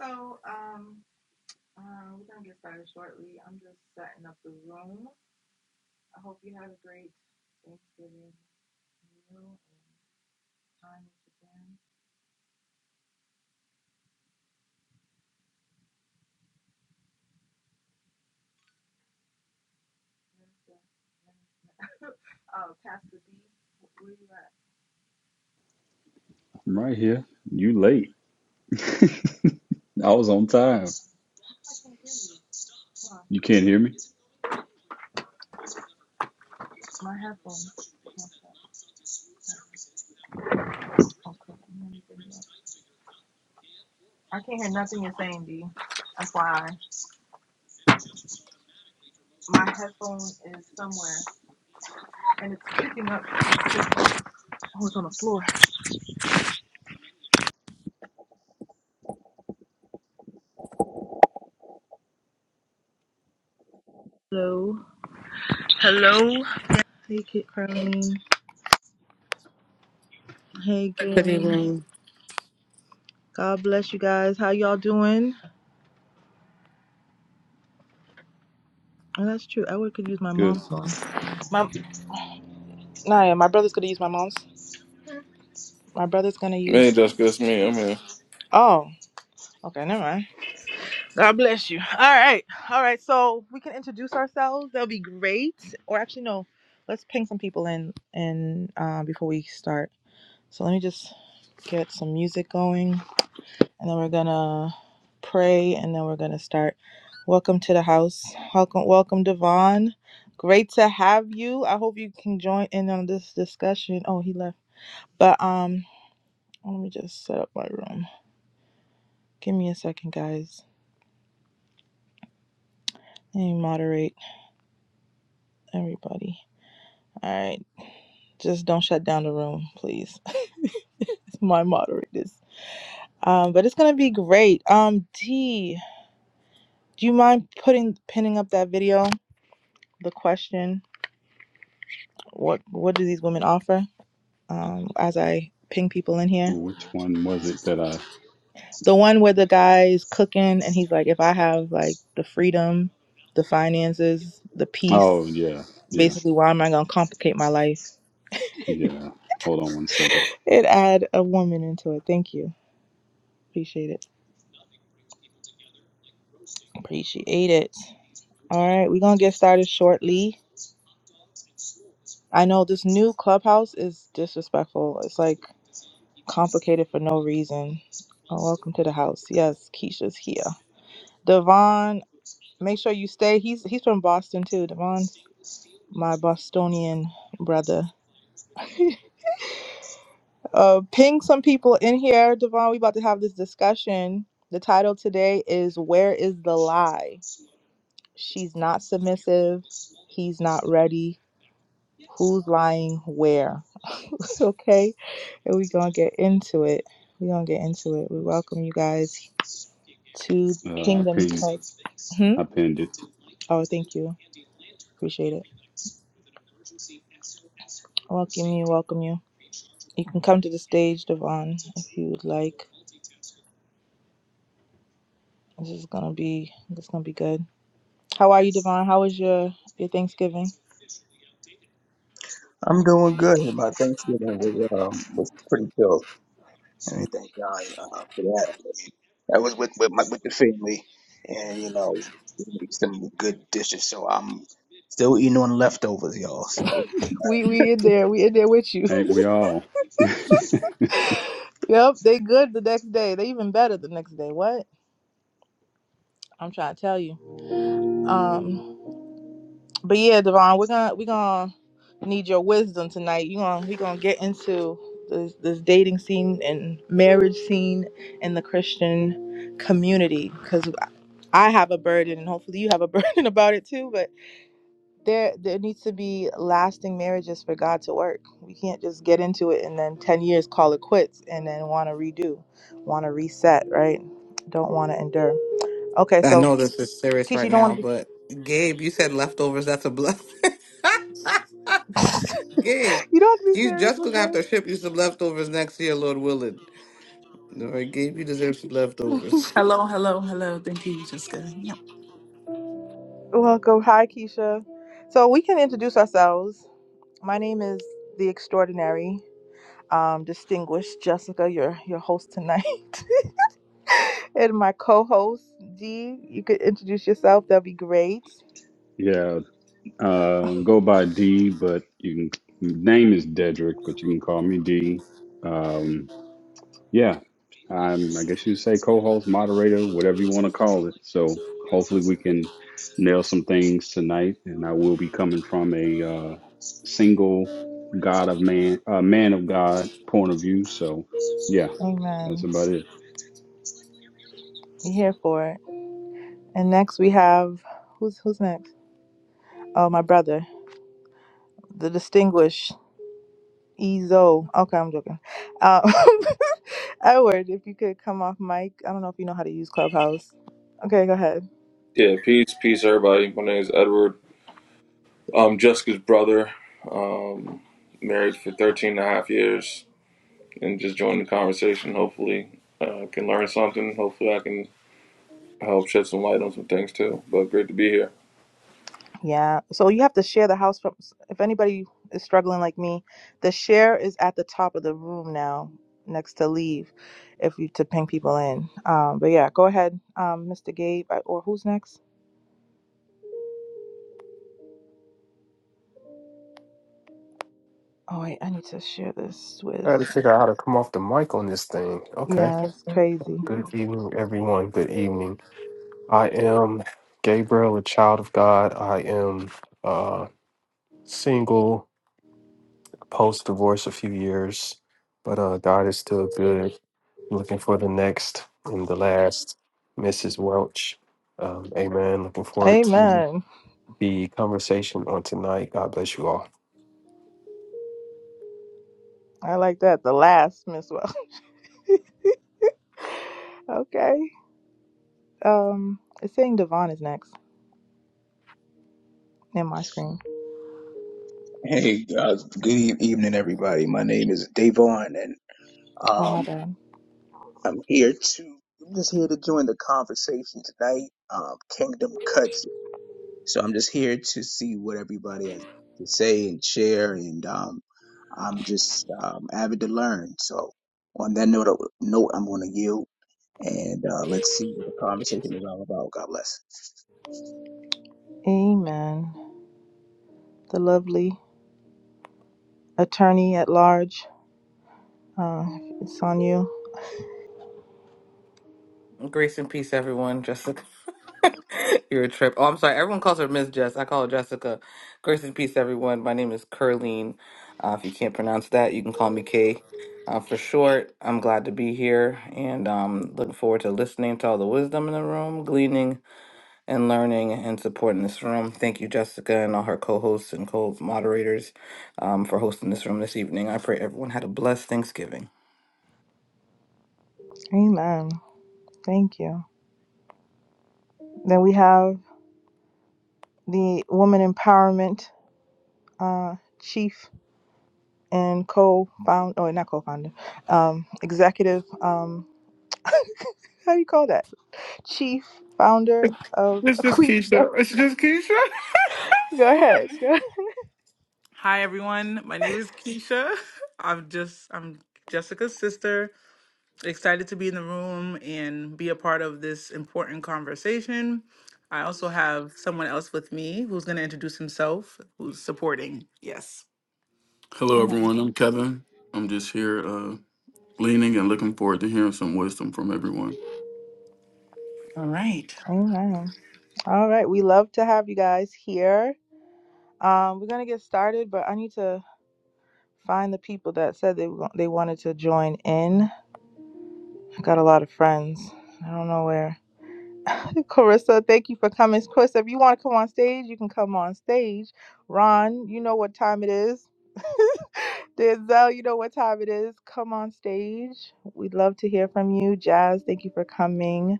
So, um, uh, we're gonna get started shortly. I'm just setting up the room. I hope you had a great Thanksgiving meal and time with your friends. Uh, Pastor D, where you at? I'm right here. You late. I was on Don't- time. um, How come I can't hear you? Hold You can't hear me? My headphones. Okay, let me bring you up. I can't hear nothing you're saying, D. That's why my headphone is somewhere and it's picking up. Oh, it's on the floor. Hello. Hey, Kit Crane. Hey, Good gang. evening. God bless you guys. How y'all doing? Oh, that's true. Edward could use my Good. mom's phone. My nah, yeah, my brother's gonna use my mom's. My brother's gonna use. Hey, Jessica, it's me. I'm here. Oh, okay, never mind. God bless you. All right. All right. So we can introduce ourselves. That'll be great. Or actually, no. Let's ping some people in and uh, before we start. So let me just get some music going. and then we're gonna pray and then we're gonna start welcome to the house welcome welcome devon great to have you i hope you can join in on this discussion oh he left but um let me just set up my room give me a second guys let me moderate everybody all right just don't shut down the room please it's my moderators um but it's gonna be great um d do you mind putting pinning up that video the question what what do these women offer um, as I ping people in here. Oh, Which one was it that I? The one where the guy's cooking and he's like, if I have like the freedom, the finances, the Oh, peace, yeah. Yeah. basically, why am I going to complicate my life? Yeah. Hold on one second. It add a woman into it. Thank you. Appreciate it. Appreciate it. All right, we're going to get started shortly. I know this new clubhouse is disrespectful. It's like complicated for no reason. Oh, welcome to the house. Yes, Keisha's here. Devon, make sure you stay. He's he's from Boston too. Devon's my Bostonian brother. Uh, ping some people in here, Devon. We about to have this discussion. The title today is "Where is the lie?" She's not submissive. He's not ready. Who's lying? Where? okay, and we gonna get into it. We gonna get into it. We welcome you guys to I Kingdom pinned, Talk. Hmm? I pinned it. Oh, thank you. Appreciate it. Welcome you. Welcome you. You can come to the stage, Devon, if you would like. This is gonna be. This is gonna be good. How are you, Devon? How was your your Thanksgiving? I'm doing good. My Thanksgiving was um was pretty chill. And we thank God uh, for that. I was with with my with the family, and you know, we made some good dishes. So I'm still eating on leftovers, y'all. So We we in there. We in there with you. all? yep, they good the next day. They even better the next day. What? I'm trying to tell you. Um, but yeah, Devon, we're gonna we're gonna need your wisdom tonight. You gonna we gonna get into this this dating scene and marriage scene in the Christian community because I have a burden and hopefully you have a burden about it too. But there there needs to be lasting marriages for God to work. We can't just get into it and then 10 years call it quits and then want to redo, want to reset, right? Don't want to endure. Okay, I so know this is serious Keisha, right you don't now, want to be but Gabe, you said leftovers. That's a bluff. Gabe, you don't have to be you serious. just gonna have We're to ship you some leftovers next year, Lord willing. All right, Gabe, you deserve some good. leftovers. Hello, hello, hello. Thank you, Jessica. Yep. Welcome. Hi, Keisha. So we can introduce ourselves. My name is the extraordinary, um, distinguished Jessica, your your host tonight, and my co-host D. You could introduce yourself. That'd be great. yeah, Uh, go by D, but you can name is Dedrick, but you can call me D. Um, yeah, I'm. I guess you say co-host, moderator, whatever you want to call it. So hopefully we can nail some things tonight, and I will be coming from a uh, single God of man, uh, man of God point of view. So yeah, that's Amen. about it. I'm here for it. And next we have who's who's next? Oh, my brother, the distinguished Ezo. Okay, I'm joking. Um, Edward, if you could come off mic. I don't know if you know how to use Clubhouse. Okay, go ahead. Yeah, peace, peace, everybody. My name is Edward. I'm Jessica's brother. Um, married for 13 and a half years and just joined the conversation. Hopefully, uh, can learn something. Hopefully, I can help shed some light on some things too. But great to be here. Yeah. So you have to share the house from. If anybody is struggling like me, the share is at the top of the room now, next to leave, if you to ping people in. Um, but yeah, go ahead, um, Mr. Gabe, I- or who's next? Oh wait, I need to share this I with. gotta figure out how to come off the mic on this thing. Okay. Yeah, it's crazy. Good evening, everyone. Good evening. I am Gabriel, a child of God. I am uh single, post divorce a few years, but uh God is still good. Looking for the next and the last Mrs. Welch. Um, amen. Looking forward. Amen. the conversation on tonight. God bless you all. I like that. The last Miss Well. Okay. Um, it's saying Devon is next in my screen. hey, uh, good e- evening, everybody. My name is Davon, and Oh my um, bad. I'm here to I'm just here to join the conversation tonight. Um, Kingdom Cuts. So I'm just here to see what everybody has to say and share, and um I'm just um, avid to learn. So on that note, note I'm going to yield, and uh, let's see what the conversation is all about. God bless. Amen. The lovely attorney at large. Uh, it's on you. Grace and peace, everyone. Jessica, you're a trip. Oh, I'm sorry. Everyone calls her Miss Jess. I call her Jessica. Grace and peace, everyone. My name is Curleen. Uh, if you can't pronounce that, you can call me Kay. Uh, for short, I'm glad to be here and um, looking forward to listening to all the wisdom in the room, gleaning and learning and supporting this room. Thank you, Jessica, and all her co hosts and co moderators um, for hosting this room this evening. I pray everyone had a blessed Thanksgiving. Amen. Thank you. Then we have the woman empowerment uh, chief and co-founder, oh, not co-founder, um, executive. Um, how do you call that? Chief founder of It's just Queens. no, Keisha. It's just Keisha. Go ahead. Go ahead. Hi, everyone. My name is Keisha. I'm just I'm Jessica's sister. Excited to be in the room and be a part of this important conversation. I also have someone else with me who's going to introduce himself, who's supporting. Yes. Hello, Amen. everyone. I'm Kevin. I'm just here uh, leaning and looking forward to hearing some wisdom from everyone. All right. Amen. All right, we love to have you guys here. Um, we're gonna get started, but I need to find the people that said they wa- they wanted to join in. I got a lot of friends. I don't know where. Hey, Carissa, thank you for coming. Carissa, if you want to come on stage, you can come on stage. Ron, you know what time it is. Denzel, you know what time it is. Come on stage. We'd love to hear from you. Jazz, thank you for coming.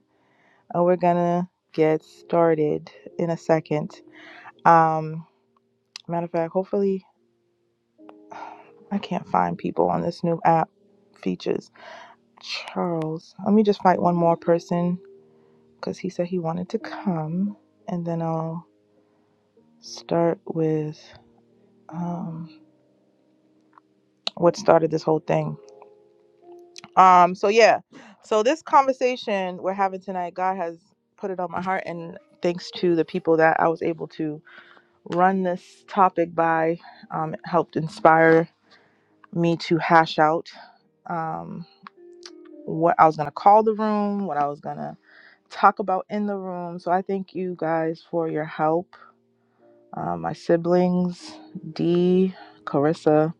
Uh, we're gonna get started in a second. Um, Matter of fact, hopefully I can't find people on this new app features. Charles, let me just find one more person because he said he wanted to come, and then I'll start with um, what started this whole thing. Um, so yeah, so this conversation we're having tonight, God has put it on my heart, and thanks to the people that I was able to run this topic by, um, it helped inspire me to hash out. um. what I was going to call the room, what I was going to talk about in the room. So I thank you guys for your help. Uh, my siblings, Dee, Carissa,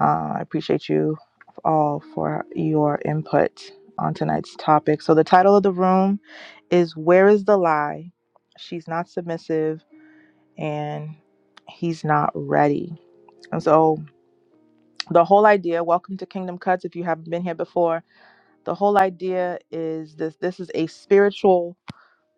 uh, I appreciate you all for your input on tonight's topic. So the title of the room is Where is the Lie? She's not submissive and he's not ready. And so the whole idea, welcome to Kingdom Cuts if you haven't been here before. The whole idea is this this is a spiritual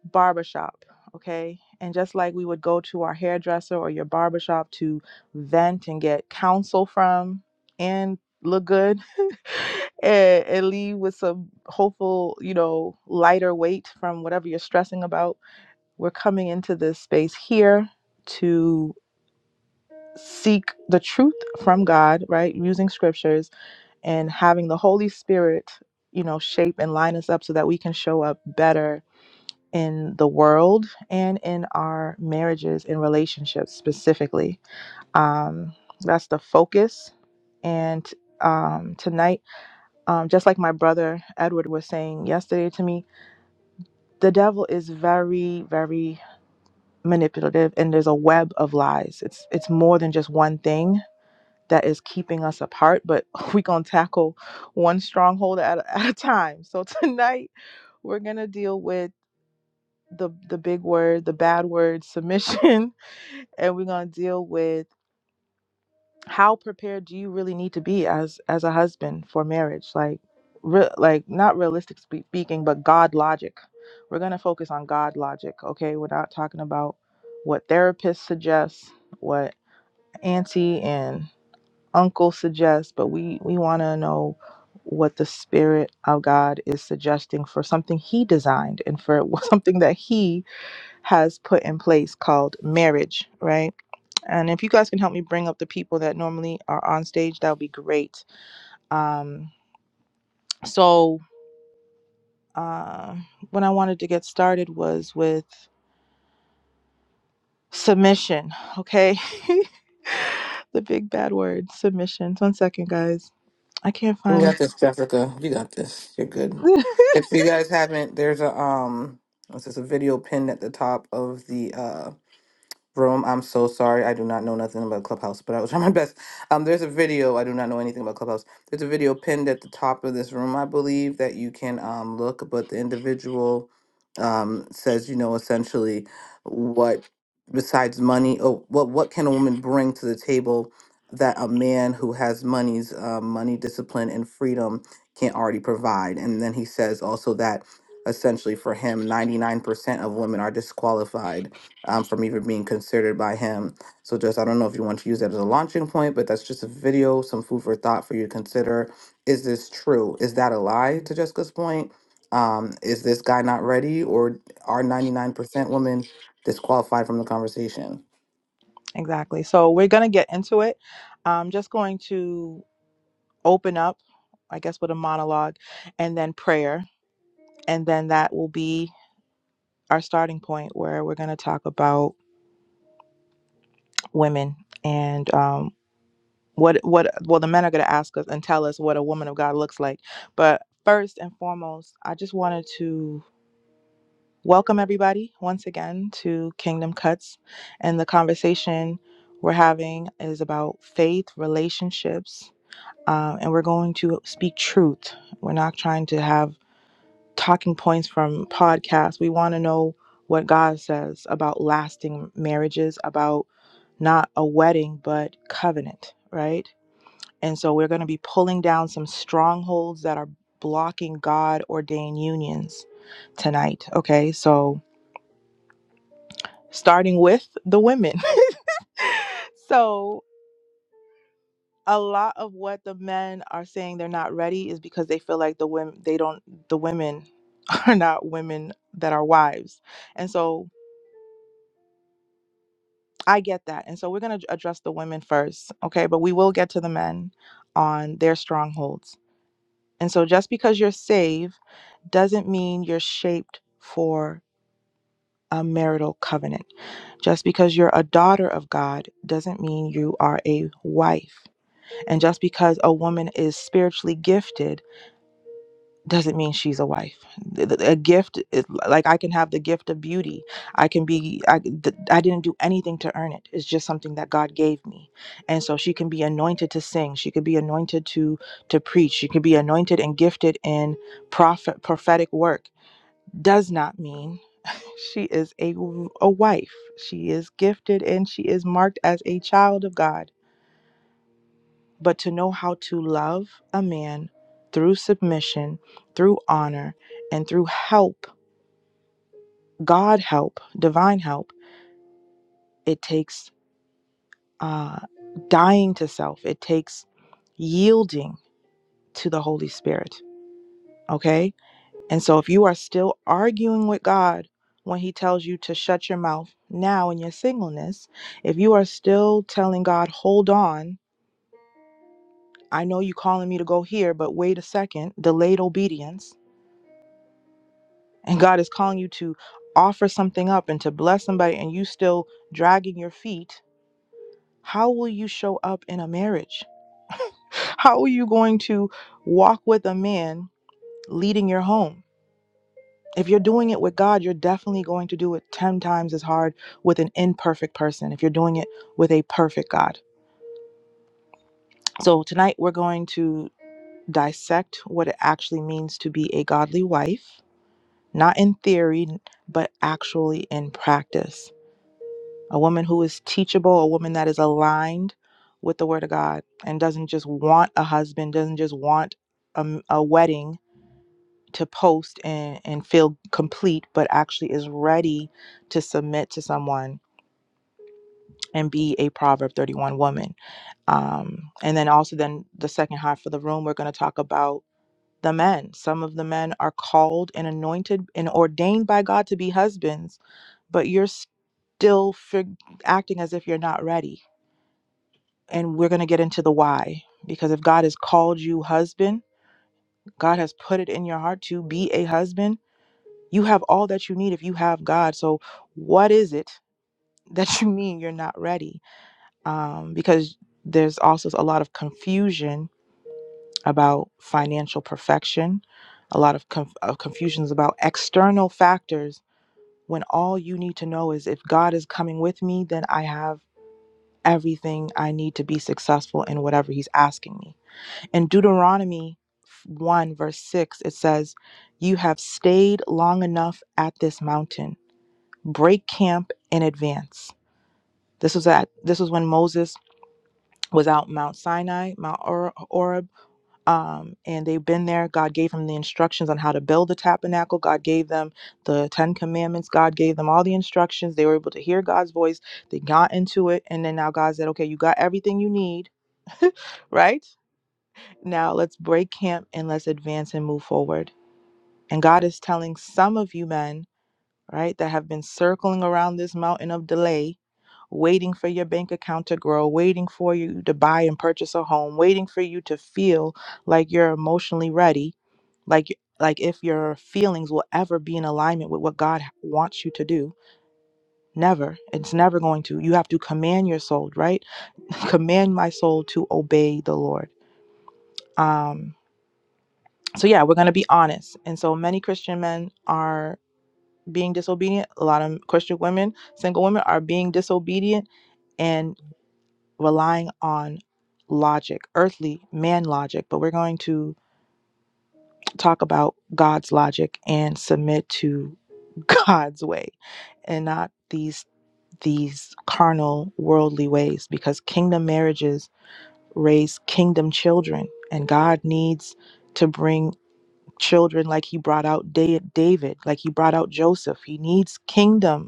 barbershop, okay? And just like we would go to our hairdresser or your barbershop to vent and get counsel from and look good and, and leave with some hopeful, you know, lighter weight from whatever you're stressing about, we're coming into this space here to seek the truth from God, right? Using scriptures and having the Holy Spirit, you know, shape and line us up so that we can show up better in the world and in our marriages and relationships specifically. Um, that's the focus. And um, tonight, um, just like my brother Edward was saying yesterday to me, the devil is very, very manipulative, and there's a web of lies. It's it's more than just one thing that is keeping us apart, but we're gonna tackle one stronghold at, a- at a time. So tonight, we're gonna deal with the the big word, the bad word, submission, and we're going to deal with how prepared do you really need to be as as a husband for marriage? Like re- like not realistic spe- speaking, but God logic. We're going to focus on God logic, okay? We're not talking about what therapists suggest, what auntie and uncle suggest, but we we want to know what the spirit of God is suggesting for something he designed and for something that he has put in place called marriage, right? And if you guys can help me bring up the people that normally are on stage, that would be great. Um, so, uh, what I wanted to get started was with submission, okay? the big bad word, submission. One second, guys. I can't You got find. this, Jessica. You got this. You're good. If you guys haven't, there's a um, this is a video pinned at the top of the uh room. I'm so sorry. I do not know nothing about Clubhouse, but I will try my best. Um, there's a video. I do not know anything about Clubhouse. There's a video pinned at the top of this room, I believe, that you can um look. But the individual um says, you know, essentially, what besides money, oh, what what can a woman bring to the table that a man who has money's uh, money discipline and freedom can't already provide? And then he says also that essentially for him, 99% of women are disqualified um, from even being considered by him. So just I don't know if you want to use that as a launching point, but that's just a video, some food for thought for you to consider. Is this true? Is that a lie to Jessica's point? Um, is this guy not ready or are 99% women disqualified from the conversation? exactly. So, we're going to get into it. I'm just going to open up, I guess, with a monologue and then prayer. And then that will be our starting point where we're going to talk about women and um, what what well the men are going to ask us and tell us what a woman of God looks like. But first and foremost, I just wanted to welcome everybody once again to Kingdom Cuts, and the conversation we're having is about faith relationships. Um, and we're going to speak truth. We're not trying to have talking points from podcasts. We want to know what God says about lasting marriages, about not a wedding, but covenant, right? And so we're going to be pulling down some strongholds that are blocking God ordained unions tonight. Okay. So starting with the women. so a lot of what the men are saying they're not ready is because they feel like the women they don't the women are not women that are wives. And so I get that. And so we're going to address the women first, okay? But we will get to the men on their strongholds. And so just because you're saved doesn't mean you're shaped for a marital covenant. Just because you're a daughter of God doesn't mean you are a wife. And just because a woman is spiritually gifted doesn't mean she's a wife. Th- th- A gift, is- like I can have the gift of beauty. I can be, I, th- I didn't do anything to earn it. It's just something that God gave me. And so she can be anointed to sing. She could be anointed to to preach. She could be anointed and gifted in prophet prophetic work. Does not mean she is a w- a wife. She is gifted and she is marked as a child of God but to know how to love a man through submission, through honor, and through help, God help, divine help, it takes uh, dying to self, it takes yielding to the Holy Spirit. Okay? And so if you are still arguing with God when He tells you to shut your mouth now in your singleness, if you are still telling God, hold on, I know you are calling me to go here, but wait a second, delayed obedience and God is calling you to offer something up and to bless somebody and you still dragging your feet, how will you show up in a marriage? How are you going to walk with a man leading your home? If you're doing it with God, you're definitely going to do it 10 times as hard with an imperfect person if you're doing it with a perfect God. So tonight we're going to dissect what it actually means to be a godly wife, not in theory, but actually in practice a woman who is teachable, a woman that is aligned with the word of God and doesn't just want a husband, doesn't just want a a wedding to post and, and feel complete, but actually is ready to submit to someone and be a Proverb 31 woman. Um, and then also then the second half of the room, we're going to talk about the men. Some of the men are called and anointed and ordained by God to be husbands, but you're still fig- acting as if you're not ready and we're going to get into the why because if God has called you husband, God has put it in your heart to be a husband. You have all that you need if you have God. So what is it that you mean you're not ready? Um, because there's also a lot of confusion about financial perfection, a lot of, conf- of confusions about external factors when all you need to know is if God is coming with me, then I have everything I need to be successful in whatever he's asking me In Deuteronomy 1, verse 6, it says, You have stayed long enough at this mountain. Break camp in advance. This was at this was when Moses was out Mount Sinai, Mount Or- Oreb, um, and they've been there. God gave him the instructions on how to build the tabernacle. God gave them the Ten Commandments. God gave them all the instructions. They were able to hear God's voice. They got into it, and then now God said, "Okay, you got everything you need, right? Now let's break camp and let's advance and move forward." And God is telling some of you men, right, that have been circling around this mountain of delay, waiting for your bank account to grow, waiting for you to buy and purchase a home, waiting for you to feel like you're emotionally ready, like like if your feelings will ever be in alignment with what God wants you to do. Never. It's never going to. You have to command your soul, right? command my soul to obey the Lord. Um so yeah, we're going to be honest. And so many Christian men are being disobedient. A lot of Christian women, single women, are being disobedient and relying on logic, earthly man logic. But we're going to talk about God's logic and submit to God's way and not these these carnal worldly ways because kingdom marriages raise kingdom children and God needs to bring children like he brought out David like he brought out Joseph he needs kingdom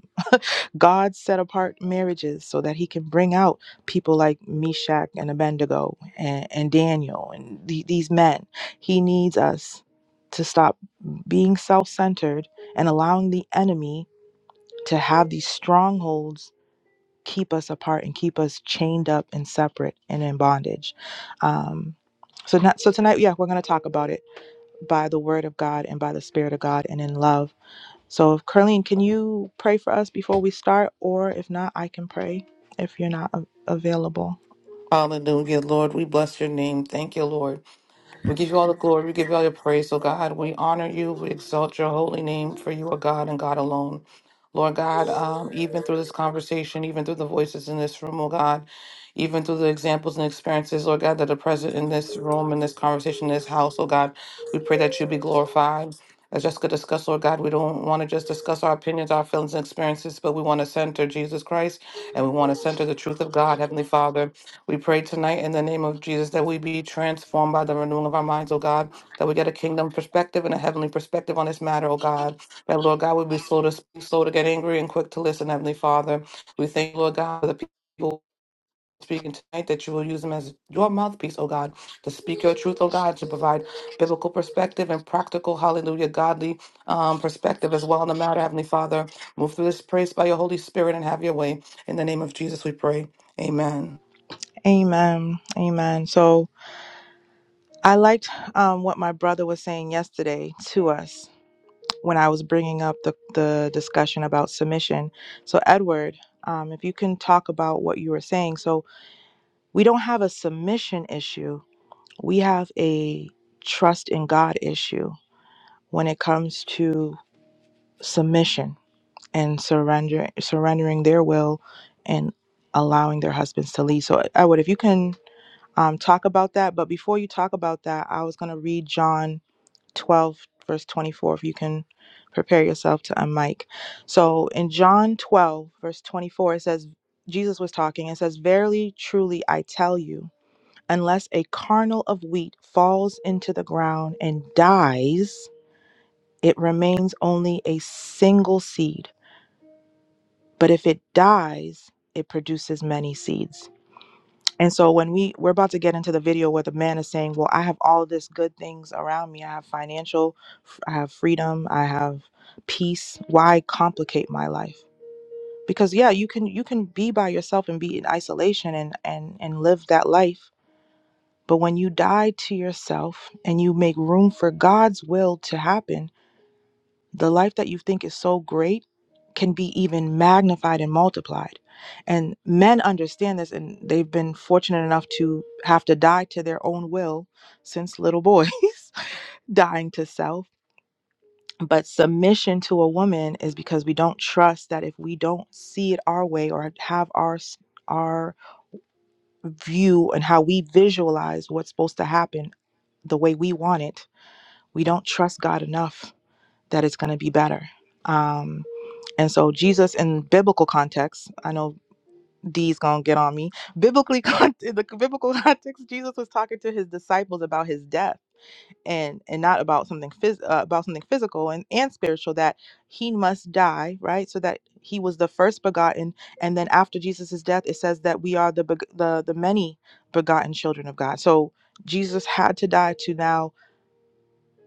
God set apart marriages so that he can bring out people like Meshach and Abednego and, and Daniel and the, these men. He needs us to stop being self centered and allowing the enemy to have these strongholds keep us apart and keep us chained up and separate and in bondage. Um, so, not, so tonight, yeah, we're going to talk about it by the word of God and by the spirit of God and in love so, if Carleen, can you pray for us before we start? Or if not, I can pray if you're not a- available. Hallelujah, Lord. We bless your name. Thank you, Lord. We give you all the glory. We give you all your praise, oh God. We honor you. We exalt your holy name, for you are God and God alone. Lord God, um, even through this conversation, even through the voices in this room, oh God, even through the examples and experiences, Lord God, that are present in this room, in this conversation, in this house, oh God, we pray that you be glorified. As Jessica discussed, Lord God, we don't want to just discuss our opinions, our feelings, and experiences, but we want to center Jesus Christ and we want to center the truth of God, Heavenly Father. We pray tonight in the name of Jesus that we be transformed by the renewing of our minds, O God, that we get a kingdom perspective and a heavenly perspective on this matter, O God. That, Lord God, we be slow to speak, slow to get angry, and quick to listen, Heavenly Father. We thank you, Lord God, for the people speaking tonight, that you will use them as your mouthpiece, O God, to speak your truth, O God, to provide biblical perspective and practical, hallelujah, godly um, perspective as well in the matter, Heavenly Father. Move through this praise by your Holy Spirit and have your way. In the name of Jesus, we pray. Amen. Amen. Amen. So, I liked um, what my brother was saying yesterday to us when I was bringing up the, the discussion about submission. So, Edward, um, if you can talk about what you were saying. So, we don't have a submission issue, we have a trust in God issue when it comes to submission and surrender surrendering their will and allowing their husbands to lead. So I would if you can um, talk about that. But before you talk about that, I was gonna read John twelve verse twenty four. If you can prepare yourself to unmic. So in John twelve verse twenty four, it says Jesus was talking. It says, "Verily, truly, I tell you." Unless a kernel of wheat falls into the ground and dies, it remains only a single seed but if it dies it produces many seeds and so when we we're about to get into the video where the man is saying well i have all this good things around me i have financial f- i have freedom i have peace why complicate my life because yeah you can you can be by yourself and be in isolation and and and live that life but when you die to yourself and you make room for god's will to happen the life that you think is so great can be even magnified and multiplied. And men understand this, and they've been fortunate enough to have to die to their own will since little boys, dying to self. But submission to a woman is because we don't trust that if we don't see it our way or have our s- our view and how we visualize what's supposed to happen the way we want it, we don't trust God enough that it's going to be better. Um, And so Jesus in biblical context, I know D's gonna get on me. Biblically, con- in the biblical context, Jesus was talking to his disciples about his death, and and not about something phys- uh, about something physical and and spiritual that he must die, right? So that he was the first begotten, and then after Jesus' death, it says that we are the beg- the the many begotten children of God. So Jesus had to die to now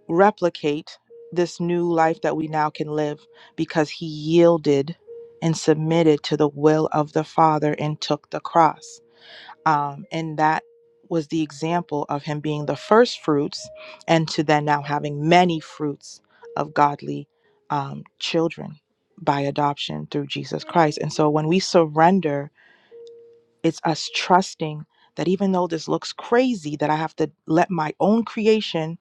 replicate this new life that we now can live because he yielded and submitted to the will of the Father and took the cross. Um, and that was the example of him being the first fruits and to then now having many fruits of godly um, children by adoption through Jesus Christ. And so when we surrender, it's us trusting that even though this looks crazy, that I have to let my own creation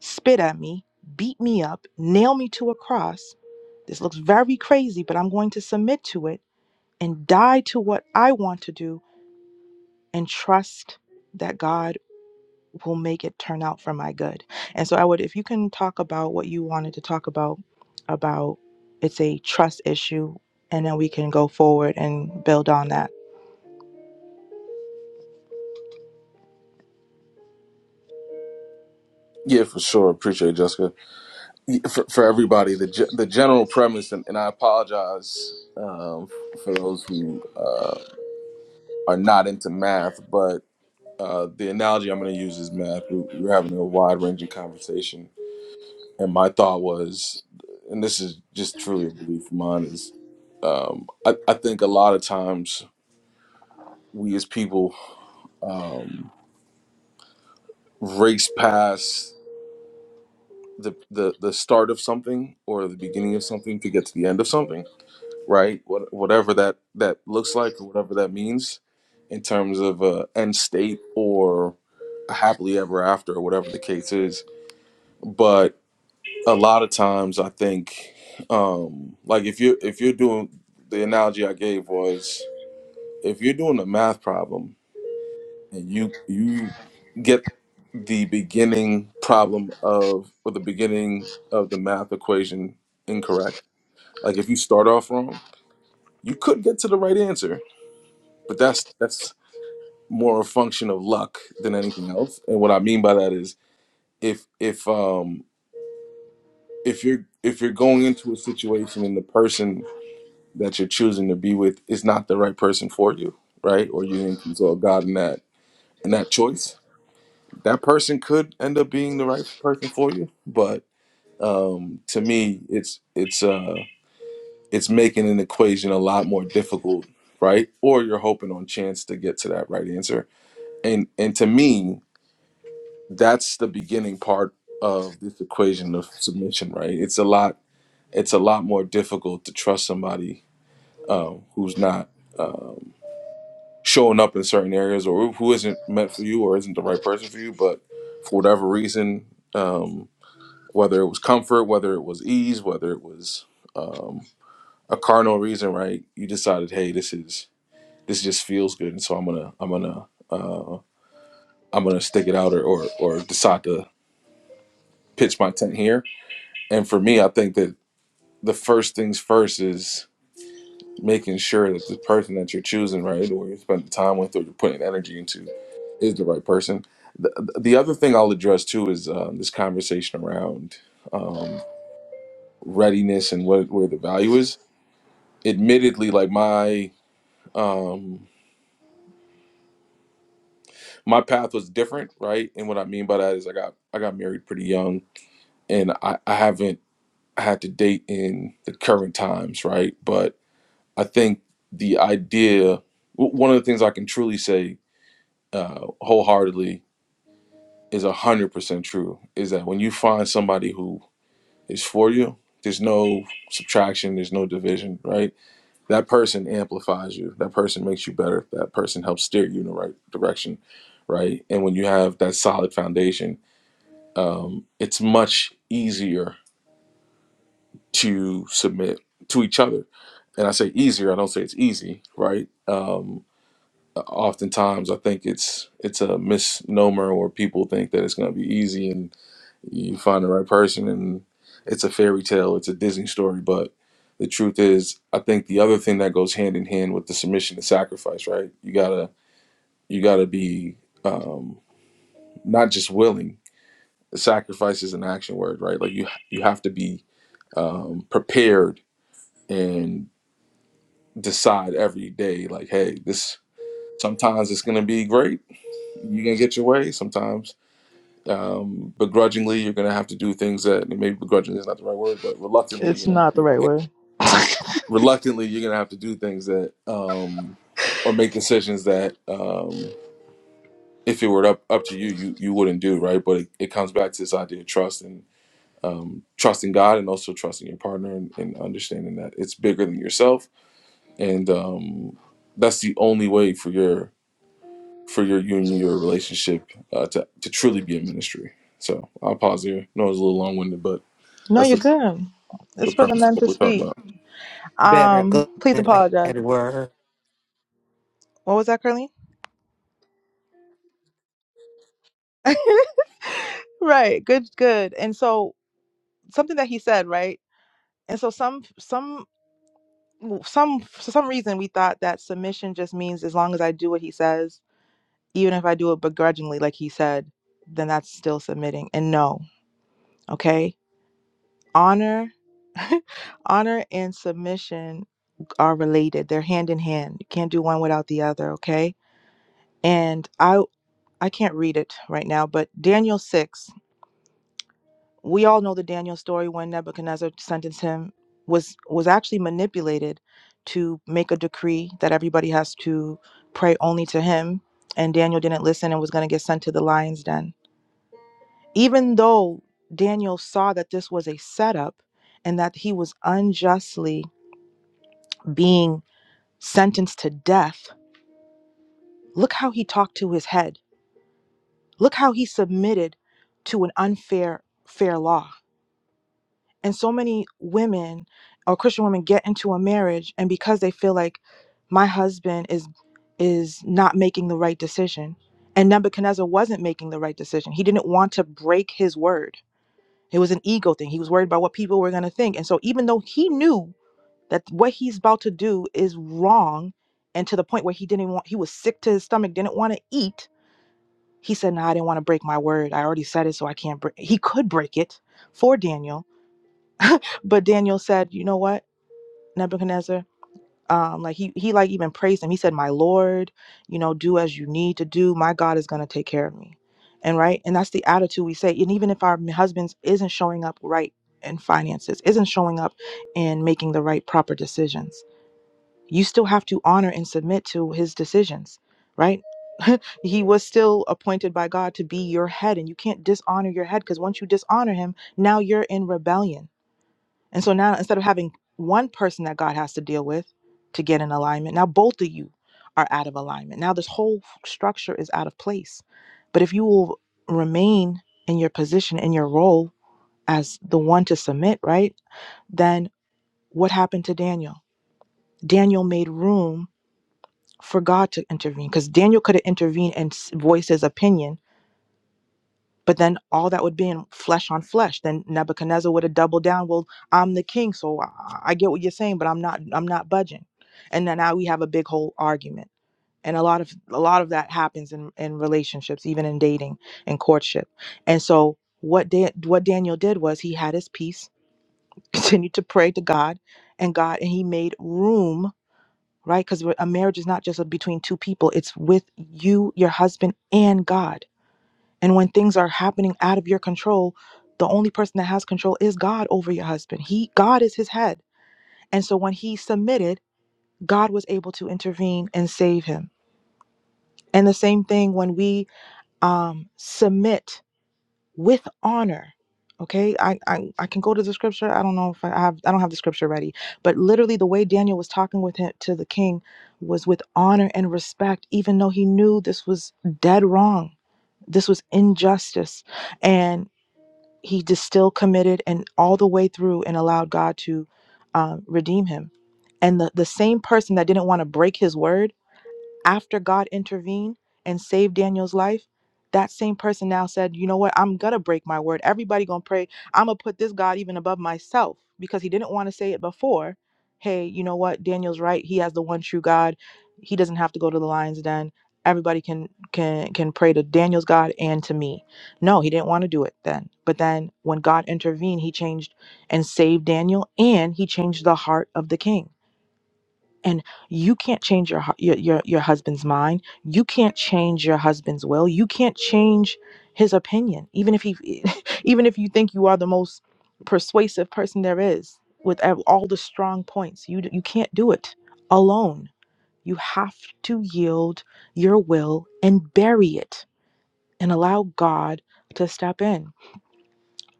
spit at me, beat me up, nail me to a cross. This looks very crazy, but I'm going to submit to it and die to what I want to do and trust that God will make it turn out for my good. And so I would if you can talk about what you wanted to talk about about it's a trust issue and then we can go forward and build on that. Yeah, for sure. Appreciate it, Jessica. Yeah, For, for everybody, the ge- the general premise, and, and I apologize um, for those who uh, are not into math, but. uh, the analogy I'm going to use is math. We, we were having a wide ranging conversation, and my thought was, and this is just truly a belief of mine, is um, I, I think a lot of times we as people um, race past the, the the start of something or the beginning of something to get to the end of something, right? What, whatever that that looks like or whatever that means in terms of a end state or a happily ever after or whatever the case is, but a lot of times I think um like if you if you're doing the analogy I gave was if you're doing a math problem and you you get the beginning problem of or the beginning of the math equation incorrect like if you start off wrong you could get to the right answer but that's that's more a function of luck than anything else and what I mean by that is if if um if you're if you're going into a situation and the person that you're choosing to be with is not the right person for you, right? Or you didn't consult God in that in that choice. That person could end up being the right person for you, but um, to me, it's it's uh, it's making an equation a lot more difficult, right? Or you're hoping on chance to get to that right answer, and and to me, that's the beginning part of this equation of submission, right? It's a lot it's a lot more difficult to trust somebody um, who's not. um, showing up in certain areas or who isn't meant for you or isn't the right person for you but for whatever reason um, whether it was comfort whether it was ease whether it was um, a carnal reason right you decided hey this is this just feels good and so i'm gonna i'm gonna uh, i'm gonna stick it out or, or or decide to pitch my tent here and for me i think that the first things first making sure that the person that you're choosing, right, or you're spending time with, or you're putting energy into, is the right person. The, the other thing I'll address too is um, this conversation around um, readiness and what where the value is. Admittedly, like my um, my path was different, right? And what I mean by that is I got I got married pretty young, and I, I haven't had to date in the current times, right? But I think the idea, w- one of the things I can truly say uh, wholeheartedly is 100% true is that when you find somebody who is for you, there's no subtraction, there's no division, right? That person amplifies you. That person makes you better. That person helps steer you in the right direction, right? And when you have that solid foundation, um, it's much easier to submit to each other. And I say easier, I don't say it's easy, right? Um, oftentimes I think it's it's a misnomer or people think that it's going to be easy and You find the right person, and it's a fairy tale, it's a Disney story. But the truth is, I think the other thing that goes hand in hand with the submission is sacrifice, right? You gotta you gotta be um, not just willing. Sacrifice is an action word, right? Like you you have to be um, prepared and decide every day like hey this sometimes it's going to be great you're going to get your way sometimes Um, begrudgingly, you're gonna have to do things that and maybe begrudgingly is not the right word, but reluctantly, It's you're gonna have not to the do right things, word. reluctantly you're gonna have to do things that um, or make decisions that um, if it were up up to you, you you wouldn't do right. But it, it comes back to this idea of trust and um, trusting God and also trusting your partner and, and understanding that it's bigger than yourself and um, that's the only way for your for your union, your relationship uh, to to truly be a ministry. So I'll pause here. No, it's a little long winded, but No, That's you're the, good. the It's for the premise of men what to we're talking speak. about. Better, Um good, please apologize. bad, word. I What was that, Curly? right good good and so something that he said right and so some some some for some reason we thought that submission just means as long as i do what he says even if i do it begrudgingly like he said then that's still submitting and no okay honor honor and submission are related they're hand in hand you can't do one without the other okay and i i can't read it right now but daniel 6 we all know the Daniel story when Nebuchadnezzar sentenced him was was actually manipulated to make a decree that everybody has to pray only to him and Daniel didn't listen and was going to get sent to the lions den. Even though Daniel saw that this was a setup and that he was unjustly being sentenced to death, look how he talked to his head. Look how he submitted to an unfair fair law and so many women or christian women get into a marriage and because they feel like my husband is is not making the right decision and nebuchadnezzar wasn't making the right decision he didn't want to break his word it was an ego thing he was worried about what people were going to think and so even though he knew that what he's about to do is wrong and to the point where he didn't even want he was sick to his stomach didn't want to eat he said no i didn't want to break my word i already said it so i can't break he could break it for daniel but daniel said you know what Nebuchadnezzar. Um, like he he like even praised him. He said, "My Lord, you know, do as you need to do. My God is going to take care of me." And right, and that's the attitude we say. And even if our husbands isn't showing up right in finances, isn't showing up in making the right proper decisions, you still have to honor and submit to his decisions, right? he was still appointed by God to be your head, and you can't dishonor your head because once you dishonor him, now you're in rebellion and so now instead of having one person that God has to deal with to get in alignment, now both of you are out of alignment. Now this whole structure is out of place. But if you will remain in your position, in your role as the one to submit, right? Then what happened to Daniel? Daniel made room for God to intervene because Daniel could have intervened and s- voiced his opinion But then all that would be in flesh on flesh. Then Nebuchadnezzar would have doubled down. Well, I'm the king, so I, I get what you're saying, but I'm not. I'm not budging. And then now we have a big whole argument. And a lot of a lot of that happens in in relationships, even in dating and courtship. And so what da- what Daniel did was he had his peace, continued to pray to God, and God, and he made room. Right, because a marriage is not just between two people; it's with you, your husband, and God and when things are happening out of your control, the only person that has control is God over your husband. He God is his head. And so when he submitted, God was able to intervene and save him. And the same thing when we um submit with honor. Okay, I, I I can go to the scripture. I don't know if I have I don't have the scripture ready, but literally the way Daniel was talking with him to the king was with honor and respect, even though he knew this was dead wrong, this was injustice, and he just still committed and all the way through and allowed God to um, redeem him. And the, the same person that didn't want to break his word after God intervened and saved Daniel's life, that same person now said, "You know what? I'm going to break my word. Everybody going to pray. I'm going to put this God even above myself because he didn't want to say it before. Hey, you know what? Daniel's right. He has the one true God. He doesn't have to go to the lion's den. Everybody can can can pray to Daniel's God and to me." No, he didn't want to do it then. But then when God intervened, he changed and saved Daniel and he changed the heart of the king and you can't change your hu- your your, your husband's mind you can't change your husband's will you can't change his opinion even if he even if you think you are the most persuasive person there is with ev- all the strong points you d- you can't do it alone you have to yield your will and bury it and allow god to step in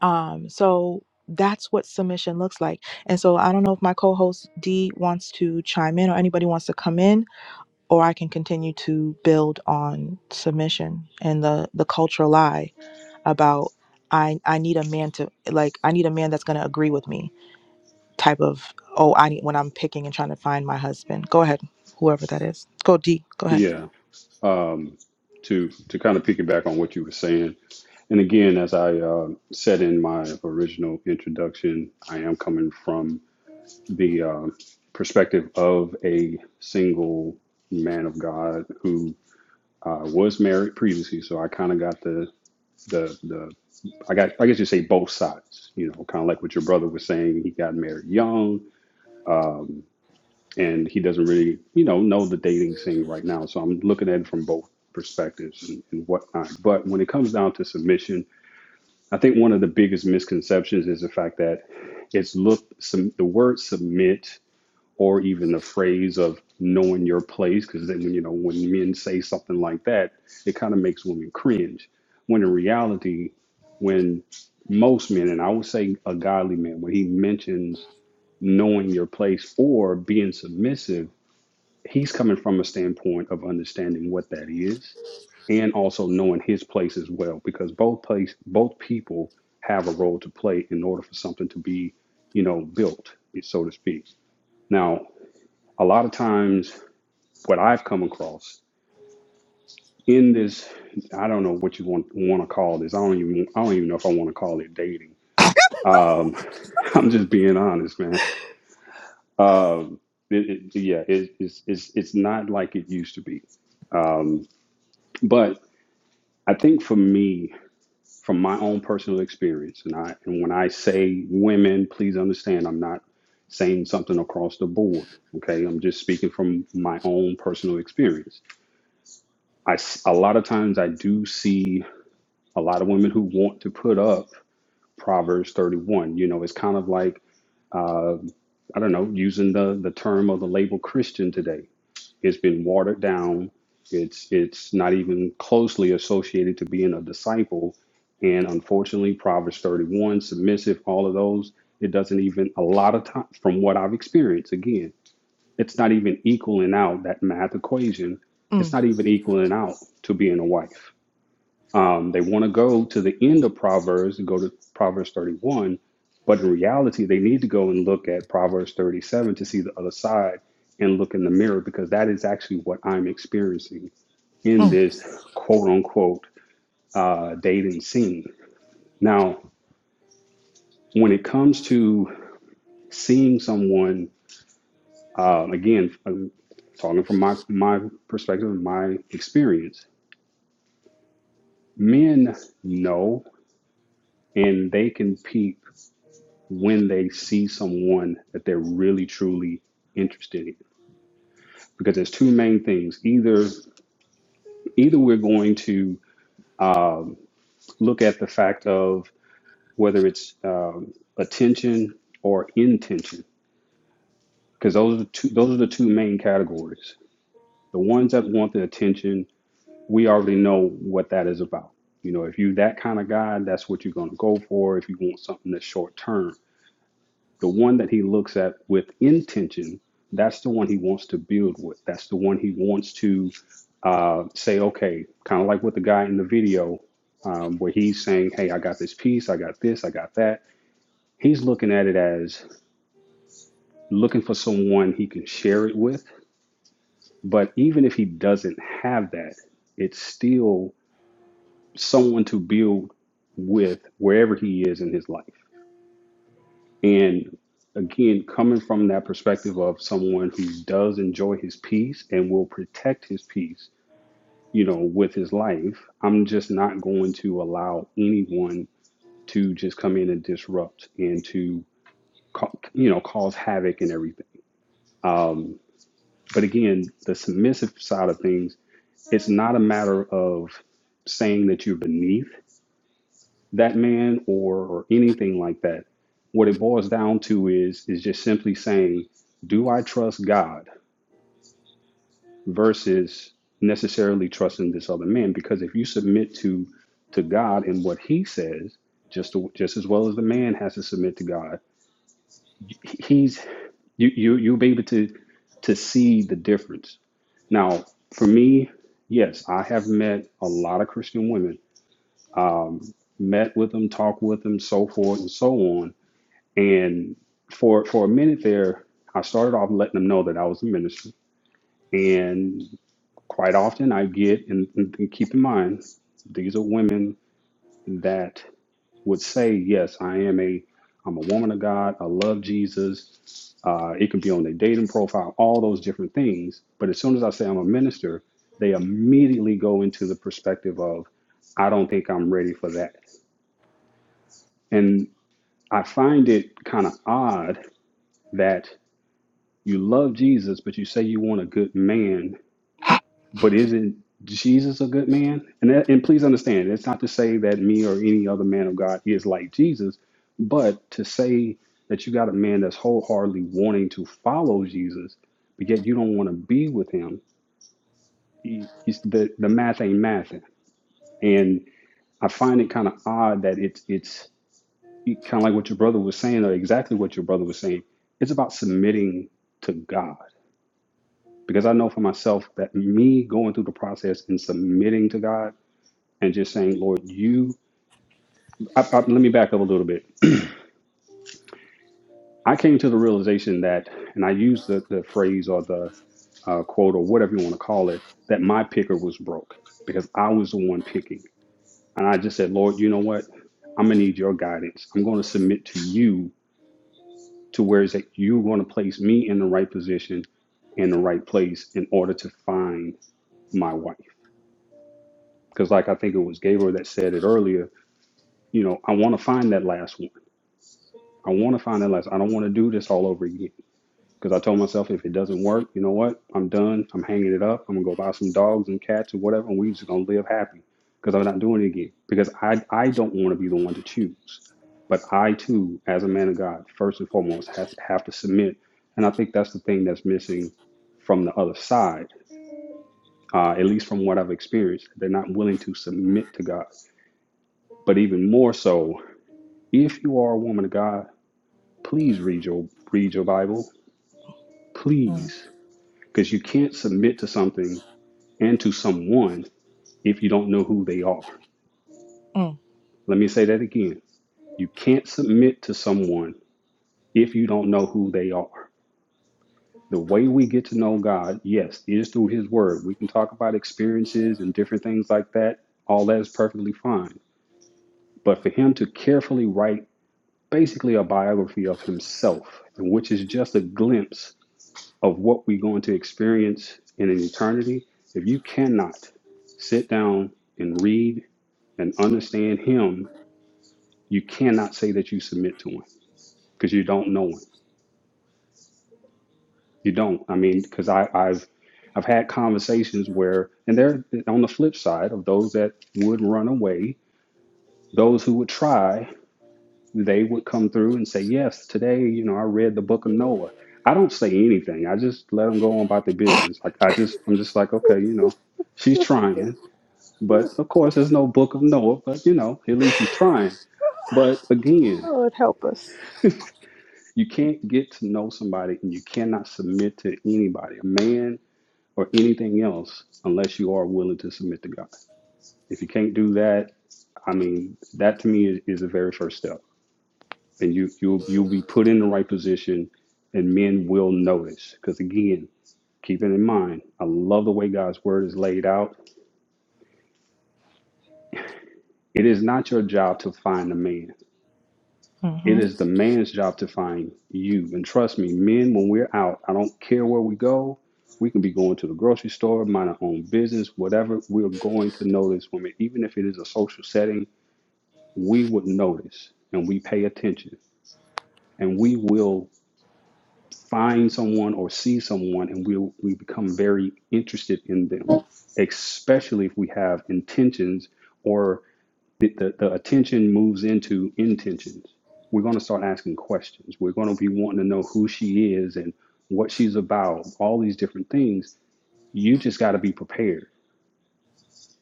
um so that's what submission looks like and so i don't know if my co-host d wants to chime in or anybody wants to come in or I can continue to build on submission and the the cultural lie about I I need a man to like I need a man that's going to agree with me type of oh I need when I'm picking and trying to find my husband. Go ahead, whoever that is. Go D. Go ahead. Yeah. Um, to to kind of piggyback on what you were saying. And again, as I uh, said in my original introduction, I am coming from the uh, perspective of a single man of God who uh, was married previously. So I kind of got the the the I got I guess you say both sides. You know, kind of like what your brother was saying. He got married young, um, and he doesn't really you know know the dating scene right now. So I'm looking at it from both perspectives and, and whatnot. But when it comes down to submission I think one of the biggest misconceptions is the fact that it's look some the word submit or even the phrase of knowing your place because then you know when men say something like that it kind of makes women cringe when in reality when most men and I would say a godly man when he mentions knowing your place or being submissive he's coming from a standpoint of understanding what that is and also knowing his place as well because both place both people have a role to play in order for something to be you know built so to speak now a lot of times what i've come across in this i don't know what you want want to call this i don't even i don't even know if i want to call it dating um i'm just being honest man um it, it, yeah, it, it's it's it's not like it used to be. Um, but I think for me, from my own personal experience. And I and when I say women, please understand I'm not saying something across the board. Okay, I'm just speaking from my own personal experience. I a lot of times I do see a lot of women who want to put up Proverbs 31. You know, it's kind of like uh, I don't know using the the term of the label Christian today. It's been watered down. It's it's not even closely associated to being a disciple. And unfortunately, Proverbs 31, submissive, all of those, it doesn't even a lot of times from what I've experienced, again, it's not even equaling out that math equation. It's Mm, not even equaling out to being a wife. Um, they want to go to the end of Proverbs and go to Proverbs 31, but in reality, they need to go and look at Proverbs 37 to see the other side and look in the mirror because that is actually what I'm experiencing in mm, this quote unquote uh, dating scene. Now, when it comes to seeing someone, uh, again, I'm talking from my, my perspective and my experience, men know and they can peep when they see someone that they're really truly interested in because there's two main things either either we're going to look at the fact of whether it's um, attention or intention because those are the two those are the two main categories the ones that want the attention we already know what that is about you know if you that kind of guy that's what you're going to go for if you want something that's short term The one that he looks at with intention, that's the one he wants to build with. That's the one he wants to uh, say, okay, kind of like with the guy in the video um, where he's saying, hey, I got this piece, I got this, I got that. He's looking at it as looking for someone he can share it with. But even if he doesn't have that, it's still someone to build with wherever he is in his life. And again, coming from that perspective of someone who does enjoy his peace and will protect his peace, you know, with his life, I'm just not going to allow anyone to just come in and disrupt and to, ca- you know, cause havoc and everything. Um, but again, the submissive side of things, it's not a matter of saying that you're beneath. that man or, or anything like that. What it boils down to is is just simply saying, do I trust God versus necessarily trusting this other man? Because if you submit to to God and what He says, just to, just as well as the man has to submit to God, he's you you you'll be able to to see the difference. Now, for me, yes, I have met a lot of Christian women, um, met with them, talked with them, so forth and so on And for for a minute there, I started off letting them know that I was a minister. And quite often I get and, and keep in mind, these are women that would say, Yes, I am a I'm a woman of God, I love Jesus. Uh, it could be on their dating profile, all those different things. But as soon as I say I'm a minister, they immediately go into the perspective of, I don't think I'm ready for that. And I find it kind of odd that. You love Jesus, but you say you want a good man, but isn't Jesus a good man? And that, and please understand, it's not to say that me or any other man of God is like Jesus, but to say that you got a man that's wholeheartedly wanting to follow Jesus, but yet you don't want to be with him. He, he's, the the math ain't mathing, and I find it kind of odd that it's it's kind of like what your brother was saying, or exactly what your brother was saying. It's about submitting to God Because I know for myself that me going through the process and submitting to God and just saying, Lord, you, I, I, let me back up a little bit. I came to the realization that, and I use the, the phrase or the uh, quote or whatever you want to call it, that my picker was broke because I was the one picking. And I just said, Lord, you know what? I'm going to need your guidance. I'm going to submit to you to where is that you're going to place me in the right position in the right place in order to find my wife. Because, like I think it was Gabriel that said it earlier, you know, I want to find that last one. I want to find that last. I don't want to do this all over again because I told myself if it doesn't work, you know what? I'm done. I'm hanging it up. I'm gonna go buy some dogs and cats or whatever, and we are just gonna live happy because I'm not doing it again because I I don't want to be the one to choose. But I too, as a man of God, first and foremost, has have to submit, and I think that's the thing that's missing from the other side. Uh, at least from what I've experienced, they're not willing to submit to God. But even more so, if you are a woman of God, Please read your read your Bible. mm, Please. Because you can't submit to something and to someone if you don't know who they are. mm, Let me say that again. You can't submit to someone if you don't know who they are. The way we get to know God, yes, is through His Word. We can talk about experiences and different things like that. All that is perfectly fine. But for Him to carefully write basically a biography of Himself, which is just a glimpse of what we're going to experience in an eternity, if you cannot sit down and read and understand Him, you cannot say that you submit to Him because you don't know Him. You don't. I mean, because I, I've I've had conversations where, and they're on the flip side of those that would run away, those who would try, they would come through and say, Yes, today, you know, I read the book of Noah. I don't say anything. I just let them go on about their business. Like I just, I'm just like, okay, you know, she's trying. But of course, there's no book of Noah, but you know, at least he's trying. But again, Lord, help us. you can't get to know somebody and you cannot submit to anybody, a man or anything else, unless you are willing to submit to God. If you can't do that, I mean, that to me is, is the very first step. And you, you'll, you'll be put in the right position and men will notice. Because again, keep it in mind, I love the way God's word is laid out. It is not your job to find a man. mm-hmm, It is the man's job to find you. And trust me, men, when we're out, I don't care where we go. We can be going to the grocery store, mind our own business, whatever. We're going to notice women, even if it is a social setting, we would notice and we pay attention and we will find someone or see someone and we'll, we become very interested in them, especially if we have intentions or the, the, the attention moves into intentions. We're going to start asking questions. We're going to be wanting to know who she is and what she's about, all these different things. You just got to be prepared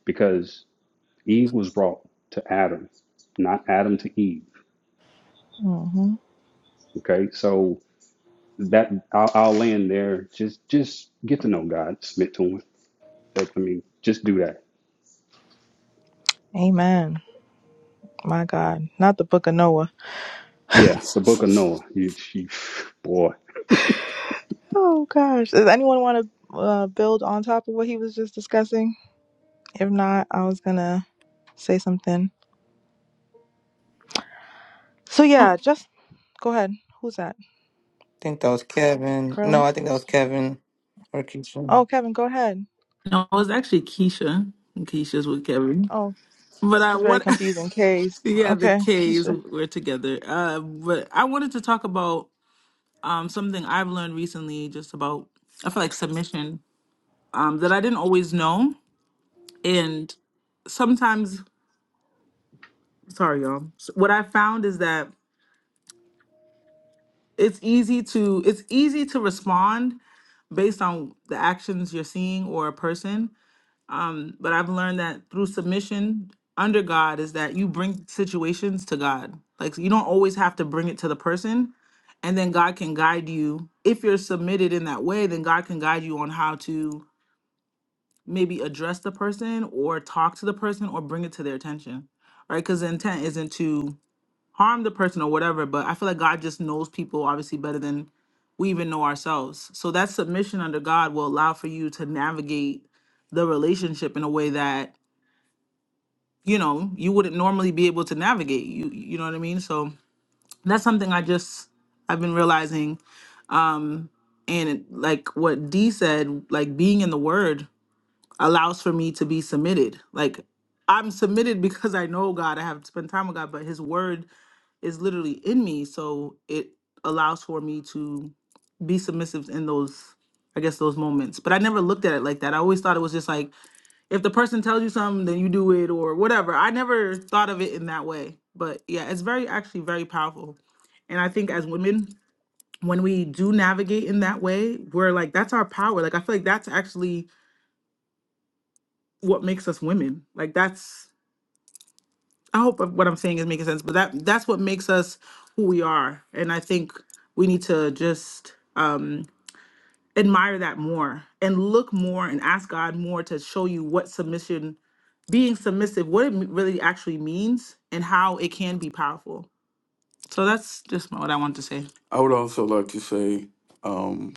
because Eve was brought to Adam, not Adam to Eve. mm-hmm. Okay. So that I'll, I'll land there. Just, just get to know God, submit to him. That, I mean, just do that. Amen. My God, not the Book of Noah. Yeah. The book of Noah. You, you boy. Oh gosh, does anyone want to uh, build on top of what he was just discussing? If not, I was gonna. say something. So yeah, just go ahead. Who's that? think that was Kevin. No, Curly? I think that was Kevin or Keisha. Oh, Kevin, go ahead. No, it was actually Keisha. Keisha's with Kevin. Oh, But I it's very what confusing. Case. yeah, the Okay, K's Keisha. were together. Uh but I wanted to talk about um something I've learned recently just about I feel like submission. Um that I didn't always know. And sometimes sorry y'all. S- What I found is that it's easy to it's easy to respond based on the actions you're seeing or a person But I've learned that through submission under God is that you bring situations to God. Like you don't always have to bring it to the person. And then God can guide you. If you're submitted in that way, then God can guide you on how to maybe address the person or talk to the person or bring it to their attention. Right? Because the intent isn't to harm the person or whatever. But I feel like God just knows people obviously better than we even know ourselves. So that submission under God will allow for you to navigate the relationship in a way that you know you wouldn't normally be able to navigate you you know what i mean so that's something i just i've been realizing um and it- like what d said like being in the word allows for me to be submitted like i'm submitted because i know god i have spent time with god but his word is literally in me so it allows for me to be submissive in those i guess those moments but i never looked at it like that i always thought it was just like if the person tells you something then you do it or whatever i never thought of it in that way but yeah it's very actually very powerful and i think as women when we do navigate in that way we're like that's our power like i feel like that's actually what makes us women like that's i hope what i'm saying is making sense but that that's what makes us who we are and i think we need to just um admire that more and look more and ask god more to show you what submission being submissive, what it me- really actually means, and how it can be powerful. So that's just what I wanted to say. I would also like to say, um,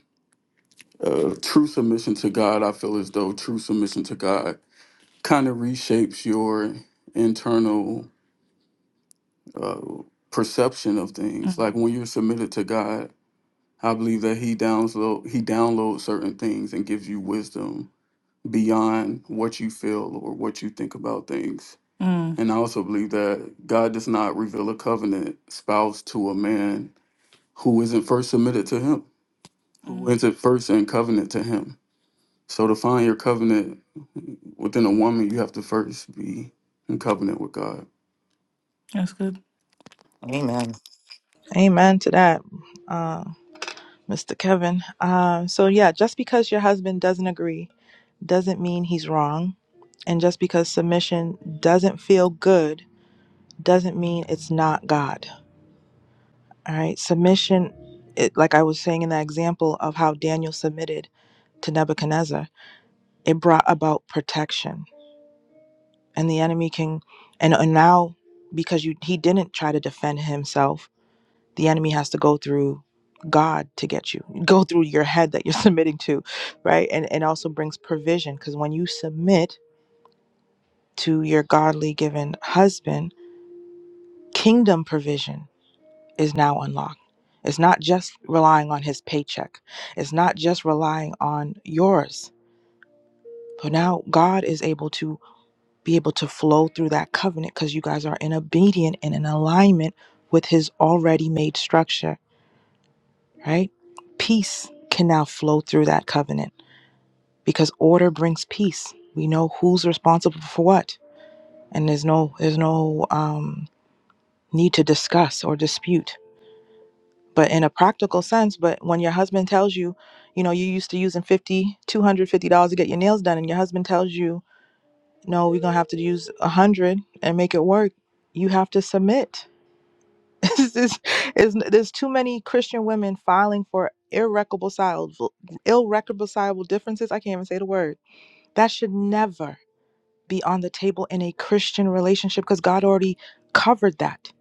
uh, true submission to God. I feel as though true submission to God kind of reshapes your internal uh, perception of things. Mhm. Like when you're submitted to God, I believe that He download He downloads certain things and gives you wisdom beyond what you feel or what you think about things. Mm. And I also believe that God does not reveal a covenant spouse to a man who isn't first submitted to him, who Mm. isn't first in covenant to him. So to find your covenant within a woman, you have to first be in covenant with God. Amen. Amen to that, uh, Mr. Kevin. Uh, so yeah, just because your husband doesn't agree doesn't mean he's wrong, and just because submission doesn't feel good doesn't mean it's not God. All right, submission. It, like I was saying in that example of how Daniel submitted to Nebuchadnezzar, it brought about protection and the enemy can and, and now because you he didn't try to defend himself the enemy has to go through god to get you go through your head that you're submitting to right and it also brings provision because when you submit to your godly given husband kingdom provision is now unlocked it's not just relying on his paycheck it's not just relying on yours but now god is able to be able to flow through that covenant because you guys are in obedience and in alignment with his already made structure, right? Peace can now flow through that covenant because order brings peace. We know who's responsible for what, and there's no there's no um, need to discuss or dispute. But in a practical sense, but when your husband tells you, you know, you used to using 50, 250 dollars to get your nails done, and your husband tells you, no, we're gonna have to use a hundred and make it work. You have to submit this is, is there's too many Christian women filing for irreconcilable irreconcilable differences. I can't even say the word. That should never be on the table in a Christian relationship because God already covered that.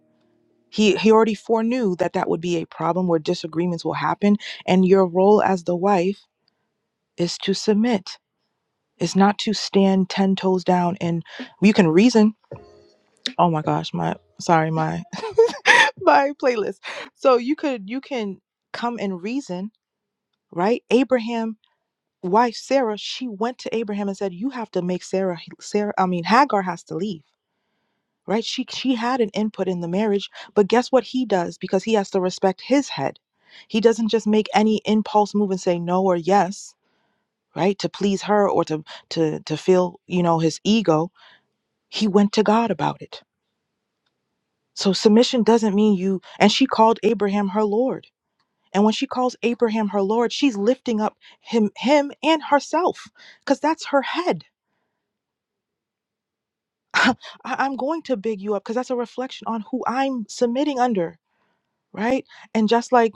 He he already foreknew that that would be a problem where disagreements will happen, and your role as the wife is to submit. It's not to stand ten toes down and you can reason oh my gosh my sorry my my playlist so you could you can come and reason right abraham wife sarah she went to abraham and said you have to make sarah sarah i mean hagar has to leave right she she had an input in the marriage but guess what he does because he has to respect his head he doesn't just make any impulse move and say no or yes right to please her or to to to feel you know his ego he went to god about it So submission doesn't mean you, and she called Abraham her Lord. And when she calls Abraham her Lord, she's lifting up him, him and herself, because that's her head. I- I'm going to big you up because that's a reflection on who I'm submitting under, right? And just like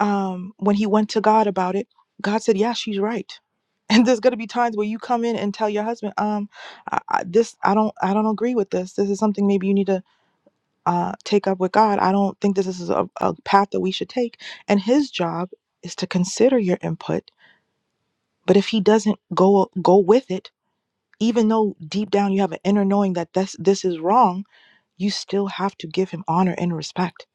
um, when he went to God about it, God said, "Yeah, she's right." And there's gonna be times where you come in and tell your husband, "Um, I, I, this I don't, I don't agree with this. This is something maybe you need to." uh, take up with God. I don't think this is a, a path that we should take. And His job is to consider your input. But if He doesn't go go with it, even though deep down you have an inner knowing that this this is wrong, you still have to give Him honor and respect.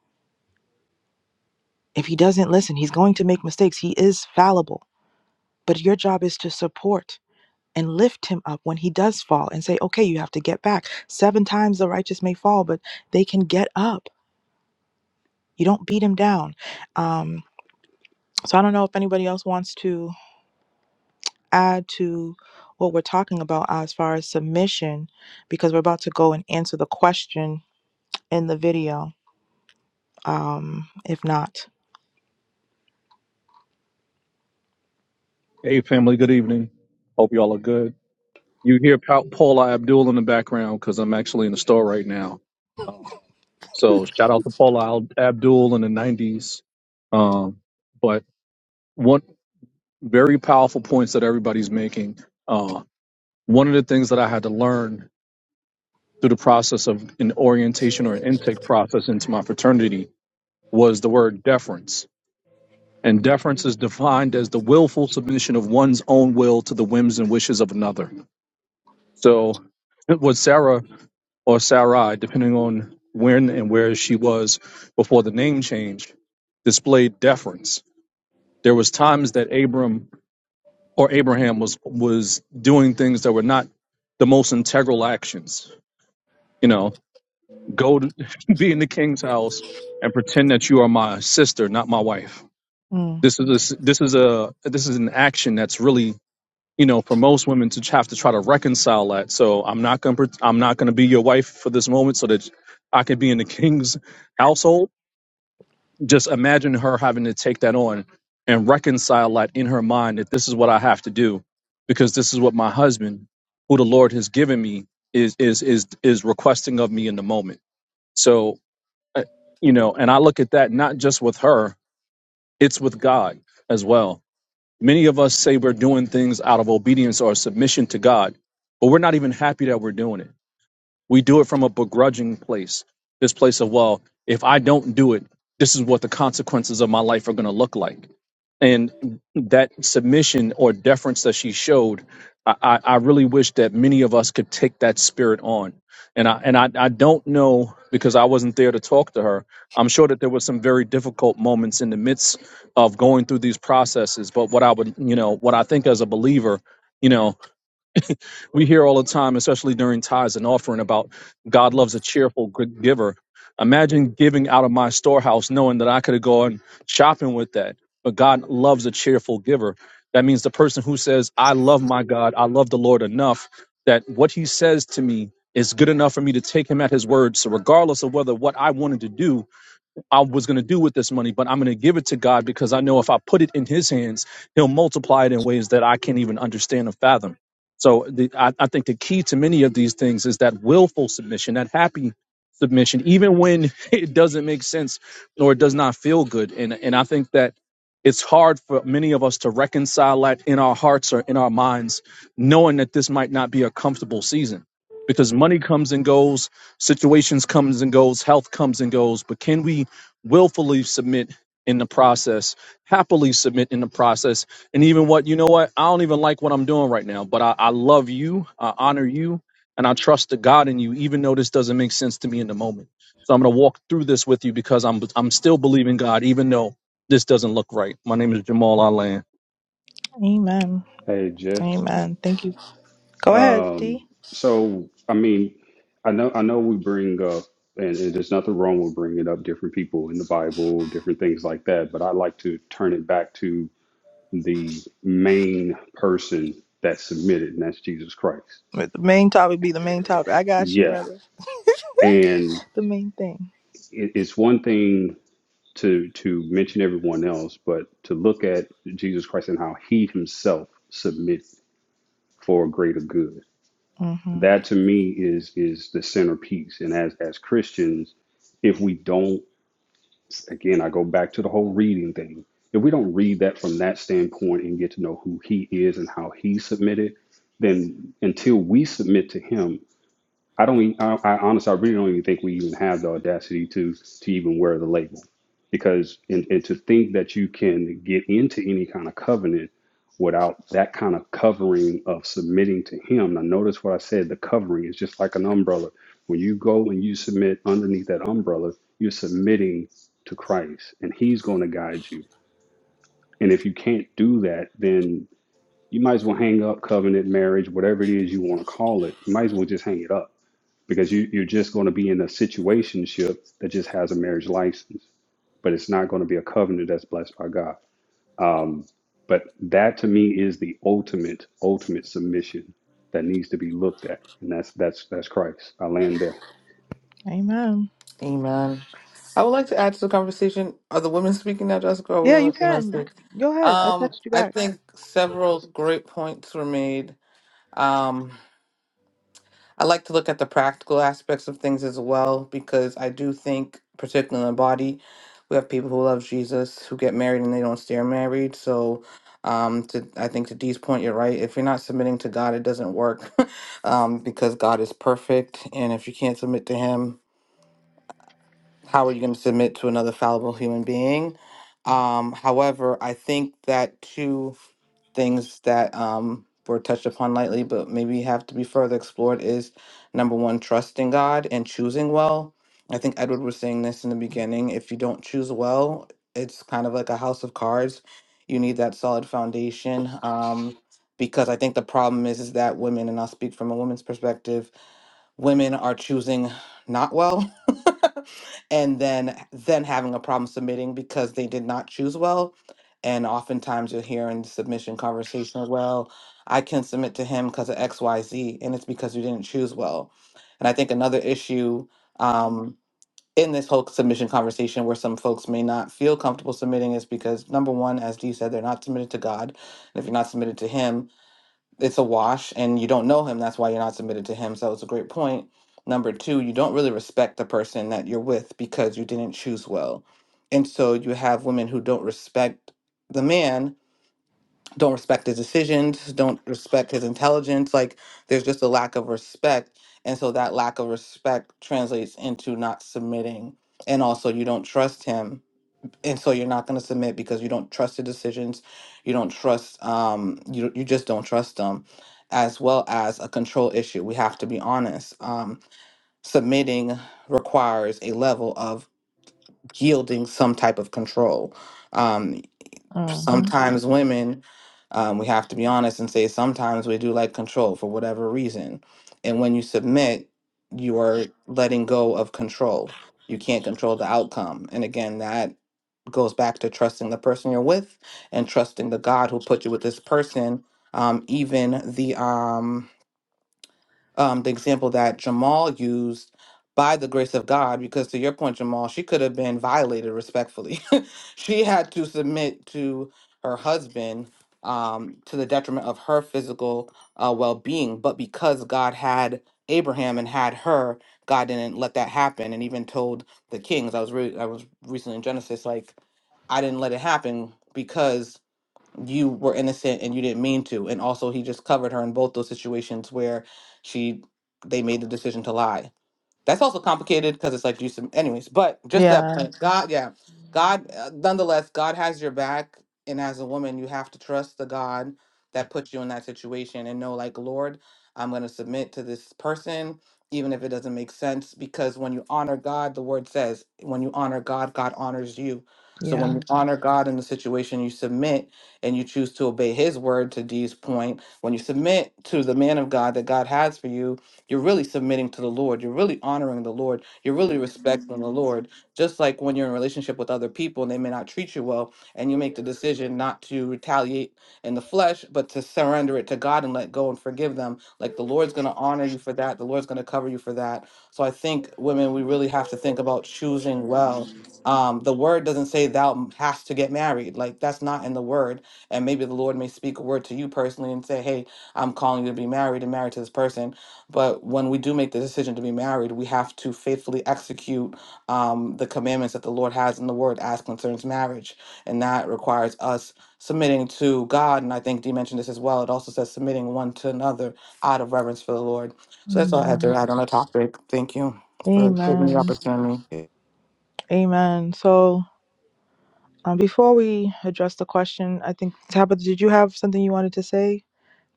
If He doesn't listen, He's going to make mistakes. He is fallible. But your job is to support and lift him up when he does fall and say, okay, you have to get back. Seven times the righteous may fall, but they can get up. You don't beat him down. Um, So I don't know if anybody else wants to add to what we're talking about as far as submission, because we're about to go and answer the question in the video. Um, if not, Hey, family, good evening. Hope y'all are good. You hear pa- Paula Abdul in the background because I'm actually in the store right now. Um, so shout out to Paula Al- Abdul in the 90s. Um, but one very powerful points that everybody's making. Uh, one of the things that I had to learn through the process of an orientation or an intake process into my fraternity was the word deference. And deference is defined as the willful submission of one's own will to the whims and wishes of another So was Sarah or Sarai, depending on when and where she was before the name change, displayed deference. There was times that Abram or Abraham was was doing things that were not the most integral actions. You know, go to, be in the king's house and pretend that you are my sister, not my wife. Mm. This is a, s- this is a this is an action that's really you know, for most women to have to try to reconcile that. So I'm not gonna I'm not gonna be your wife for this moment, so that I could be in the king's household. Just imagine her having to take that on and reconcile that in her mind that this is what I have to do because this is what my husband, who the Lord has given me, is is is is requesting of me in the moment. So uh, you know, and I look at that not just with her, it's with God as well Many of us say we're doing things out of obedience or submission to God, but we're not even happy that we're doing it. We do it from a begrudging place, this place of, well, if I don't do it, this is what the consequences of my life are going to look like and that submission or deference that she showed, I, I I really wish that many of us could take that spirit on. And I and I, I don't know because I wasn't there to talk to her. I'm sure that there were some very difficult moments in the midst of going through these processes. But what I would, you know, what I think as a believer, you know, we hear all the time, especially during tithes and offering, about God loves a cheerful good giver. Imagine giving out of my storehouse knowing that I could have gone shopping with that. But God loves a cheerful giver. That means the person who says, I love my God, I love the Lord enough that what he says to me is good enough for me to take him at his word. So, regardless of whether what I wanted to do I was going to do with this money, but I'm going to give it to God because I know if I put it in His hands, He'll multiply it in ways that I can't even understand or fathom. So the, I, I think the key to many of these things is that willful submission, that happy submission, even when it doesn't make sense or it does not feel good. And and I think that it's hard for many of us to reconcile that in our hearts or in our minds, knowing that this might not be a comfortable season because money comes and goes, situations comes and goes, health comes and goes. But can we willfully submit in the process, happily submit in the process, and even what you know what I don't even like what I'm doing right now, but I, I love you, I honor you, and I trust the God in you, even though this doesn't make sense to me in the moment. So I'm gonna walk through this with you because I'm I'm still believing God, even though this doesn't look right. My name is Jamal Alan. amen, Hey, Jeff. amen. Thank you. Go ahead, D. Um, so I mean, I know I know we bring up, and, and there's nothing wrong with bringing up different people in the Bible, different things like that. But I like to turn it back to the main person that submitted, and that's Jesus Christ. But The main topic be the main topic. I got you, Yeah, brother. and The main thing. it, it's one thing to to mention everyone else, but to look at Jesus Christ and how He Himself submitted for a greater good. hmm that to me is is the centerpiece and as as christians if we don't again i go back to the whole reading thing if we don't read that from that standpoint and get to know who he is and how he submitted then until we submit to him I don't. e- I, I honestly, I really don't even think we even have the audacity to to even wear the label, because and, and to think that you can get into any kind of covenant without that kind of covering of submitting to Him. Now, notice what I said. The covering is just like an umbrella. When you go and you submit underneath that umbrella, you're submitting to Christ, and He's going to guide you. And if you can't do that, then you might as well hang up covenant, marriage, whatever it is you want to call it. You might as well just hang it up because you, you're just going to be in a situationship that just has a marriage license, but it's not going to be a covenant that's blessed by God. Um, but that to me is the ultimate, ultimate submission that needs to be looked at, and that's that's that's Christ. I land there Amen. Amen. I would like to add to the conversation. Are the women speaking now, Jessica? Or are we Yeah, going to you let the men can. You speak? can. Go ahead. I Um, text you I back. think several great points were made. Um, I like to look at the practical aspects of things as well because I do think, particularly in the body, we have people who love Jesus who get married and they don't stay married. So, um, to I think to Dee's point, you're right. If you're not submitting to God, it doesn't work um, because God is perfect, and if you can't submit to Him, how are you going to submit to another fallible human being? Um, however, I think that too things that um, were touched upon lightly, but maybe have to be further explored is number one, trusting God and choosing well. I think Edward was saying this in the beginning. If you don't choose well, it's kind of like a house of cards. You need that solid foundation. Um, because I think the problem is is that women, and I'll speak from a woman's perspective, women are choosing not well and then then having a problem submitting because they did not choose well and oftentimes you'll hear in the submission conversation, well, I can submit to him because of XYZ, and it's because you didn't choose well. And I think another issue um, in this whole submission conversation where some folks may not feel comfortable submitting is because, number one, as Dee said, they're not submitted to God. And if you're not submitted to Him, it's a wash and you don't know him that's why you're not submitted to him so it's a great point number two you don't really respect the person that you're with because you didn't choose well and so you have women who don't respect the man don't respect his decisions don't respect his intelligence like there's just a lack of respect and so that lack of respect translates into not submitting and also you don't trust him and so you're not going to submit because you don't trust the decisions you don't trust um you, you just don't trust them as well as a control issue we have to be honest um submitting requires a level of yielding some type of control Um, hmm sometimes women, um, we have to be honest and say sometimes we do like control for whatever reason. And when you submit, you are letting go of control. You can't control the outcome. And again, that goes back to trusting the person you're with and trusting the God who put you with this person. Um, even the um, um, the example that Jamal used by the grace of God, because to your point, Jamal, she could have been violated respectfully. she had to submit to her husband um, to the detriment of her physical uh, well being. But because God had Abraham and had her, God didn't let that happen, and even told the kings. I was re- I was recently in Genesis, like I didn't let it happen because you were innocent and you didn't mean to and also he just covered her in both those situations where she they made the decision to lie that's also complicated because it's like you some anyways, but just that Yeah. point, God, yeah, God. uh, Nonetheless, God has your back, and as a woman, you have to trust the God that put you in that situation and know, like, Lord, I'm going to submit to this person, even if it doesn't make sense, because when you honor God, the Word says, when you honor God, God honors you. So when Yeah. you Mhm. honor God in the situation, you submit and you choose to obey His word. To Dee's point, when you submit to the man of God that God has for you, you're really submitting to the Lord. You're really honoring the Lord. You're really respecting the Lord. Just like when you're in a relationship with other people and they may not treat you well, and you make the decision not to retaliate in the flesh, but to surrender it to God and let go and forgive them. Like the Lord's going to honor you for that. The Lord's going to cover you for that. So I think women, we really have to think about choosing well. Um, the word doesn't say thou hast to get married. Like that's not in the word. And maybe the Lord may speak a word to you personally and say, hey, I'm calling you to be married and married to this person but when we do make the decision to be married, we have to faithfully execute um, the commandments that the Lord has in the Word as concerns marriage. And that requires us submitting to God. And I think Dee mentioned this as well. It also says submitting one to another out of reverence for the Lord. So that's all I had to Amen. add on the topic. Thank you for giving me the Amen. opportunity. Amen. So. Um, before we address the question, I think Tabitha, did you have something you wanted to say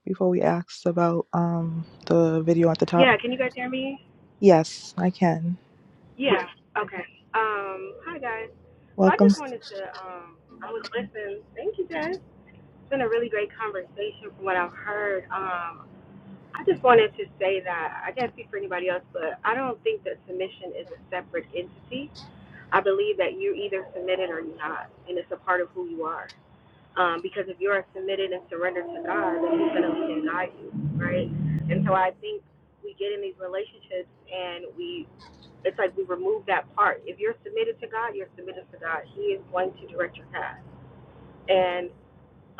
before we asked about um the video at the top? Yeah, can you guys hear me? Yes, I can. Yes. Yeah. Okay. Um, hi guys. So I Welcome. just wanted to um I was listening. Thank you, Jess. It's been a really great conversation from what I've heard. Um I just wanted to say that I can't speak for anybody else, but I don't think that submission is a separate entity. I believe that you either submitted or you're not, and it's a part of who you are. Um, because if you are submitted and surrendered to God, then He's going to lead and guide you, right? And so I think we get in these relationships and we it's like we remove that part. If you're submitted to God, you're submitted to God. He is going to direct your path. And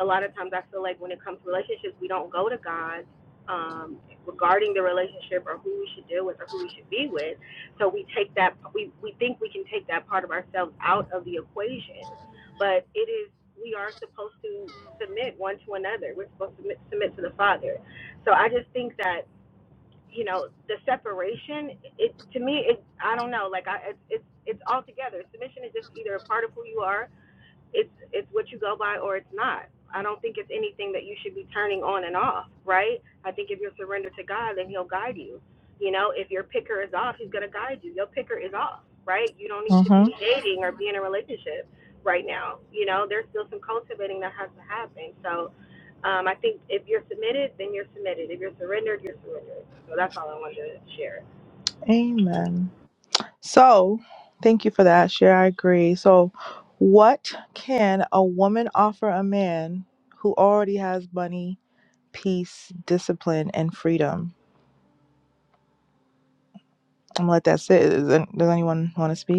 a lot of times, I feel like when it comes to relationships, we don't go to God um, regarding the relationship or who we should deal with or who we should be with. So we take that we we think we can take that part of ourselves out of the equation, but it is we are supposed to submit one to another. We're supposed to submit, submit to the Father. So I just think that you know the separation it to me it i don't know like i it's it's it's all together submission is just either a part of who you are it's it's what you go by or it's not. I don't think it's anything that you should be turning on and off, right? I think if you're surrendered to God, then He'll guide you. You know, if your picker is off, He's gonna guide you. Your picker is off, right? You don't need to Uh-huh. be dating or be in a relationship right now. You know, there's still some cultivating that has to happen. So, um, I think if you're submitted, then you're submitted. If you're surrendered, you're surrendered. So that's all I wanted to share. Amen. So, thank you for that. Share, I agree. So, what can a woman offer a man who already has money, peace, discipline, and freedom? I'm gonna let that sit. Is- Does anyone want to speak?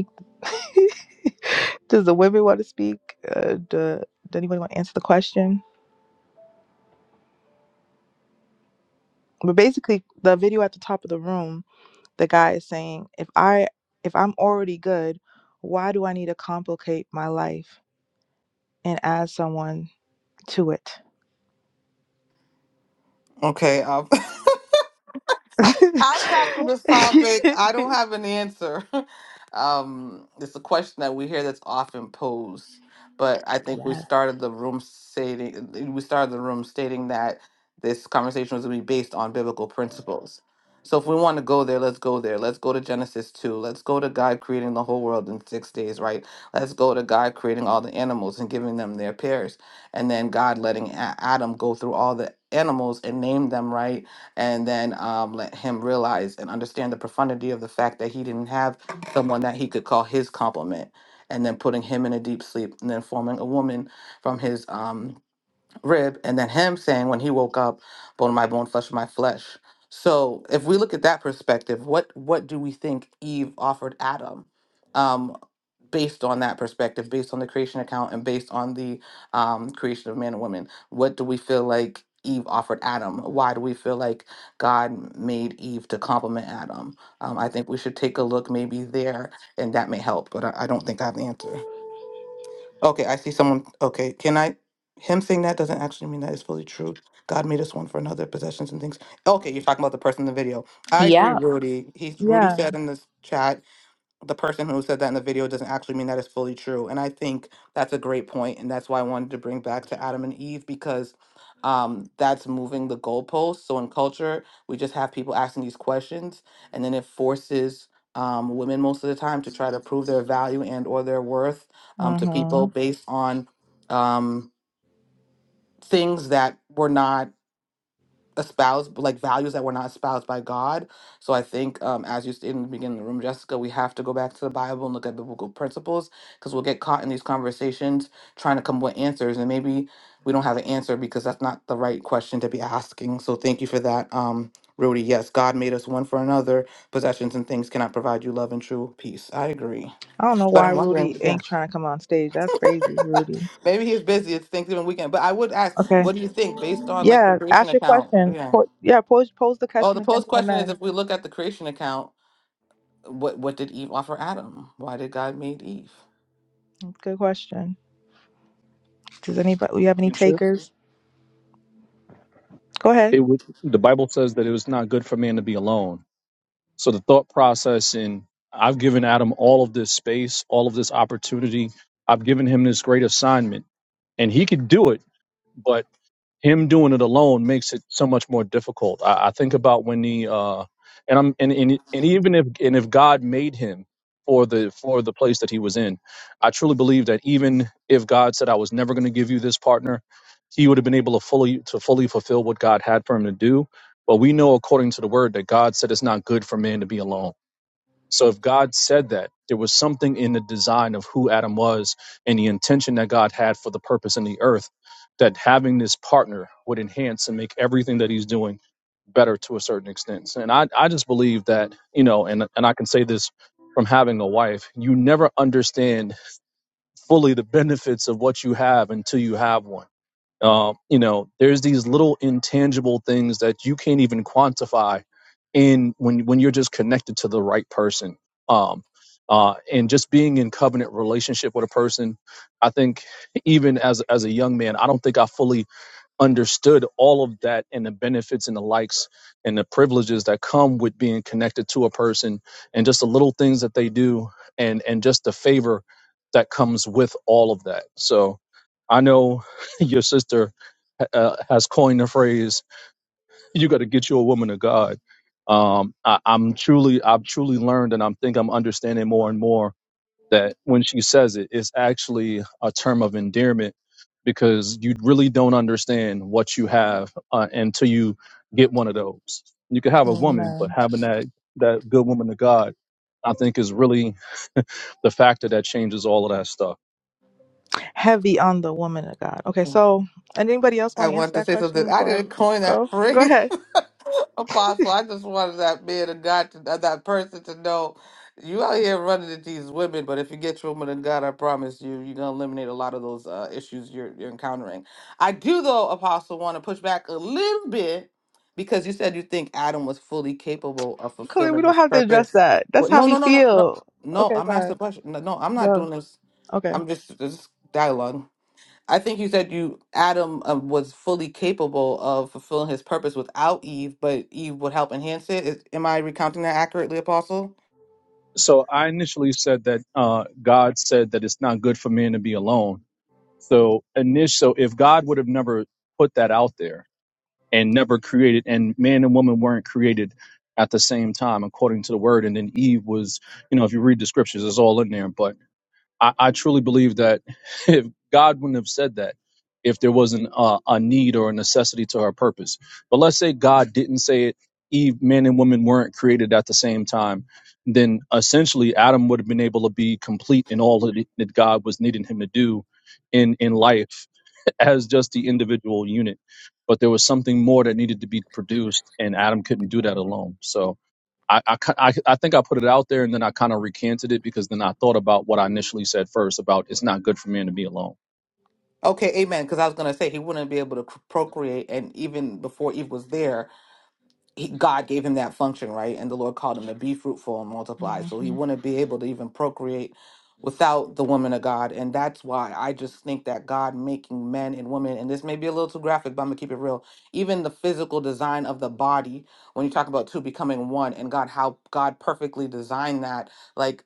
Does the women want to speak? Uh, do, does anybody want to answer the question? But basically, the video at the top of the room, the guy is saying, "If I if I'm already good, why do I need to complicate my life and add someone to it?" Okay. Um, I'll tackle this topic. I don't have an answer. Um, it's a question that we hear that's often posed, but I think we yeah. started the room stating we started the room stating that this conversation was going to be based on biblical principles. So if we want to go there, let's go there. Let's go to Genesis 2. Let's go to God creating the whole world in 6 days, right? Let's go to God creating all the animals and giving them their pairs and then God letting A- Adam go through all the animals and name them, right? and then um, let him realize and understand the profundity of the fact that he didn't have someone that he could call his complement and then putting him in a deep sleep and then forming a woman from his um, rib and then him saying when he woke up bone of my bone flesh of my flesh so if we look at that perspective what what do we think eve offered adam Um, based on that perspective, based on the creation account, and based on the um, creation of man and woman. What do we feel like Eve offered Adam? Why do we feel like God made Eve to complement Adam? Um, I think we should take a look maybe there, and that may help. But I, I don't think I have the answer. Okay, I see someone. Okay, can I? Him saying that doesn't actually mean that it's fully true. God made us one for another, possessions and things. Okay, you're talking about the person in the video. I agree, Yeah. Rudy. He's Rudy Yeah. said in this chat the person who said that in the video doesn't actually mean that it's fully true. And I think that's a great point, and that's why I wanted to bring back to Adam and Eve because um, that's moving the goalposts. So in culture, we just have people asking these questions, and then it forces um, women most of the time to try to prove their value and or their worth um, to people hmm based on um, things that were not espouse like values that were not espoused by God. So I think, um, as you stated in the beginning of the room, Jessica, we have to go back to the Bible and look at biblical principles because we'll get caught in these conversations trying to come up with answers, and maybe we don't have an answer because that's not the right question to be asking. So thank you for that, um, Rudy. Yes, God made us one for another. Possessions and things cannot provide you love and true peace. I agree, I don't know but why I'm Rudy wondering, yeah, ain't trying to come on stage. That's crazy, Rudy. maybe he's busy. It's Thanksgiving weekend, but I would ask, Okay. what do you think based on like the Yeah. creation Ask your account? question. Yeah. Po- yeah. Pose pose the Oh, the question again post to the question is men. if we look at the creation account, what what did Eve offer Adam? Why did God made Eve? Good question. Does anybody we have any takers? Go ahead. It was, the Bible says that it was not good for man to be alone. So the thought process and I've given Adam all of this space, all of this opportunity. I've given him this great assignment and he could do it, but him doing it alone makes it so much more difficult. I, I think about when the uh and I'm and, and and even if and if God made him for the for the place that he was in, I truly believe that even if God said I was never going to give you this partner, he would have been able to fully to fully fulfill what God had for him to do. But we know according to the word that God said it's not good for man to be alone. So if God said that, there was something in the design of who Adam was and the intention that God had for the purpose in the earth that having this partner would enhance and make everything that he's doing better to a certain extent. And I, I just believe that, you know, and, and I can say this from having a wife, you never understand fully the benefits of what you have until you have one um, you know, there's these little intangible things that you can't even quantify in when when you're just connected to the right person. Um, uh, and just being in covenant relationship with a person, I think even as as a young man, I don't think I fully understood all of that and the benefits and the likes and the privileges that come with being connected to a person and just the little things that they do and and just the favor that comes with all of that so i know your sister uh, has coined the phrase you got to get you a woman of god um I, i'm truly i've truly learned and i'm think i'm understanding more and more that when she says it, it's actually a term of endearment because you really don't understand what you have uh, until you get one of those. You could have a woman, but Amen. having that that good woman of God, I think, is really the factor that changes all of that stuff. Heavy on the woman of God. Okay, Hmm. so and anybody else I want to answer want to that say something. question I before I didn't coin that go? Go phrase, ahead. apostle. I just wanted that man of God, to, uh, that person to know you out here running into these women. But if you get your woman of God, I promise you, you're gonna eliminate a lot of those uh, issues you're you're encountering. I do, though, apostle, want to push back a little bit because you said you think Adam was fully capable of Clearly, we fulfilling don't his have to address purpose. that. Well, That's how no, he no, no, no, no, feel. no. Okay, I'm asking a fine. question. No, no, I'm not doing Go. this. Okay. I'm just this dialogue. I think you said you Adam um, was fully capable of fulfilling his purpose without Eve, but Eve would help enhance it. Is, am I recounting that accurately, Apostle? So I initially said that uh, God said that it's not good for man to be alone. So initial, so if God would have never put that out there, and never created and man and woman weren't created at the same time according to the word and then eve was you know if you read the scriptures it's all in there but i, I truly believe that if god wouldn't have said that if there wasn't a, a need or a necessity to her purpose but let's say god didn't say it eve man and woman weren't created at the same time then essentially adam would have been able to be complete in all that, that god was needing him to do in in life as just the individual unit, but there was something more that needed to be produced, and Adam couldn't do that alone. So I I, ki- I, I think I put it out there, and then I kind of recanted it because then I thought about what I initially said first about it's not good for man to be alone. Okay, Amen. Because I was gonna say he wouldn't be able to c- procreate, and even before Eve was there, he, God gave him that function, right? And the Lord called him to be fruitful and multiply. So he hmm wouldn't be able to even procreate without the woman of God. And that's why I just think that God making men and women, and this may be a little too graphic, but I'm going to keep it real. Even the physical design of the body, when you talk about two becoming one and God, how God perfectly designed that, like,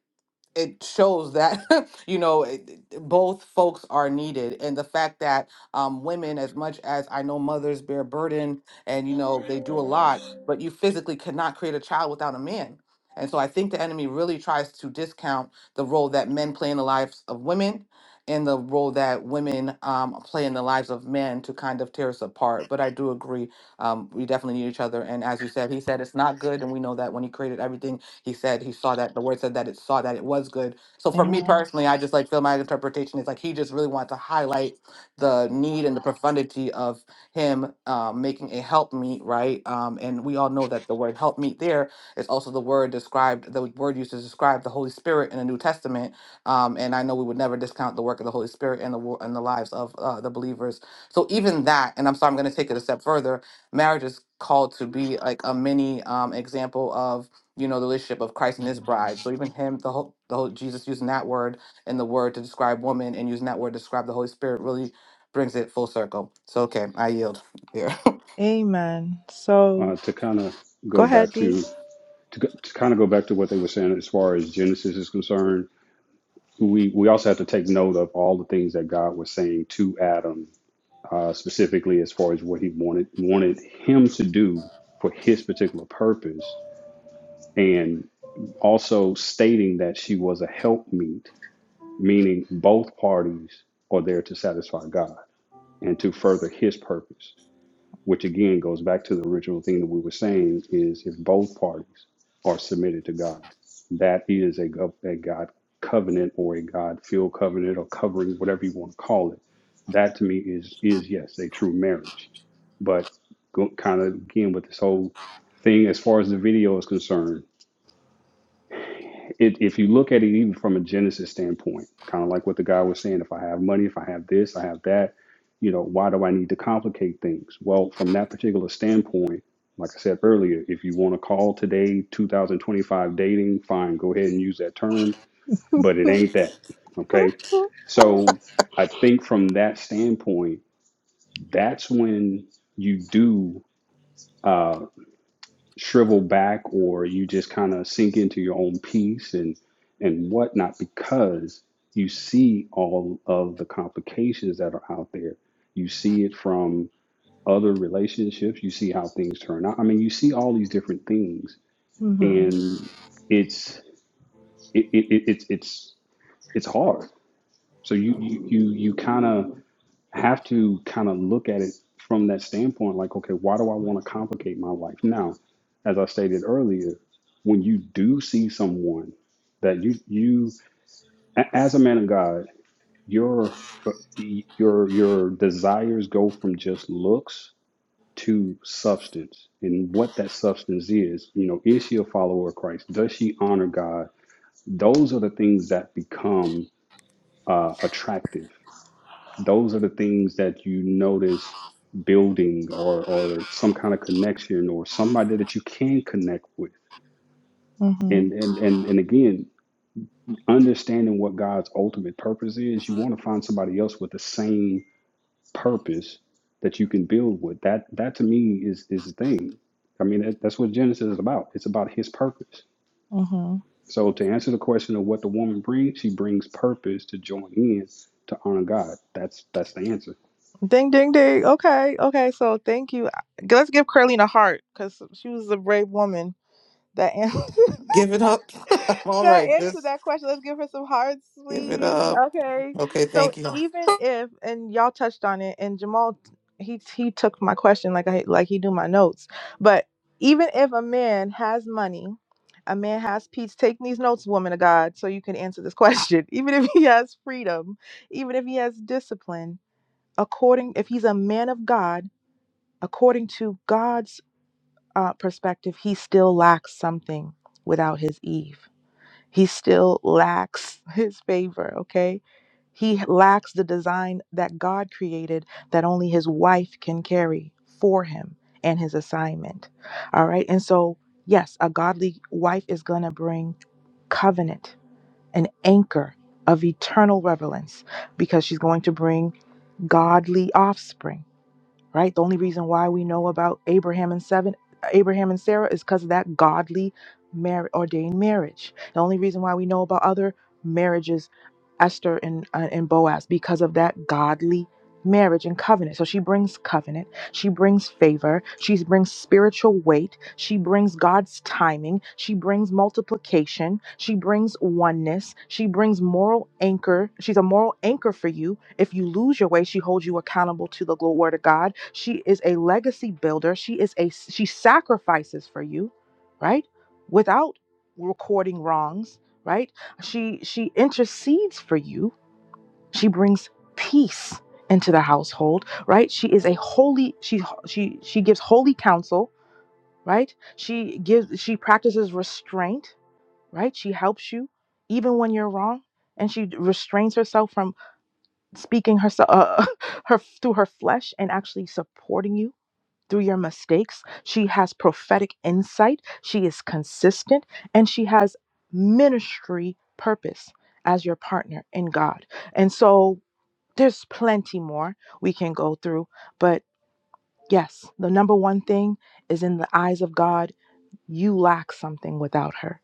it shows that you know it, it- both folks are needed and the fact that um, women as much as i know mothers bear burden and you know they do a lot but you physically cannot create a child without a man and so i think the enemy really tries to discount the role that men play in the lives of women and the role that women um, play in the lives of men to kind of tear us apart but i do agree um, we definitely need each other and as you said he said it's not good and we know that when he created everything he said he saw that the word said that it saw that it was good. So for me Mhm. Amen. personally, I just like feel my interpretation is like he just really wanted to highlight the need and the profundity of him um, making a help meet, right? Um, and we all know that the word help meet there is also the word described, the word used to describe the Holy Spirit in the New Testament. Um, and I know we would never discount the work of the Holy Spirit and the wo- and the lives of uh, the believers. So even that, and I'm sorry, I'm going to take it a step further. Marriage is called to be like a mini um, example of you know, the relationship of Christ and his bride. So even him, the whole, the whole Jesus using that word and the word to describe woman and using that word to describe the Holy Spirit really brings it full circle. So okay, I yield here. Amen. So uh, to kind of go go ahead, back D. to to, go- to kind of go back to what they were saying as far as Genesis is concerned. We we also have to take note of all the things that God was saying to Adam uh, specifically as far as what he wanted wanted him to do for his particular purpose, and also stating that she was a helpmeet, meaning both parties are there to satisfy God and to further His purpose which again goes back to the original thing that we were saying is if both parties are submitted to God, that is a, gov- a God covenant or a God field covenant or covering, whatever you want to call it. That to me is is yes a true marriage, but go, kind of again with this whole thing as far as the video is concerned it, if you look at it even from a Genesis standpoint, kind of like what the guy was saying, if I have money, if I have this, I have that, you know, why do I need to complicate things? Well, from that particular standpoint, like I said earlier, if you want to call today 2025 dating, fine, go ahead and use that term, but it ain't that. Okay. So I think from that standpoint, that's when you do. uh, shrivel back or you just kind of sink into your own peace and and whatnot because you see all of the complications that are out there. You see it from other relationships. You see how things turn out. I mean, you see all these different things, Mm-hmm. and it's it, it, it it's it's it's hard. So you you you, you kind of have to kind of look at it from that standpoint like okay why do i want to complicate my life now as i stated earlier when you do see someone that you you a- as a man of god your your your desires go from just looks to substance and what that substance is you know is she a follower of christ does she honor god those are the things that become uh, attractive those are the things that you notice building or or some kind of connection or somebody that you can connect with Mm-hmm. and and and, and again understanding what god's ultimate purpose is you want to find somebody else with the same purpose that you can build with that that to me is is the thing i mean that, that's what genesis is about it's about his purpose Mm-hmm. so to answer the question of what the woman brings she brings purpose to join in to honor god that's that's the answer Ding, ding, ding. Okay. Okay. So thank you. Let's give Curly a heart because she was a brave woman that answered. Give it up. All that right, answered just that question. Let's give her some hearts, give it please. up. Okay. Okay, So thank you. I even if and y'all touched on it, and Jamal he he took my question like I like he do my notes. But even if a man has money, a man has peace. Take these notes, woman of God, so you can answer this question. Even if he has freedom, even if he has discipline, according if he's a man of God, according to God's uh, perspective, he still lacks something without his Eve. He still lacks his favor, okay? He lacks the design that God created that only his wife can carry for him and his assignment. All right. And so, yes, a godly wife is going to bring covenant, an anchor of eternal relevance, because she's going to bring godly offspring right? The only reason why we know about Abraham and seven Abraham and Sarah is because of that godly mar- ordained marriage. The only reason why we know about other marriages, Esther and uh, and Boaz, because of that godly marriage and covenant. So she brings covenant she brings favor. She brings spiritual weight. She brings God's timing. She brings multiplication. She brings oneness. She brings moral anchor. She's a moral anchor for you. If you lose your way, she holds you accountable to the gl- word of God. She is a legacy builder. She is a she sacrifices for you, right? Without recording wrongs, right? She she intercedes for you she brings peace into the household, right? She is a holy she she she gives holy counsel, right? She gives she practices restraint, right? She helps you even when you're wrong and she restrains herself from speaking herself uh, her through her flesh and actually supporting you through your mistakes. She has prophetic insight, she is consistent, and she has ministry purpose as your partner in God. And so there's plenty more we can go through, but yes, the number one thing is in the eyes of God, you lack something without her.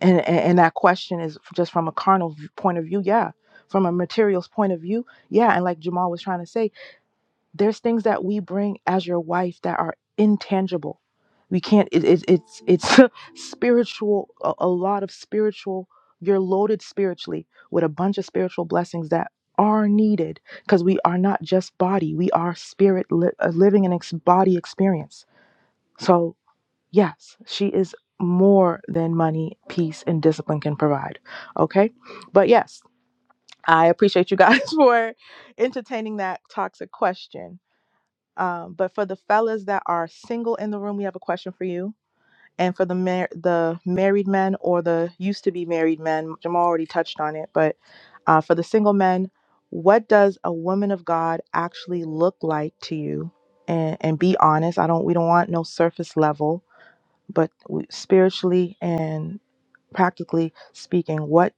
And, and, and that question is just from a carnal v- point of view, yeah. From a materials point of view, yeah. And like Jamal was trying to say, there's things that we bring as your wife that are intangible we can't it, it, it's it's spiritual a, a lot of spiritual you're loaded spiritually with a bunch of spiritual blessings that are needed because we are not just body we are spirit li- uh, living an ex- body experience so yes she is more than money peace and discipline can provide okay but yes i appreciate you guys for entertaining that toxic question um, but for the fellas that are single in the room, we have a question for you. And for the mar- the married men or the used to be married men, Jamal already touched on it. But uh, for the single men, what does a woman of God actually look like to you? And and be honest. I don't. We don't want no surface level, but we, spiritually and practically speaking, what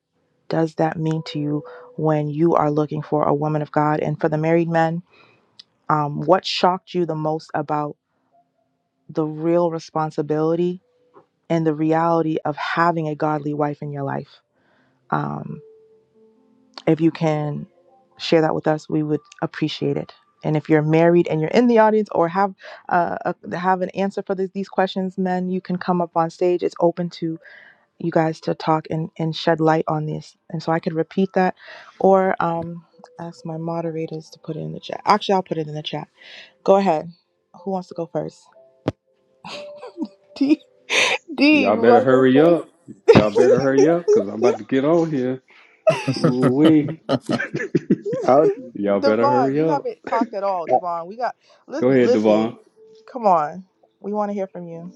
does that mean to you when you are looking for a woman of God? And for the married men, um, what shocked you the most about? the real responsibility and the reality of having a godly wife in your life. Um, if you can share that with us, we would appreciate it. And if you're married and you're in the audience or have uh, a, have an answer for this, these questions, men, you can come up on stage. It's open to you guys to talk and, and shed light on this. And so I could repeat that or um, ask my moderators to put it in the chat. Actually, I'll put it in the chat. Go ahead. Who wants to go first? D, D Y'all you better want to go first? hurry up. Y'all better hurry up because I'm about to get on here. was Ooh-wee. Howdy. Y'all better Devon, hurry you up. haven't talked at all, Devon. We got Go listen, ahead, listen. Devon. Come on, we want to hear from you.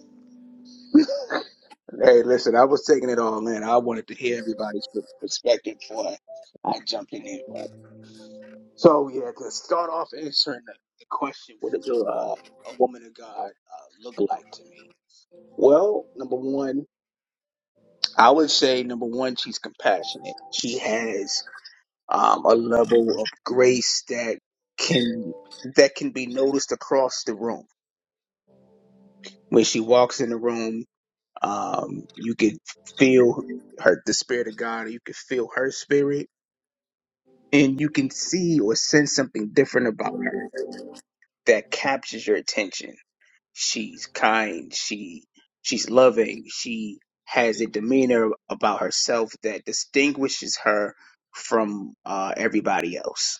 Hey, listen, I was taking it all in. I wanted to hear everybody's per- perspective before I I jumped in here. But so yeah, to start off answering the, the question, what does a uh, a woman of God uh, look like to me? Well, number one, I would say number one, she's compassionate. She has um, a level of grace that can that can be noticed across the room. When she walks in the room, um, you can feel her the spirit of God, or you can feel her spirit, and you can see or sense something different about her that captures your attention. She's kind, she she's loving, she has a demeanor about herself that distinguishes her from uh, everybody else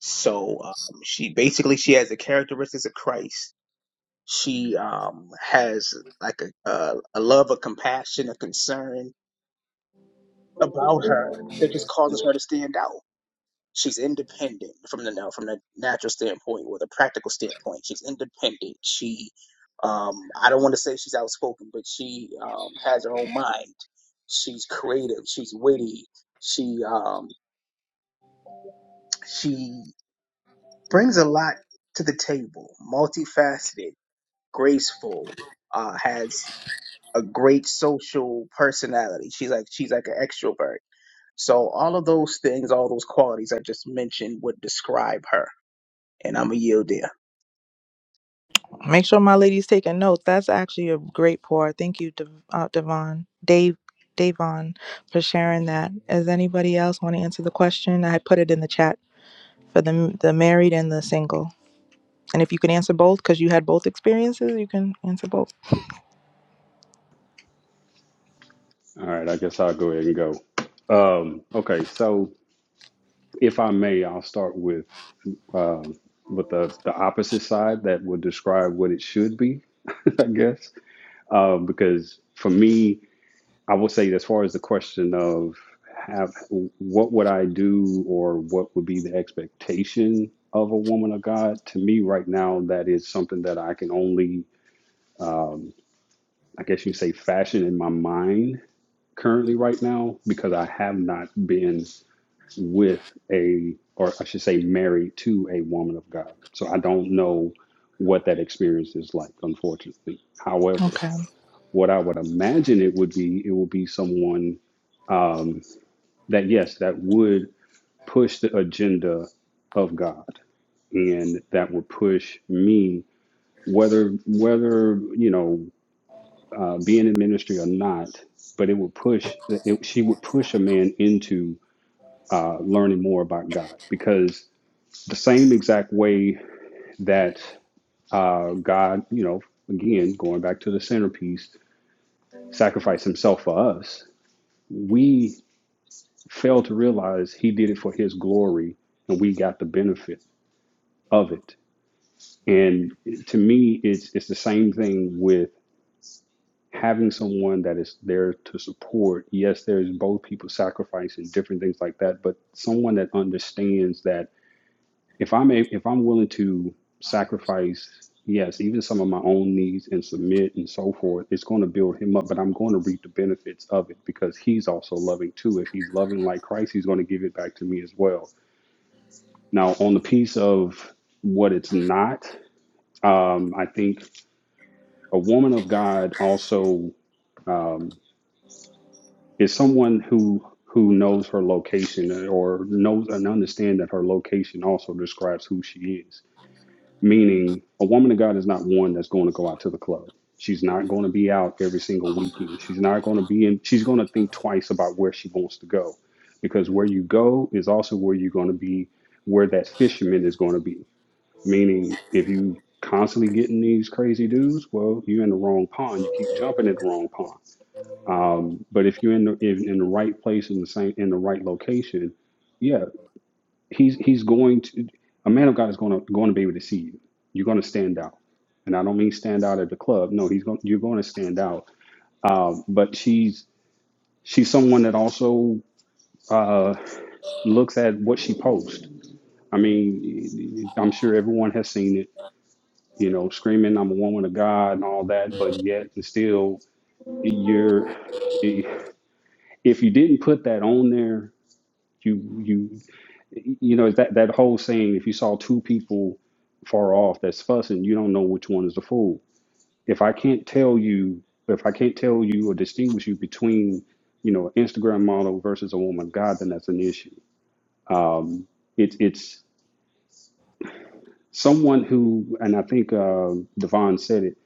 So um, she basically she has the characteristics of Christ. She um, has like a, a a love, a compassion, a concern about her that just causes her to stand out. She's independent from the no, from the natural standpoint or the practical standpoint. She's independent. She um, I don't want to say she's outspoken, but she um, has her own mind. She's creative. She's witty. She um, she brings a lot to the table, multifaceted graceful, uh, has a great social personality. She's like she's like an extrovert. So all of those things, all those qualities I just mentioned would describe her. And I'm a yield there. Make sure my lady's taking notes. That's actually a great pour. Thank you, Dev- uh, Devon, Dave, Davon, for sharing that. Does anybody else want to answer the question? I put it in the chat for the the married and the single. And if you can answer both, because you had both experiences, you can answer both. All right, I guess I'll go ahead and go. Um, okay, so if I may, I'll start with um, with the, the opposite side that would describe what it should be, I guess, um, because for me, I will say, as far as the question of have, what would I do or what would be the expectation of a woman of God, to me right now, that is something that I can only, I guess you say, fashion in my mind currently right now because I have not been with a, or I should say, married to a woman of God. So I don't know what that experience is like, unfortunately. However, Okay. what I would imagine it would be, it would be someone that, yes, that would push the agenda of God, and that will push me, whether whether you know uh, being in ministry or not. But it would push. It, she would push a man into uh, learning more about God because the same exact way that uh, God, you know, again going back to the centerpiece, sacrificed Himself for us. We fail to realize He did it for His glory, and we got the benefit of it And to me, it's it's the same thing with having someone that is there to support. Yes, there's both people sacrificing different things like that, but someone that understands that if I'm a, if I'm willing to sacrifice, yes, even some of my own needs and submit and so forth, it's going to build him up. But I'm going to reap the benefits of it because he's also loving too. If he's loving like Christ, he's going to give it back to me as well. Now, on the piece of what it's not, um, I think. a woman of God also um, is someone who who knows her location or knows and understands that her location also describes who she is. Meaning, a woman of God is not one that's going to go out to the club. She's not going to be out every single weekend. She's not going to be in. She's going to think twice about where she wants to go, because where you go is also where you're going to be. Where that fisherman is going to be. Meaning, if you constantly getting these crazy dudes, well, you're in the wrong pond. You keep jumping in the wrong pond. Um, but if you're in the in, in the right place in the same in the right location, yeah, he's he's going to a man of God is going to going to be able to see you. You're going to stand out, and I don't mean stand out at the club. No, he's going you're going to stand out. Um, but she's she's someone that also uh, looks at what she posts. I mean, I'm sure everyone has seen it. You know, screaming I'm a woman of God and all that, but yet and still you're if you didn't put that on there you you you know that that whole saying if you saw two people far off that's fussing you don't know which one is the fool if i can't tell you if i can't tell you or distinguish you between you know an instagram model versus a woman of god then that's an issue um it's it's someone who and i think uh devon said it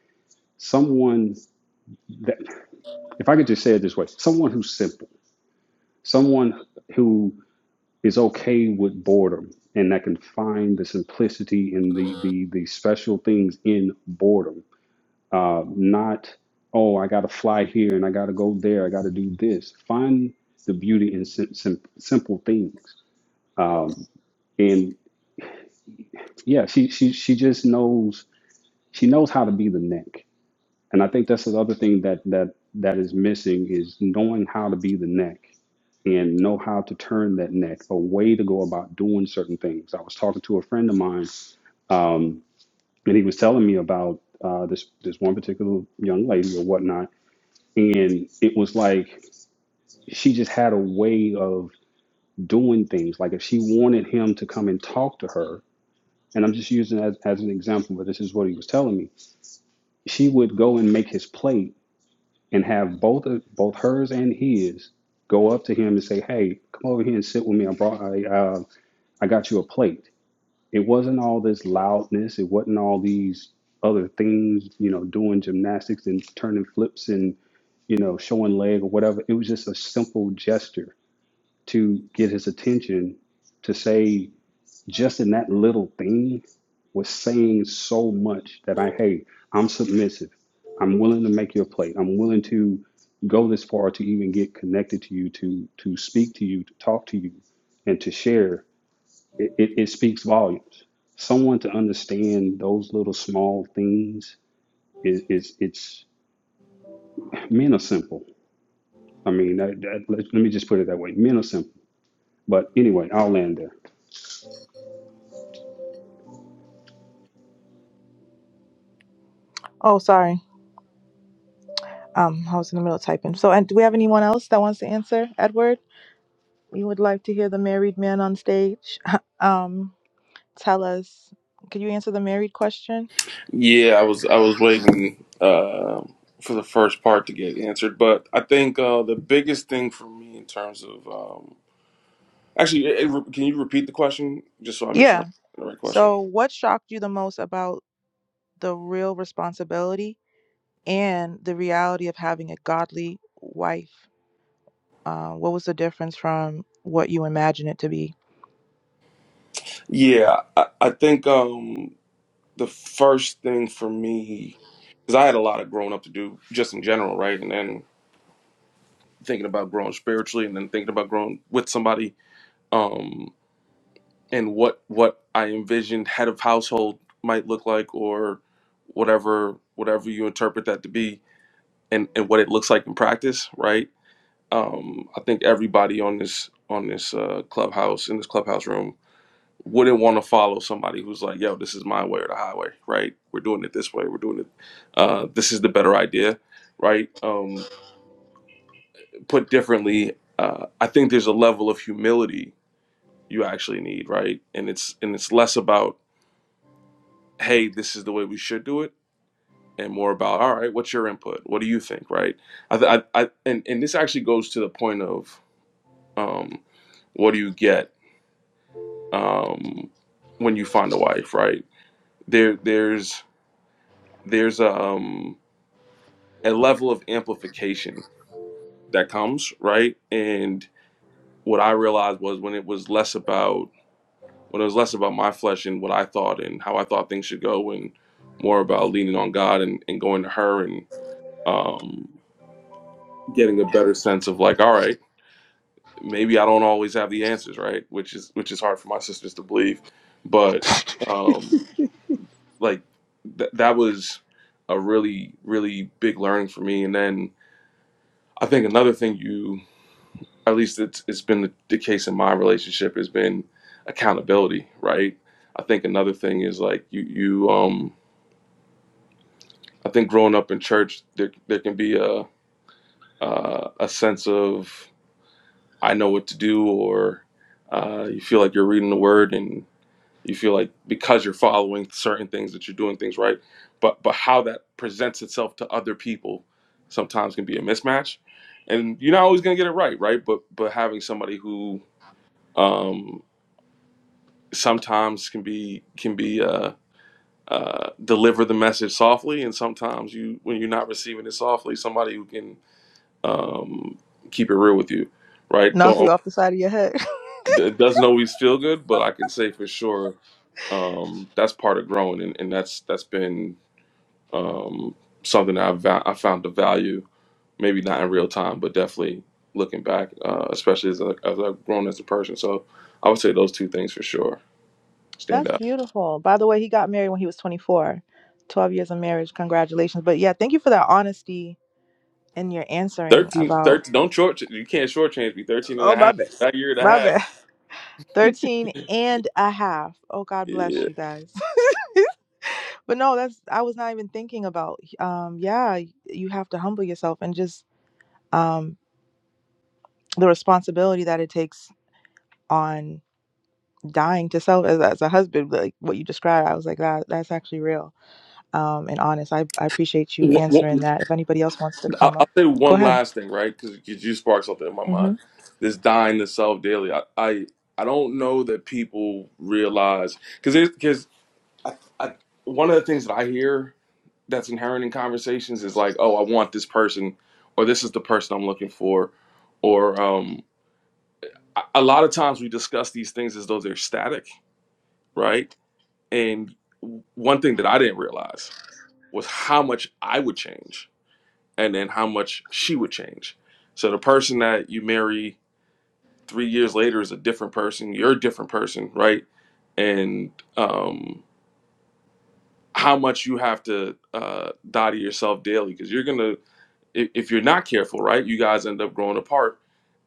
someone that if i could just say it this way someone who's simple someone who. is okay with boredom and that can find the simplicity and the the, the special things in boredom uh, not oh i gotta fly here and i gotta go there i gotta do this find the beauty in sim- sim- simple things and yeah she, she she just knows she knows how to be the neck and i think that's the other thing that that that is missing is knowing how to be the neck and know how to turn that neck a way to go about doing certain things i was talking to a friend of mine Um, and he was telling me about uh, this this one particular young lady or whatnot, and it was like she just had a way of doing things. Like if she wanted him to come and talk to her, and I'm just using that as an example, but this is what he was telling me. She would go and make his plate and have both of, both hers and his go up to him and say, "Hey, come over here and sit with me. I brought I uh, I got you a plate." it wasn't all this loudness it wasn't all these other things you know doing gymnastics and turning flips and you know showing leg or whatever it was just a simple gesture to get his attention to say just in that little thing was saying so much that i hey i'm submissive i'm willing to make your plate i'm willing to go this far to even get connected to you to to speak to you to talk to you and to share it, it, it speaks volumes. Someone to understand those little small things is, is it's men are simple. I mean, that, that, let, let me just put it that way. Men are simple. But anyway, I'll land there. Oh, sorry. Um, I was in the middle of typing. So, and do we have anyone else that wants to answer, Edward? We would like to hear the married man on stage um, tell us. Could you answer the married question? Yeah, I was I was waiting uh, for the first part to get answered, but I think uh, the biggest thing for me in terms of um, actually, it, it- can you repeat the question just so I make sure I'm Yeah. asking the right question? So, what shocked you the most about the real responsibility and the reality of having a godly wife? Uh, what was the difference from what you imagine it to be? Yeah, I, I think um, the first thing for me because I had a lot of growing up to do just in general, right? And then thinking about growing spiritually, and then thinking about growing with somebody. Um, and what what I envisioned head of household might look like, or whatever whatever you interpret that to be, and and what it looks like in practice, right? Um, I think everybody on this on this uh, clubhouse in this clubhouse room wouldn't want to follow somebody who's like, "Yo, this is my way or the highway," right? We're doing it this way. We're doing it. Uh, this is the better idea, right? Um, put differently, uh, I think there's a level of humility you actually need, right? And it's and it's less about hey, this is the way we should do it, and more about, all right, what's your input? What do you think, right? I, th- I, I and, and this actually goes to the point of um, what do you get um, when you find a wife, right? There, there's, there's um, a level of amplification that comes, right? And what I realized was when it was less about, when it was less about my flesh and what I thought and how I thought things should go, and more about leaning on God and, and going to her and um, getting a better sense of like all right maybe i don't always have the answers right which is which is hard for my sisters to believe but um like th- that was a really really big learning for me and then i think another thing you at least it's it's been the, the case in my relationship has been accountability right i think another thing is like you you um i think growing up in church there there can be a uh, a sense of I know what to do, or uh, you feel like you're reading the word and you feel like because you're following certain things that you're doing things right. But but how that presents itself to other people sometimes can be a mismatch, and you're not always gonna get it right, right? But but having somebody who um, sometimes can be can be uh, uh, deliver the message softly, and sometimes you when you're not receiving it softly, somebody who can um, keep it real with you, right? Don't Knock you off the side of your head. It doesn't always feel good, but I can say for sure um, that's part of growing, and, and that's that's been um, something that I've va- I found the value. Maybe not in real time, but definitely looking back, uh, especially as, I as I've grown as a person. So I would say those two things for sure stand That's out. beautiful. By the way, he got married when he was 24. 12 years of marriage. Congratulations. But yeah, thank you for that honesty and your answering Thirteen, about thirteen, don't short you can't shortchange me 13 and Oh a my half, bad. that year My and bad. a 13 half and a half. Oh, God bless yeah. you guys. but no, that's, I was not even thinking about, um, yeah, you have to humble yourself and just um, the responsibility that it takes on dying to self as, as a husband, like what you described. I was like, that, that's actually real um, and honest. I, I appreciate you answering that. If anybody else wants to I- come up, I'll say go one ahead. last thing, right? Because you sparked something in my Mm-hmm. mind. This dying to self daily. I, I I don't know that people realize because because I, I, one of the things that I hear that's inherent in conversations is like, oh, I want this person, or this is the person I'm looking for, or um, a a lot of times we discuss these things as though they're static, right? And one thing that I didn't realize was how much I would change and then how much she would change. So the person that you marry three years later is a different person. You're a different person, right? And um, how much you have to uh, die to yourself daily because you're gonna if, if you're not careful, right? You guys end up growing apart,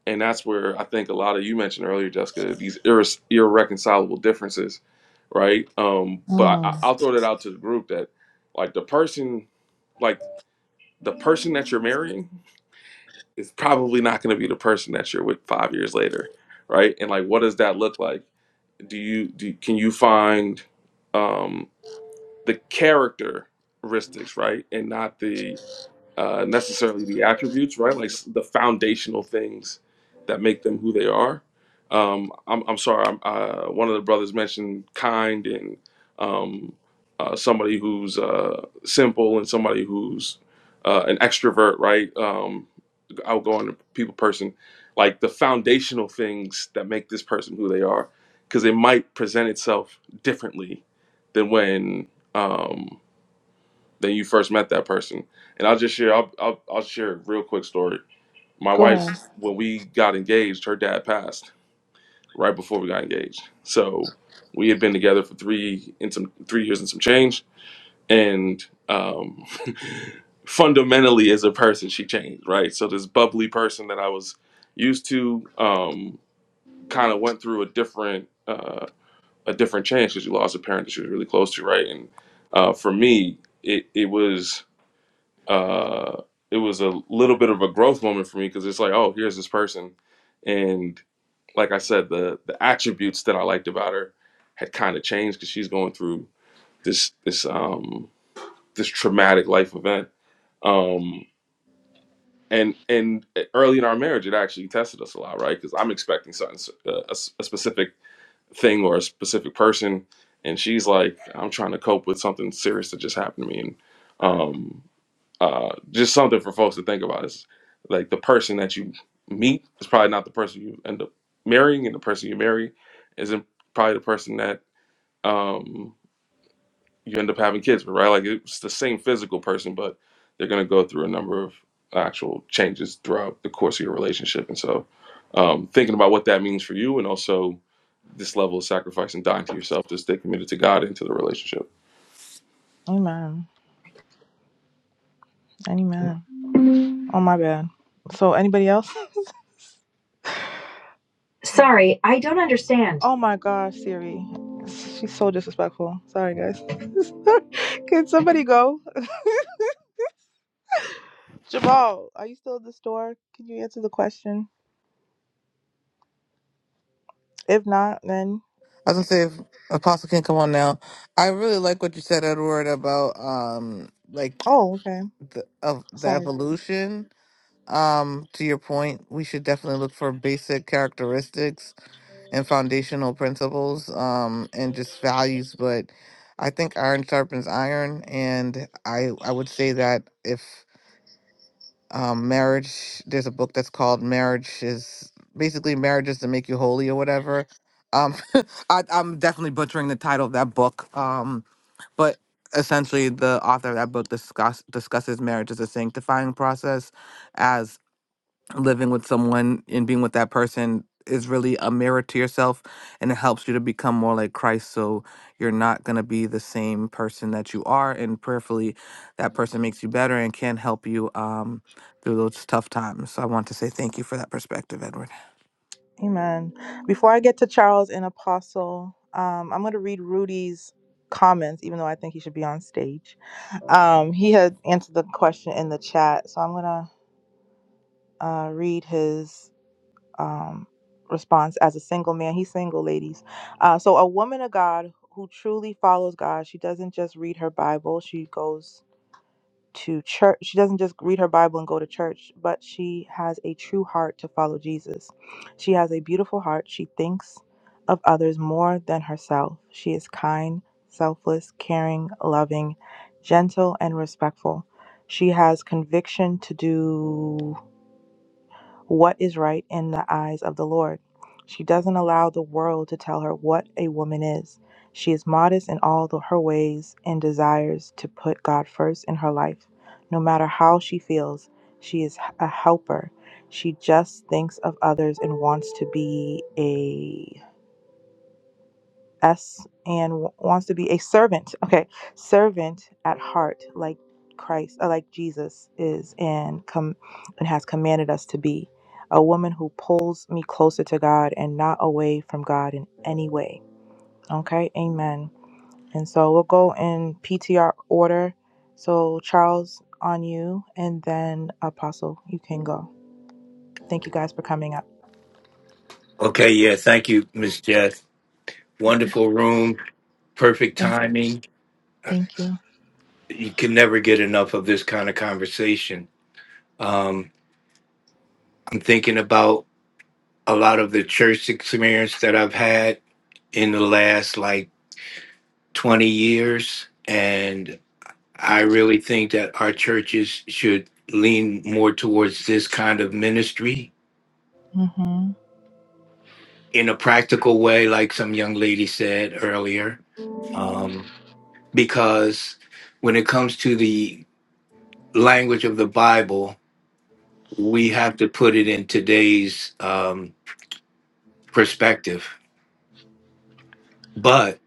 and that's where I think a lot of you mentioned earlier, Jessica, these irre- irreconcilable differences, right? Um, but I, Mm, I'll throw that out to the group that like the person, like the person that you're marrying is probably not going to be the person that you're with five years later, right? And like, what does that look like? Do you do? Can you find um, the characteristics, right, and not the uh, necessarily the attributes, right? Like s- the foundational things that make them who they are. Um, I'm, I'm sorry. I'm, uh, one of the brothers mentioned kind and um, uh, somebody who's uh, simple and somebody who's uh, an extrovert, right? Um, outgoing people person, like the foundational things that make this person who they are, because it might present itself differently than when um, than you first met that person. And I'll just share, I'll, I'll, I'll share a real quick story. My go wife, ahead. when we got engaged, her dad passed right before we got engaged. So we had been together for three in some three years and some change and um, fundamentally as a person she changed right so this bubbly person that i was used to um, kind of went through a different uh, a different change because she lost a parent that she was really close to right and uh, for me it, it was uh, it was a little bit of a growth moment for me because it's like oh here's this person and like i said the the attributes that i liked about her had kind of changed because she's going through this this um this traumatic life event um and and eh, early in our marriage it actually tested us a lot right because i'm expecting something a a, s- a specific thing or a specific person and she's like i'm trying to cope with something serious that just happened to me and um uh just something for folks to think about is like the person that you meet is probably not the person you end up marrying and the person you marry isn't probably the person that um you end up having kids with, right? Like it's the same physical person, but they're going to go through a number of actual changes throughout the course of your relationship. And so, um, thinking about what that means for you, and also this level of sacrifice and dying to yourself to stay committed to God into the relationship. Amen. Amen. Oh, my bad. So, anybody else? Sorry, I don't understand. Oh my gosh, Siri. She's so disrespectful. Sorry, guys. Can somebody go? Jamal, are you still at the store? Can you answer the question? If not, then. gonna say, if Apostle can come on now. I really like what you said, Edward, about um, like Oh, okay. the of the Sorry. evolution. Um, to your point, we should definitely look for basic characteristics and foundational principles um, and just values. But I think iron sharpens iron, and I I would say that if um, marriage, there's a book that's called Marriage is basically marriage is to make you holy or whatever. Um, I, I'm definitely butchering the title of that book, um, but essentially the author of that book discuss, discusses marriage as a sanctifying process as living with someone and being with that person is really a mirror to yourself and it helps you to become more like Christ so you're not going to be the same person that you are and prayerfully that person makes you better and can help you um through those tough times so I want to say thank you for that perspective Edward Amen. Before I get to Charles and Apostle, um, I'm going to read Rudy's comments, even though I think he should be on stage. Um, he had answered the question in the chat, so I'm going to uh, read his um, response as a single man. He's single, ladies. Uh, so, a woman of God who truly follows God, she doesn't just read her Bible, she goes to church. She doesn't just read her Bible and go to church, but she has a true heart to follow Jesus. She has a beautiful heart. She thinks of others more than herself. She is kind, selfless, caring, loving, gentle, and respectful. She has conviction to do what is right in the eyes of the Lord. She doesn't allow the world to tell her what a woman is. She is modest in all the- her ways and desires to put God first in her life. No matter how she feels, she is a helper. She just thinks of others and wants to be a us and w- wants to be a servant. Okay, servant at heart, like Christ, uh, like Jesus is, and com- and has commanded us to be a woman who pulls me closer to God and not away from God in any way. Okay, Amen. And so we'll go in PTR order. So Charles on you, and then Apostle, you can go. Thank you guys for coming up. Okay, yeah, thank you, Miss Jess. Wonderful room, perfect Thank timing. thank you. You can never get enough of this kind of conversation. Um, I'm thinking about a lot of the church experience that I've had in the last like 20 years. And I really think that our churches should lean more towards this kind of ministry hmm in a practical way, like some young lady said earlier. Um, because when it comes to the language of the Bible, we have to put it in today's um, perspective. But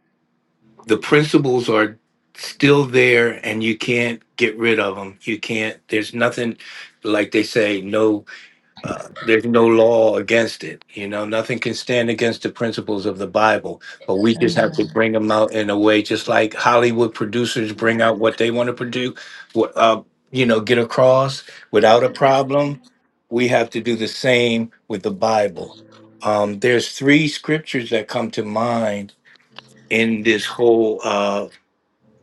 the principles are still there and you can't get rid of them. You can't, there's nothing, like they say, no uh, there's no law against it. You know, nothing can stand against the principles of the Bible, but we just Amen. have to bring them out in a way, just like Hollywood producers bring out what they want to produce, what, uh, you know, get across without a problem. We have to do the same with the Bible. Um, there's three scriptures that come to mind in this whole uh,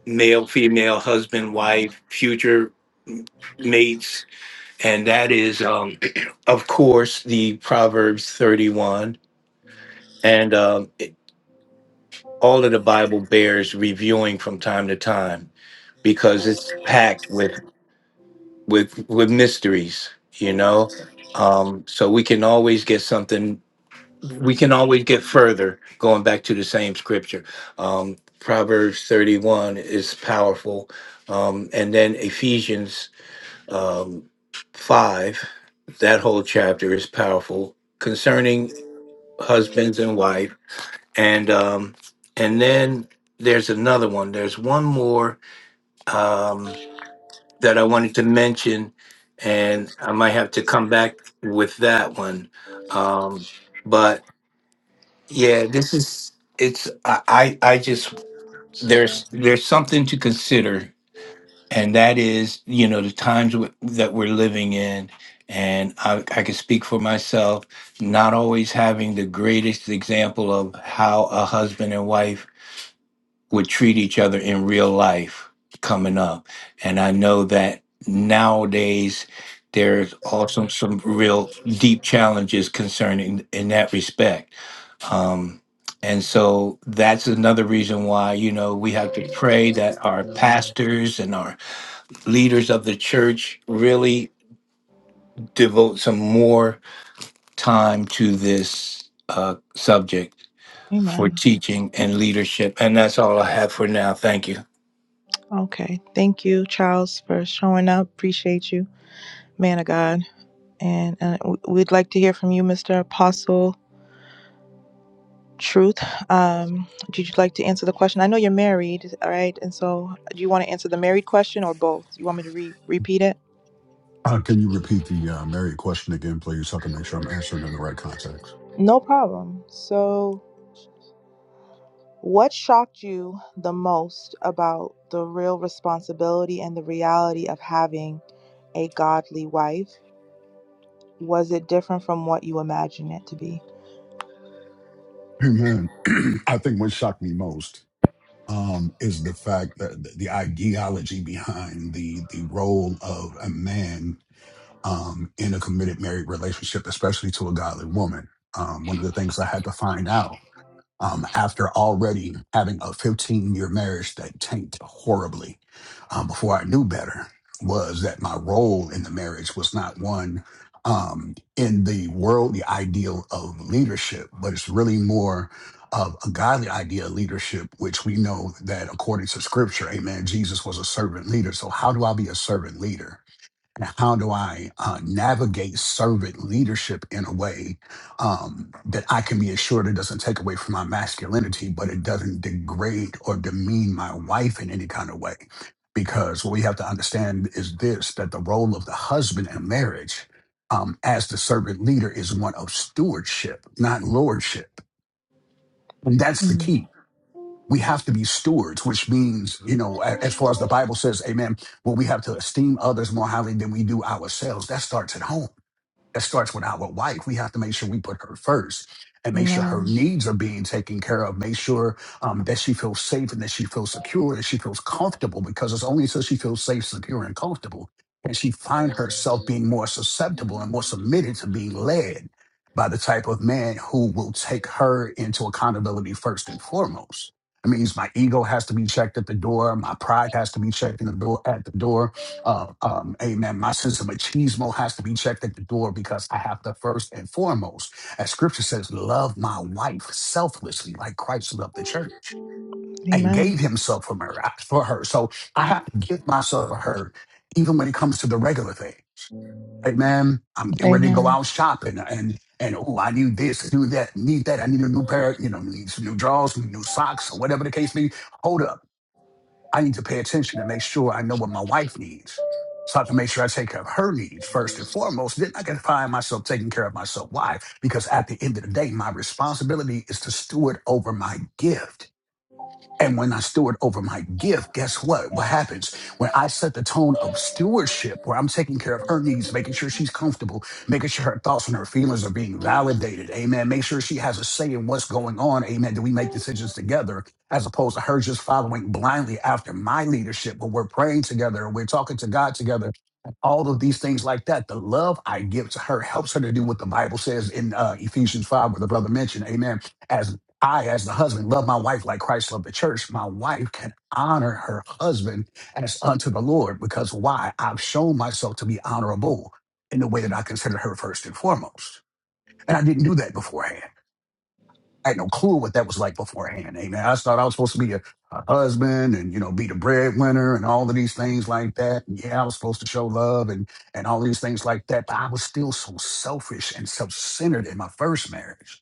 male, female, husband, wife, future mates and that is, um, of course, the Proverbs 31 and um, it- all of the Bible bears reviewing from time to time because it's packed with with with mysteries, you know. Um, so we can always get something. We can always get further going back to the same scripture. Um, Proverbs 31 is powerful, um, and then Ephesians. um, 5, that whole chapter is powerful concerning husbands and wife. And um, and then there's another one. There's one more um, that I wanted to mention, and I might have to come back with that one. Um, but yeah, this is it's I I, I just there's there's something to consider and that is you know the times w- that we're living in and I, I can speak for myself not always having the greatest example of how a husband and wife would treat each other in real life coming up and i know that nowadays there's also some real deep challenges concerning in that respect um, and so that's another reason why you know we have to pray that our pastors and our leaders of the church really devote some more time to this uh, subject for Amen. teaching and leadership. And that's all I have for now. Thank you. Okay. Thank you, Charles, for showing up. Appreciate you, man of God. And uh, w- we'd like to hear from you, Mr. Apostle Truth. Um, did you like to answer the question? I know you're married, all right? And so do you want to answer the married question or both? You want me to re- repeat it? Uh, can you repeat the uh, married question again, please, so I can make sure I'm answering in the right context? No problem. So, what shocked you the most about the real responsibility and the reality of having a godly wife? Was it different from what you imagined it to be? Amen. I think what shocked me most um, is the fact that th- the ideology behind the the role of a man um, in a committed married relationship, especially to a godly woman. Um, one of the things I had to find out um, after already having a 15 year marriage that tanked horribly um, before I knew better was that my role in the marriage was not one um, in the worldly ideal of leadership, but it's really more of a godly idea of leadership, which we know that according to scripture, amen, Jesus was a servant leader. So, how do I be a servant leader? and how do I uh, navigate servant leadership in a way um, that I can be assured it doesn't take away from my masculinity, but it doesn't degrade or demean my wife in any kind of way? Because what we have to understand is this that the role of the husband in marriage um, as the servant leader is one of stewardship, not lordship. And that's the Mm. key we have to be stewards, which means, you know, a- as far as the Bible says, amen, well, we have to esteem others more highly than we do ourselves. That starts at home. That starts with our wife. We have to make sure we put her first and make sure Amen. her needs are being taken care of. Make sure um, that she feels safe and that she feels secure, that she feels comfortable, because it's only until she feels safe, secure, and comfortable can she find herself being more susceptible and more submitted to being led by the type of man who will take her into accountability first and foremost. That means my ego has to be checked at the door. My pride has to be checked in the door, at the door uh, um, amen. My sense of machismo has to be checked at the door because I have to first and foremost, as scripture says, love my wife selflessly, like Christ loved the church and Amen. gave himself for her. uh, For her. So I have to give myself for her, even when it comes to the regular thing. Amen. I'm getting ready to go Amen. out shopping and and oh, I need this, I need that, need that. I need a new pair, you know, need some new drawers, new socks, or whatever the case may be. Hold up. I need to pay attention and make sure I know what my wife needs. So I have to make sure I take care of her needs first and foremost. Then I can find myself taking care of myself. Why? Because at the end of the day, my responsibility is to steward over my gift. And when I steward over my gift, guess what? What happens when I set the tone of stewardship, where I'm taking care of her needs, making sure she's comfortable, making sure her thoughts and her feelings are being validated. Amen. Make sure she has a say in what's going on. Amen. Do we make decisions together as opposed to her just following blindly after my leadership? But we're praying together we're talking to God together. All of these things like that. The love I give to her helps her to do what the Bible says in uh, Ephesians 5, where the brother mentioned. Amen As I, as the husband, love my wife like Christ loved the church. My wife can honor her husband as unto the Lord because why? I've shown myself to be honorable in the way that I considered her first and foremost. And I didn't do that beforehand. I had no clue what that was like beforehand. Amen. I thought I was supposed to be a, a husband and, you know, be the breadwinner and all of these things like that. And yeah, I was supposed to show love and, and all these things like that. But I was still so selfish and self centered in my first marriage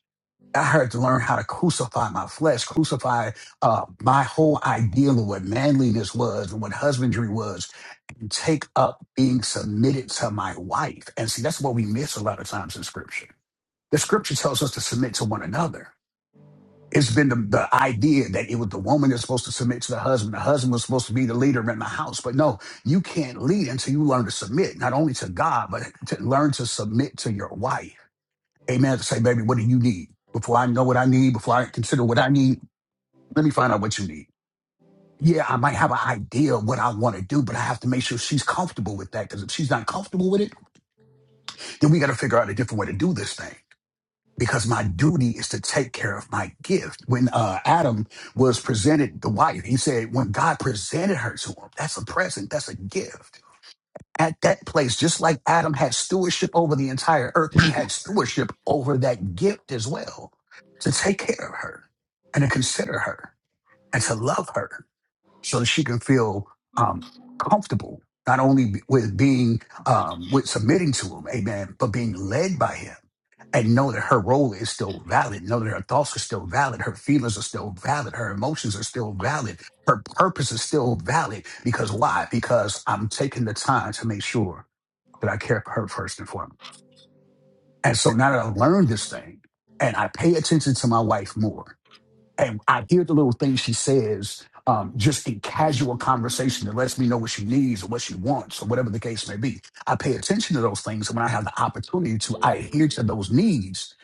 I had to learn how to crucify my flesh, crucify uh, my whole ideal of what manliness was and what husbandry was, and take up being submitted to my wife. And see, that's what we miss a lot of times in scripture. The scripture tells us to submit to one another. It's been the, the idea that it was the woman that's supposed to submit to the husband. The husband was supposed to be the leader in the house. But no, you can't lead until you learn to submit, not only to God, but to learn to submit to your wife. Amen. To say, baby, what do you need? Before I know what I need, before I consider what I need, let me find out what you need. Yeah, I might have an idea of what I want to do, but I have to make sure she's comfortable with that. Because if she's not comfortable with it, then we got to figure out a different way to do this thing. Because my duty is to take care of my gift. When uh, Adam was presented the wife, he said, when God presented her to him, that's a present, that's a gift. at that place, just like Adam had stewardship over the entire earth, he had stewardship over that gift as well to take care of her and to consider her and to love her so that she can feel um, comfortable, not only with being, um, with submitting to him, amen, but being led by him and know that her role is still valid, know that her thoughts are still valid, her feelings are still valid, her emotions are still valid, her purpose is still valid. Because why? Because I'm taking the time to make sure that I care for her first and foremost. And so now that I learned this thing and I pay attention to my wife more and I hear the little things she says um, just in casual conversation that lets me know what she needs or what she wants or whatever the case may be. I pay attention to those things. And when I have the opportunity to, I adhere to those needs.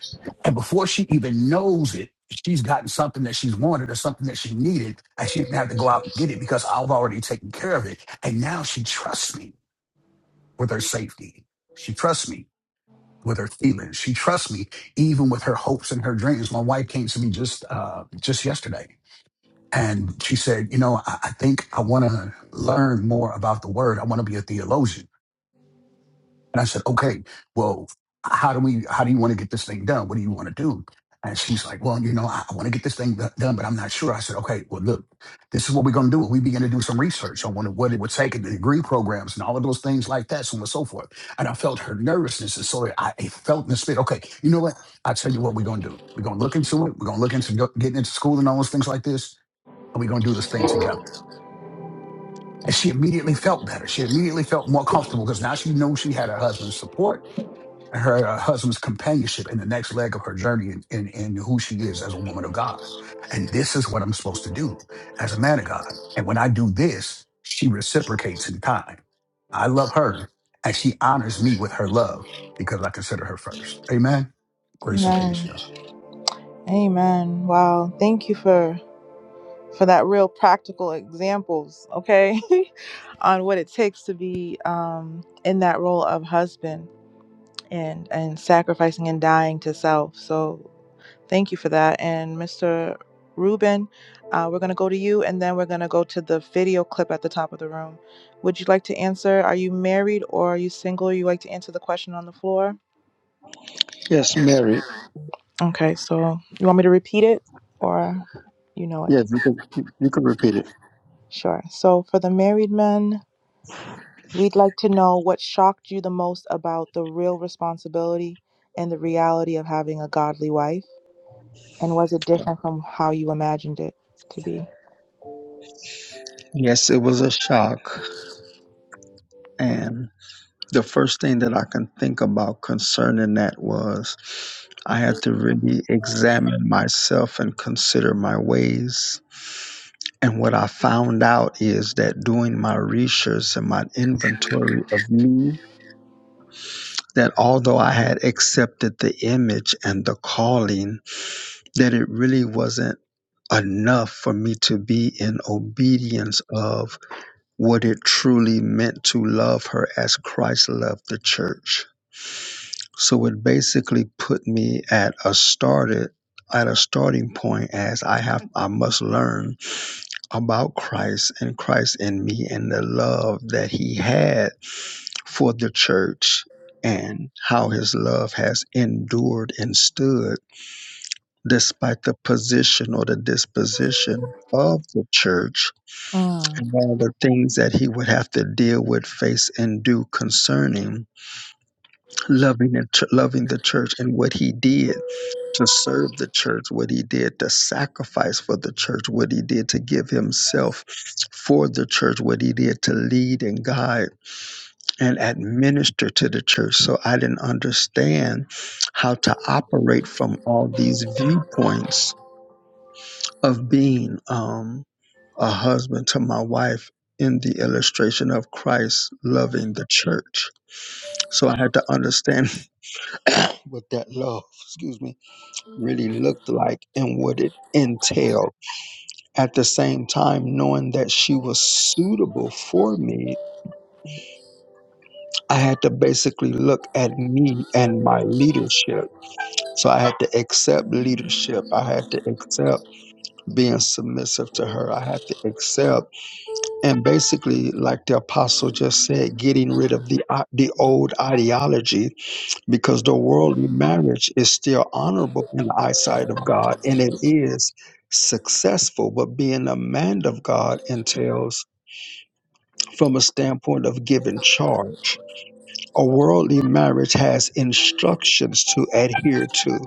And before she even knows it, she's gotten something that she's wanted or something that she needed. And she didn't have to go out and get it because I've already taken care of it. And now she trusts me with her safety. She trusts me with her feelings. She trusts me even with her hopes and her dreams. My wife came to me just uh, just yesterday, and she said, "You know, I, I think I want to learn more about the word. I want to be a theologian." And I said, okay, well, how do we, how do you want to get this thing done? What do you want to do? And she's like, well, you know, I, I want to get this thing do- done, but I'm not sure. I said, okay, well, look, this is what we're going to do. We begin to do some research on what it, what it would take and the degree programs and all of those things like that, so on and so forth. And I felt her nervousness. And so I, I felt in the spirit, okay, you know what? i tell you what we're going to do. We're going to look into it. We're going to look into go- getting into school and all those things like this. And we're going to do this thing together. And she immediately felt better. She immediately felt more comfortable because now she knew she had her husband's support her uh, husband's companionship in the next leg of her journey and in, in, in who she is as a woman of God. And this is what I'm supposed to do as a man of God. And when I do this, she reciprocates in kind. I love her and she honors me with her love because I consider her first. Amen. Grace and peace, Amen. y'all. Amen. Wow. Thank you for for that real practical examples, okay? on what it takes to be um in that role of husband and and sacrificing and dying to self. So, thank you for that. And Mr. Ruben, uh, we're going to go to you and then we're going to go to the video clip at the top of the room. Would you like to answer? Are you married or are you single? You like to answer the question on the floor? Yes, Mary. Okay, so you want me to repeat it or you know it? Yes, you can, you can repeat it. Sure. So for the married men, we'd like to know what shocked you the most about the real responsibility and the reality of having a godly wife? And was it different from how you imagined it to be? Yes, it was a shock. And the first thing that I can think about concerning that was I had to really examine myself and consider my ways. And what I found out is that doing my research and my inventory of me, that although I had accepted the image and the calling, that it really wasn't enough for me to be in obedience of what it truly meant to love her as Christ loved the church. So it basically put me at a started at a starting point as I have I must learn about Christ and Christ in me and the love that he had for the church and how his love has endured and stood despite the position or the disposition of the church Mm. and all the things that he would have to deal with, face, and do concerning loving and ch- loving the church and what he did to serve the church, what he did to sacrifice for the church, what he did to give himself for the church, what he did to lead and guide and administer to the church. So I didn't understand how to operate from all these viewpoints of being. Um, a husband to my wife in the illustration of Christ loving the church. So I had to understand what that love, excuse me, really looked like and what it entailed. At the same time, knowing that she was suitable for me, I had to basically look at me and my leadership. So I had to accept leadership. I had to accept being submissive to her. I had to accept and basically like the apostle just said getting rid of the uh, the old ideology because the worldly marriage is still honorable in the eyesight of god and it is successful but being a man of god entails from a standpoint of giving charge a worldly marriage has instructions to adhere to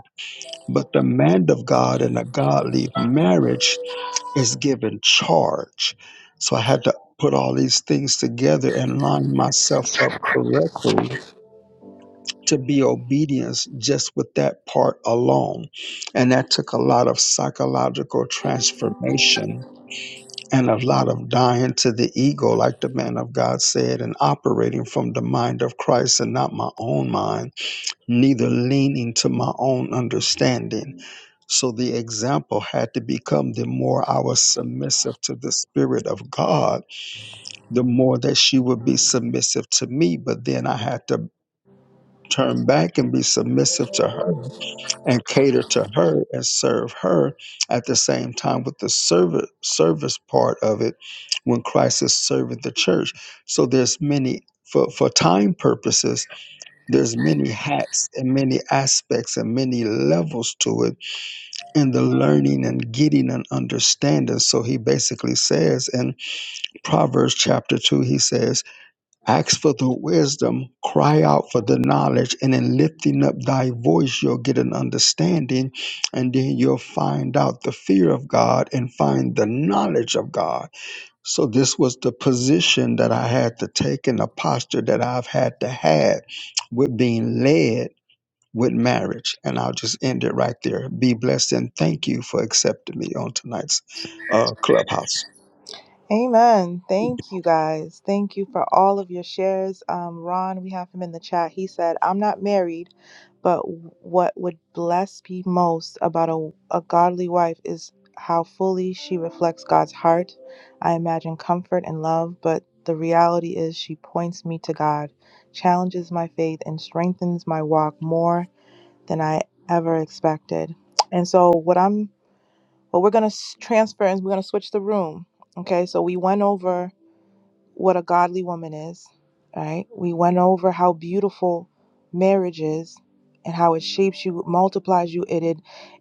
but the man of god and a godly marriage is given charge. So I had to put all these things together and line myself up correctly to be obedient just with that part alone. And that took a lot of psychological transformation and a lot of dying to the ego, like the man of God said, and operating from the mind of Christ and not my own mind neither lean into my own understanding. So the example had to become the more I was submissive to the Spirit of God, the more that she would be submissive to me. But then I had to turn back and be submissive to her and cater to her and serve her at the same time with the service service part of it when Christ is serving the church. So there's many for, for time purposes there's many hats and many aspects and many levels to it and the learning and getting and understanding so he basically says in proverbs chapter 2 he says ask for the wisdom cry out for the knowledge and in lifting up thy voice you'll get an understanding and then you'll find out the fear of god and find the knowledge of god so this was the position that i had to take and the posture that i've had to have with being led with marriage. And I'll just end it right there. Be blessed and thank you for accepting me on tonight's uh, clubhouse. Amen. Thank you guys. Thank you for all of your shares. Um, Ron, we have him in the chat. He said, I'm not married, but what would bless me most about a, a godly wife is how fully she reflects God's heart. I imagine comfort and love, but the reality is she points me to God, challenges my faith, and strengthens my walk more than I ever expected. And so, what I'm but we're going to transfer and we're going to switch the room. Okay, so we went over what a godly woman is, right? We went over how beautiful marriage is and how it shapes you, multiplies you, it, it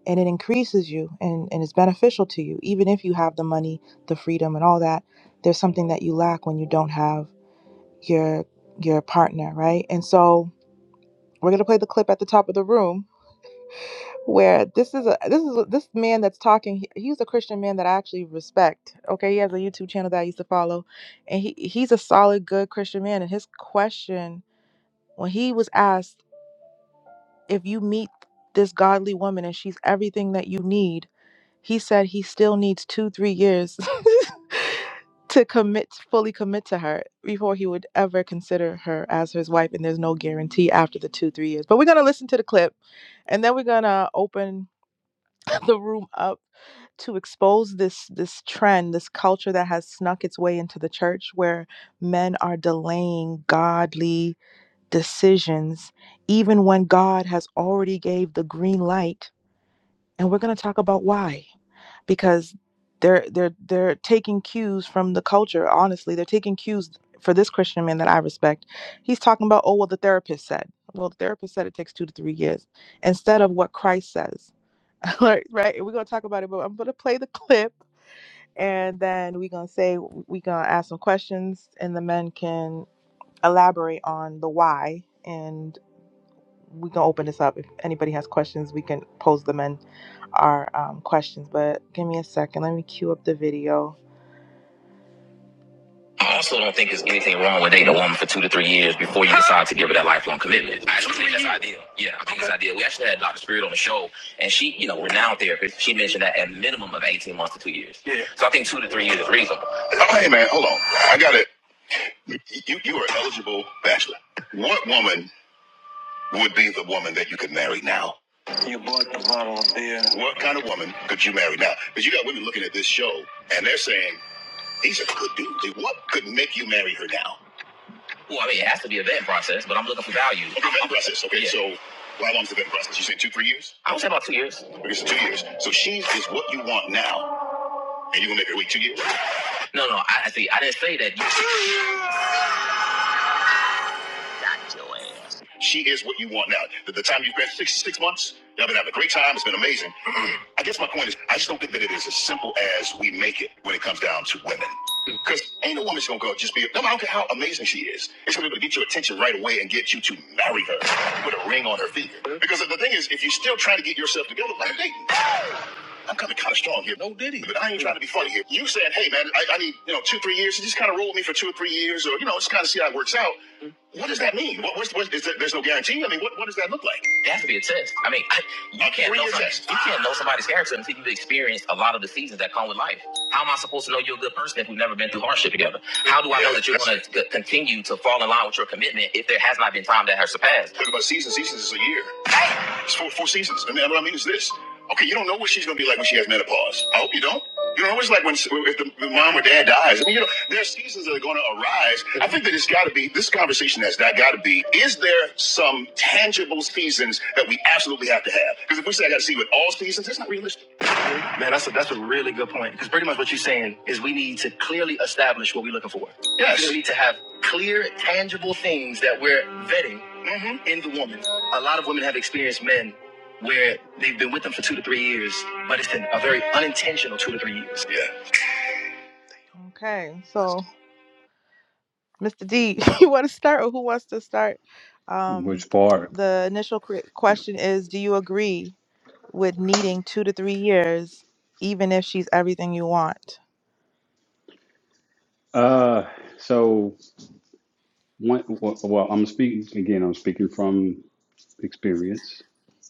and it increases you and, and it's beneficial to you. Even if you have the money, the freedom and all that, there's something that you lack when you don't have your your partner, right? And so we're gonna play the clip at the top of the room where this is a this is a, this man that's talking he, he's a christian man that i actually respect okay he has a youtube channel that i used to follow and he he's a solid good christian man and his question when he was asked if you meet this godly woman and she's everything that you need he said he still needs two three years to commit fully commit to her before he would ever consider her as his wife and there's no guarantee after the two three years but we're going to listen to the clip and then we're gonna open the room up to expose this this trend this culture that has snuck its way into the church where men are delaying godly decisions even when god has already gave the green light and we're going to talk about why because they're they're they're taking cues from the culture honestly they're taking cues for this christian man that i respect he's talking about oh well the therapist said well the therapist said it takes two to three years instead of what christ says Right, right. we're gonna talk about it, but I'm gonna play the clip and then we're gonna say we're gonna ask some questions and the men can elaborate on the why and we can open this up. If anybody has questions, we can pose the men our um, questions. But give me a second, let me cue up the video. I also don't think there's anything wrong with dating a woman for two to three years before you decide to give her that lifelong commitment. I actually think that's ideal. Yeah, I think it's ideal. We actually had Dr. Spirit on the show, and she, you know, renowned therapist. She mentioned that at minimum of 18 months to two years. Yeah. So I think two to three years is reasonable. Oh, hey, man, hold on. I got it. You, you are eligible bachelor. What woman would be the woman that you could marry now? You bought the bottle of beer. What kind of woman could you marry now? Because you got women looking at this show, and they're saying, these are good dudes. Like, What could make you marry her now? Well, I mean, it has to be a vetting process, but I'm looking for value. Okay, vetting process. Okay, Yeah. so well, how long's the vetting process? You say two, three years? I would say about two years. Okay, so two years. So she is what you want now, and you're gonna make her wait two years? No, no, I I see. I didn't say that. you She is what you want now. The, the time you've been six, six months, y'all been having a great time. It's been amazing. I guess my point is, I just don't think that it is as simple as we make it when it comes down to women. Because ain't a woman's gonna go just be, no, I don't care how amazing she is. It's gonna be able to get your attention right away and get you to marry her. with a ring on her finger. Because the thing is, if you're still trying to get yourself together, like i dating. I'm coming kind of strong here. No diddy. But I ain't trying to be funny here. You saying, hey man, I, I need, you know, two, three years. You just kind of roll with me for two or three years or, you know, just kind of see how it works out. What does that mean? What, what's, what's, is there, there's no guarantee. I mean, what, what does that look like? It has to be a test. I mean, I, you can't know somebody, test. you can't know somebody's character until you've experienced a lot of the seasons that come with life. How am I supposed to know you're a good person if we've never been through hardship together? How do I Yeah, know that you're going to continue to fall in line with your commitment if there has not been time that has surpassed? talking about seasons. Seasons is a year. Damn. It's four, four seasons. And then what I mean is this. Okay, you don't know what she's going to be like when she has menopause. I hope you don't. You know, it's like when if the, the mom or dad dies. I mean, you know, there are seasons that are going to arise. I think that it's got to be this conversation has not got to be. Is there some tangible seasons that we absolutely have to have? Because if we say I got to see with all seasons, that's not realistic. Man, that's a, that's a really good point. Because pretty much what you're saying is we need to clearly establish what we're looking for. Yes. We need to have clear, tangible things that we're vetting hmm in the woman. A lot of women have experienced men where they've been with them for two to three years, but it's been a very unintentional two to three years. Yeah. Okay, so Mr. D, you want to start, or who wants to start? Um, Which part? the initial cre- question is: Do you agree with needing two to three years, even if she's everything you want? Uh, so one, well, well, I'm speaking again. I'm speaking from experience.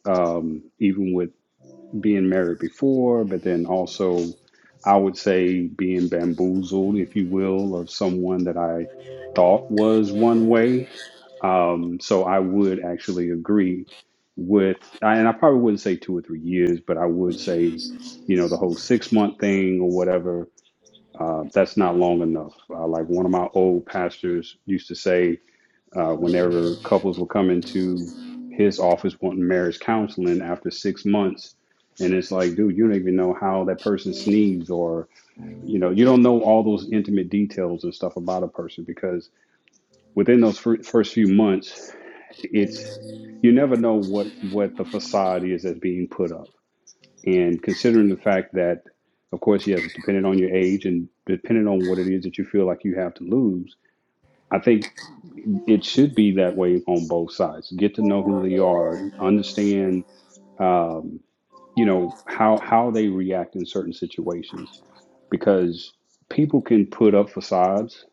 Um, even with being married before, but then also I would say being bamboozled, if you will, of someone that I thought was one way. Um, so I would actually agree with, and I probably wouldn't say two or three years, but I would say, you know, the whole six month thing or whatever, uh, that's not long enough. Uh, like one of my old pastors used to say, uh, whenever couples were coming to his office wanting marriage counseling after six months, and it's like, dude, you don't even know how that person sneezes, or you know, you don't know all those intimate details and stuff about a person because within those fir- first few months, it's you never know what what the facade is that's being put up. And considering the fact that, of course, yes, depending on your age and depending on what it is that you feel like you have to lose I think it should be that way on both sides. Get to know who they are, understand, um, you know, how how they react in certain situations, because people can put up facades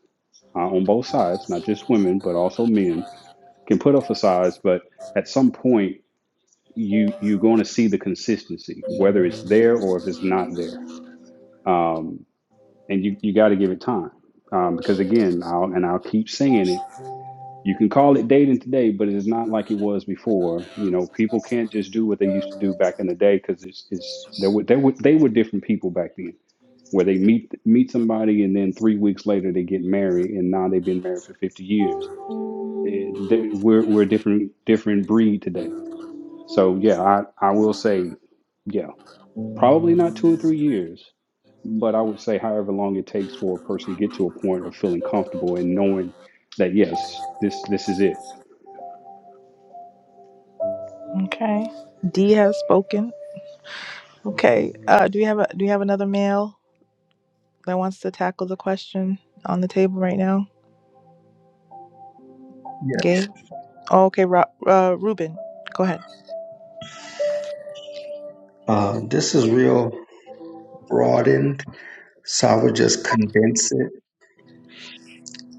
uh, on both sides, not just women, but also men can put up facades. But at some point, you you're going to see the consistency, whether it's there or if it's not there, um, and you you got to give it time, um, because again, I'll and I'll keep saying it You can call it dating today, but it's not like it was before. You know, people can't just do what they used to do back in the day because it's, it's they were they were they were different people back then, where they meet meet somebody and then three weeks later they get married, and now they've been married for fifty years. Eh, they- We're we're a different different breed today. So yeah, I I will say, yeah, probably not two or three years, but I would say however long it takes for a person to get to a point of feeling comfortable and knowing that yes, this this is it Okay, D has spoken. Okay, uh, do we have a do we have another male that wants to tackle the question on the table right now? Yeah. Gay. Oh, okay, Ro- uh, Ruben, go ahead. Uh, this is real broadened, so I would just condense it.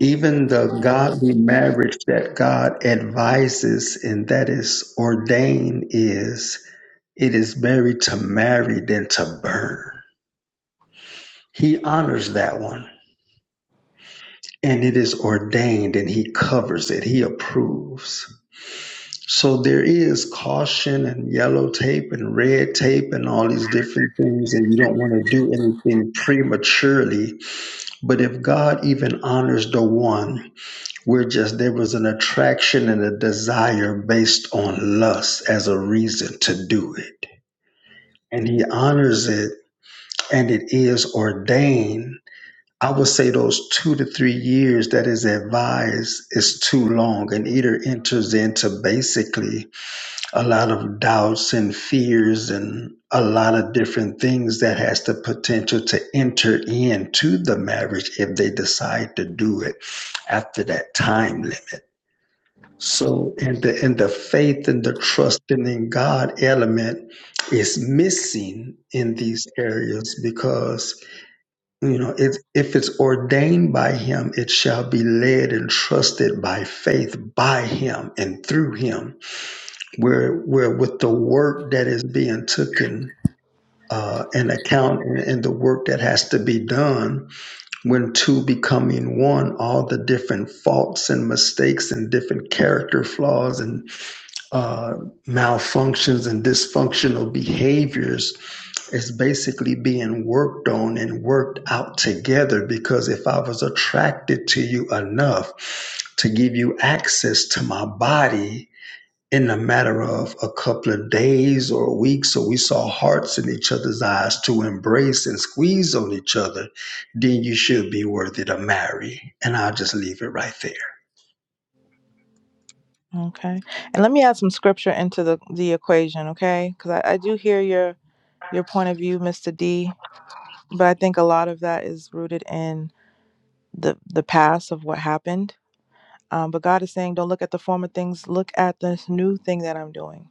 Even the godly marriage that God advises and that is ordained is it is married to marry than to burn. He honors that one. and it is ordained and he covers it he approves so there is caution and yellow tape and red tape and all these different things and you don't want to do anything prematurely but if god even honors the one we're just there was an attraction and a desire based on lust as a reason to do it and he honors it and it is ordained I would say those two to three years that is advised is too long and either enters into basically a lot of doubts and fears and a lot of different things that has the potential to enter into the marriage if they decide to do it after that time limit. So in the in the faith and the trusting in God element is missing in these areas because you know, if if it's ordained by him, it shall be led and trusted by faith by him and through him. Where where with the work that is being taken uh, in account and, and the work that has to be done, when two becoming one, all the different faults and mistakes and different character flaws and uh, malfunctions and dysfunctional behaviors is basically being worked on and worked out together because if I was attracted to you enough to give you access to my body in a matter of a couple of days or weeks, so we saw hearts in each other's eyes to embrace and squeeze on each other, then you should be worthy to marry. And I'll just leave it right there. Okay. And let me add some scripture into the, the equation, okay? Because I, I do hear your your point of view, Mr. D, but I think a lot of that is rooted in the the past of what happened. Um, but God is saying, don't look at the former things, look at this new thing that I'm doing,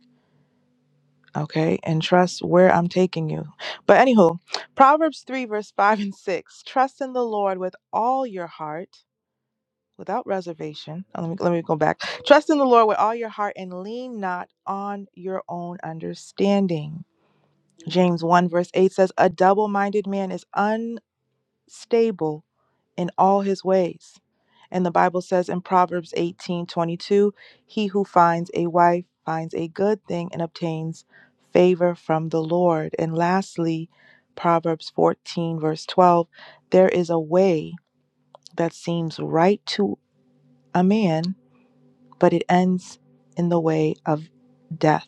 okay? And trust where I'm taking you. But anywho, Proverbs 3, verse 5 and 6 Trust in the Lord with all your heart without reservation. uh, Let me let me go back. Trust in the Lord with all your heart and lean not on your own understanding. James 1 verse 8 says, A double-minded man is unstable in all his ways. And the Bible says in Proverbs 18 22, he who finds a wife finds a good thing and obtains favor from the Lord. And lastly, Proverbs 14, verse 12, there is a way that seems right to a man but it ends in the way of death.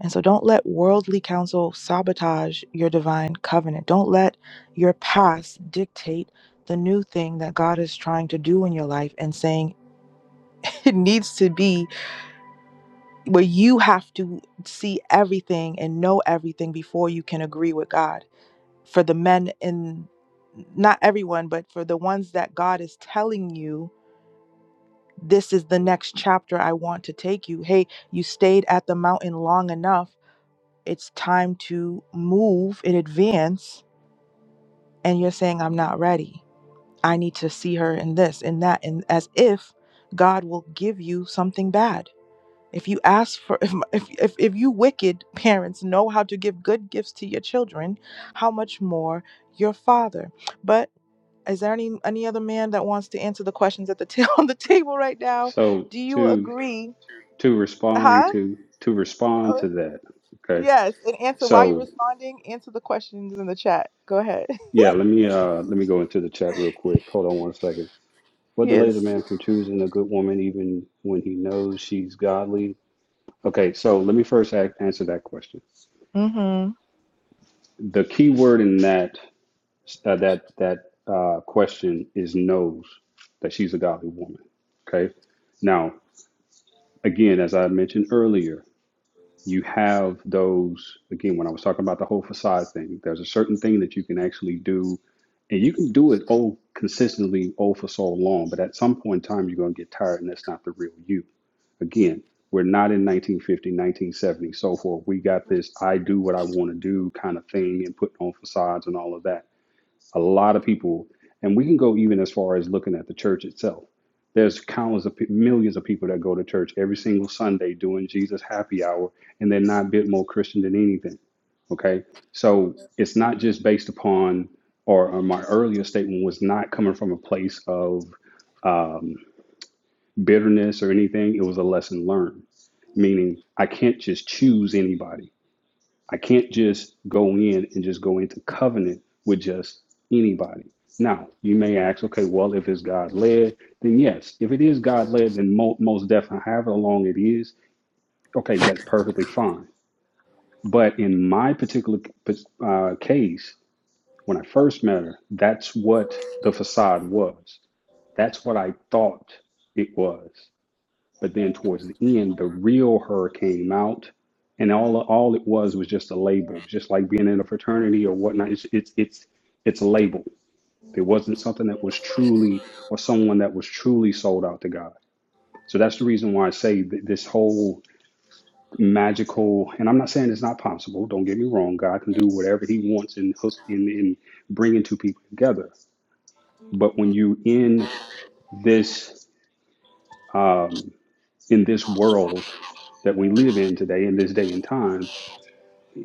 And so don't let worldly counsel sabotage your divine covenant. Don't let your past dictate the new thing that God is trying to do in your life and saying it needs to be where you have to see everything and know everything before you can agree with God. For the men in not everyone, but for the ones that God is telling you this is the next chapter I want to take you. Hey, you stayed at the mountain long enough. It's time to move in advance. And you're saying, I'm not ready. I need to see her in this in that. And as if God will give you something bad. If you ask for, if, if, if, you wicked parents know how to give good gifts to your children, how much more your father? But is there any any other man that wants to answer the questions at the ta- on the table right now? So Do you to agree? to respond Huh? to to respond Oh, to that, okay. yes. And answer while you're So responding, answer the questions in the chat. Go ahead. yeah, let me uh let me go into the chat real quick. Hold on one second. What Yes. delays a man from choosing a good woman even when he knows she's godly? Okay, so let me first a- answer that question. Mm-hmm. The key word in that uh, that that uh, question is knows that she's a godly woman. Okay. Now, again, as I mentioned earlier, you have those again when i was talking about the whole facade thing there's a certain thing that you can actually do and you can do it all consistently all for so long but at some point in time you're going to get tired and that's not the real you again we're not in 1950 1970 so forth we got this i do what i want to do kind of thing and putting on facades and all of that a lot of people, and we can go even as far as looking at the church itself. There's countless of millions of people that go to church every single Sunday doing Jesus happy hour, and they're not a bit more Christian than anything. Okay, so it's not just based upon, or, or my earlier statement was not coming from a place of um, bitterness or anything. It was a lesson learned, meaning I can't just choose anybody. I can't just go in and just go into covenant with just anybody. Now, you may ask, okay, well, if it's God led, then yes. If it is God led, then mo- most definitely, however long it is, okay, that's perfectly fine. But in my particular uh, case, when I first met her, that's what the facade was. That's what I thought it was. But then towards the end, the real her came out, and all all it was was just a label, just like being in a fraternity or whatnot. It's it's it's it's a label. It wasn't something that was truly or someone that was truly sold out to God. So that's the reason why I say that this whole magical, and I'm not saying it's not possible. Don't get me wrong. God can do whatever He wants and hook and, and bringing two people together. But when you in this um, in this world that we live in today, in this day and time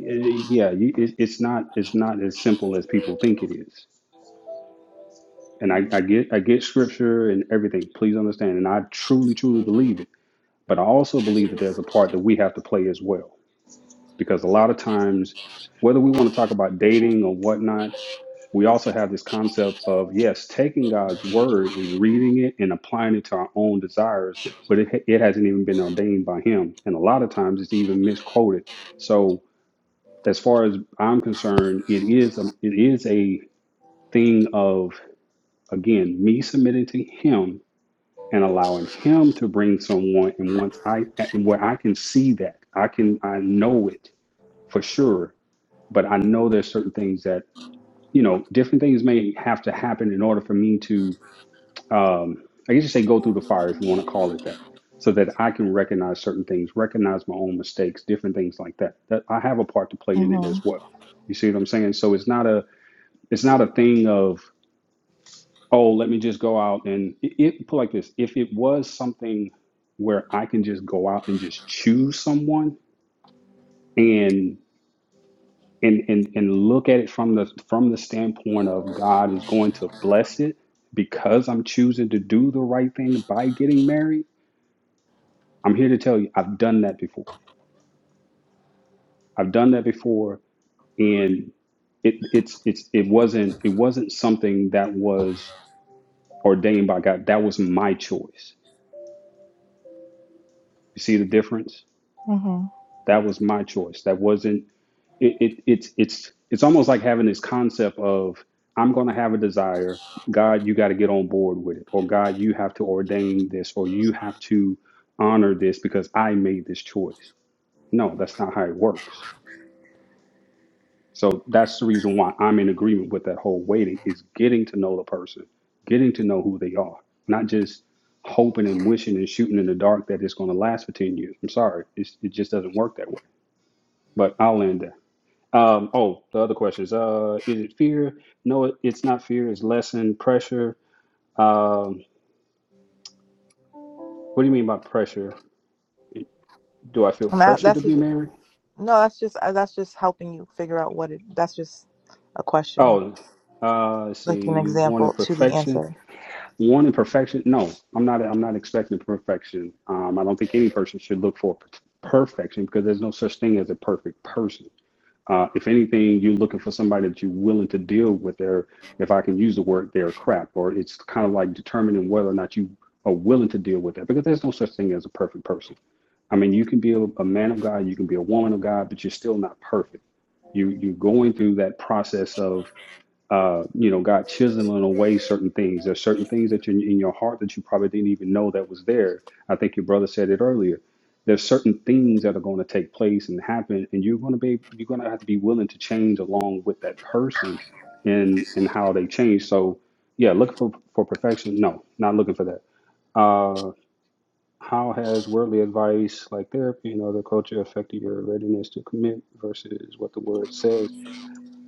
yeah you, it, it's not it's not as simple as people think it is and I, I get i get scripture and everything please understand and i truly truly believe it but i also believe that there's a part that we have to play as well because a lot of times whether we want to talk about dating or whatnot we also have this concept of yes taking god's word and reading it and applying it to our own desires but it, it hasn't even been ordained by him and a lot of times it's even misquoted so as far as I'm concerned, it is a, it is a thing of again me submitting to him and allowing him to bring someone. And once I and where I can see that, I can I know it for sure. But I know there's certain things that you know different things may have to happen in order for me to um, I guess you say go through the fire if you want to call it that. So that I can recognize certain things, recognize my own mistakes, different things like that. That I have a part to play in it Mm-hmm. as well. You see what I'm saying? So it's not a It's not a thing of, oh, let me just go out and it, it put like this. If it was something where I can just go out and just choose someone and and and and look at it from the from the standpoint of God is going to bless it because I'm choosing to do the right thing by getting married, I'm here to tell you I've done that before. I've done that before and it it's it's it wasn't it wasn't something that was ordained by God. That was my choice You see the difference? Mm-hmm. That was my choice. That wasn't it, it it's it's it's almost like having this concept of I'm gonna have a desire, God, you gotta get on board with it, or God, you have to ordain this, or you have to honor this because I made this choice. No, that's not how it works. So that's the reason why I'm in agreement with that whole waiting is getting to know the person, getting to know who they are, not just hoping and wishing and shooting in the dark that it's going to last for 10 years. I'm sorry. It's, it just doesn't work that way. But I'll land there. Um, oh, the other question is: uh, Is it fear? No, it- it's not fear. It's lessened pressure. Um, what do you mean by pressure? Do I feel And that, pressure that's to be just married? no. That's just uh, that's just helping you figure out what it. That's just a question, Oh, uh, let's like an see. Wanted example to the perfection. answer. wanting perfection no i'm not i'm not expecting perfection um, i don't think any person should look for perfection because there's no such thing as a perfect person uh, if anything you're looking for somebody that you're willing to deal with their if i can use the word their crap or it's kind of like determining whether or not you are willing to deal with that because there's no such thing as a perfect person i mean you can be a, a man of god you can be a woman of god but you're still not perfect you you're going through that process of uh, you know, God chiseling away certain things. There's certain things that you in your heart that you probably didn't even know that was there. I think your brother said it earlier. There's certain things that are going to take place and happen, and you're going to be you're going to have to be willing to change along with that person and and how they change. So, yeah, looking for for perfection? No, not looking for that. Uh, how has worldly advice like therapy and other culture affected your readiness to commit versus what the word says?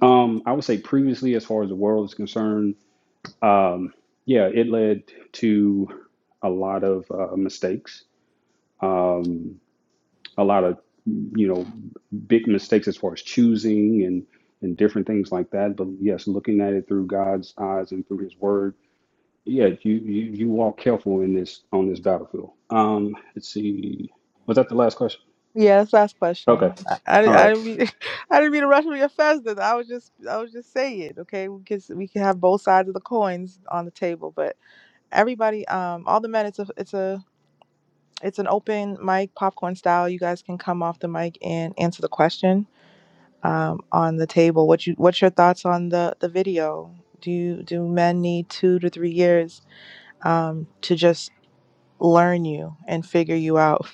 Um, I would say previously, as far as the world is concerned, um, yeah, it led to a lot of uh, mistakes, um, a lot of you know big mistakes as far as choosing and and different things like that. But yes, looking at it through God's eyes and through His Word, yeah, you you, you walk careful in this on this battlefield. Um, let's see, was that the last question? Yeah, last Okay, question. I, all I, I right. didn't mean I didn't mean to rush your faster. I was just I was just saying it. Okay, we can we can have both sides of the coins on the table, but everybody, um, all the men, it's a it's a It's an open mic, popcorn style. You guys can come off the mic and answer the question um, on the table. What you What's your thoughts on the the video? Do you, do men need two to three years um, to just learn you and figure you out?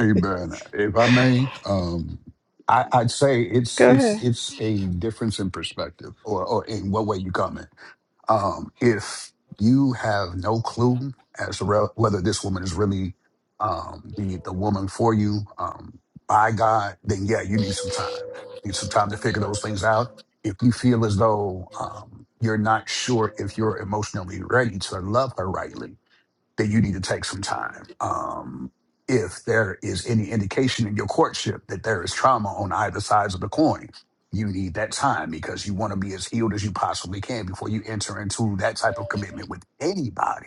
Amen. If I may, um, I, I'd say it's Go it's ahead. it's a difference in perspective or, or in what way you come in Um, if you have no clue as to re- whether this woman is really um, the, the woman for you um, by God, then yeah, you need some time. You need some time to figure those things out. If you feel as though um, you're not sure if you're emotionally ready to love her rightly, that you need to take some time. Um, if there is any indication in your courtship that there is trauma on either sides of the coin, you need that time because you want to be as healed as you possibly can before you enter into that type of commitment with anybody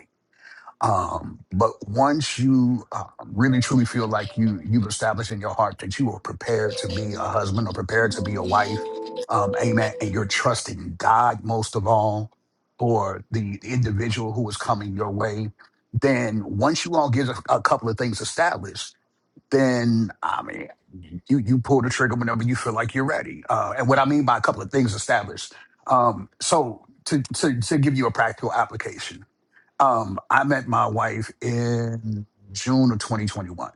um, but once you uh, really truly feel like you you've established in your heart that you are prepared to be a husband or prepared to be a wife, um, amen, and you're trusting God most of all for the individual who is coming your way, then once you all get a, a couple of things established, then I mean you you pull the trigger whenever you feel like you're ready. Uh, and what I mean by a couple of things established, um, so to to to give you a practical application. Um, I met my wife in June of 2021.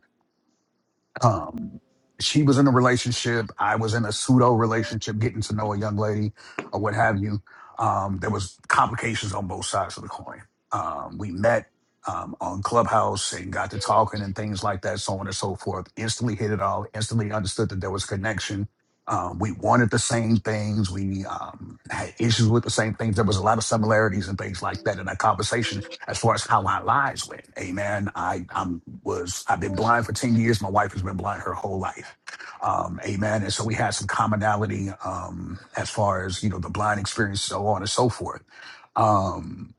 Um, she was in a relationship. I was in a pseudo relationship, getting to know a young lady or what have you. Um, there was complications on both sides of the coin. Um, we met um, on Clubhouse and got to talking and things like that, so on and so forth. Instantly hit it all. Instantly understood that there was connection. Um, we wanted the same things. We um, had issues with the same things. There was a lot of similarities and things like that in our conversation as far as how my lives went. Amen. I I'm was I've been blind for 10 years. My wife has been blind her whole life. Um, amen. And so we had some commonality um as far as, you know, the blind experience, so on and so forth. Um,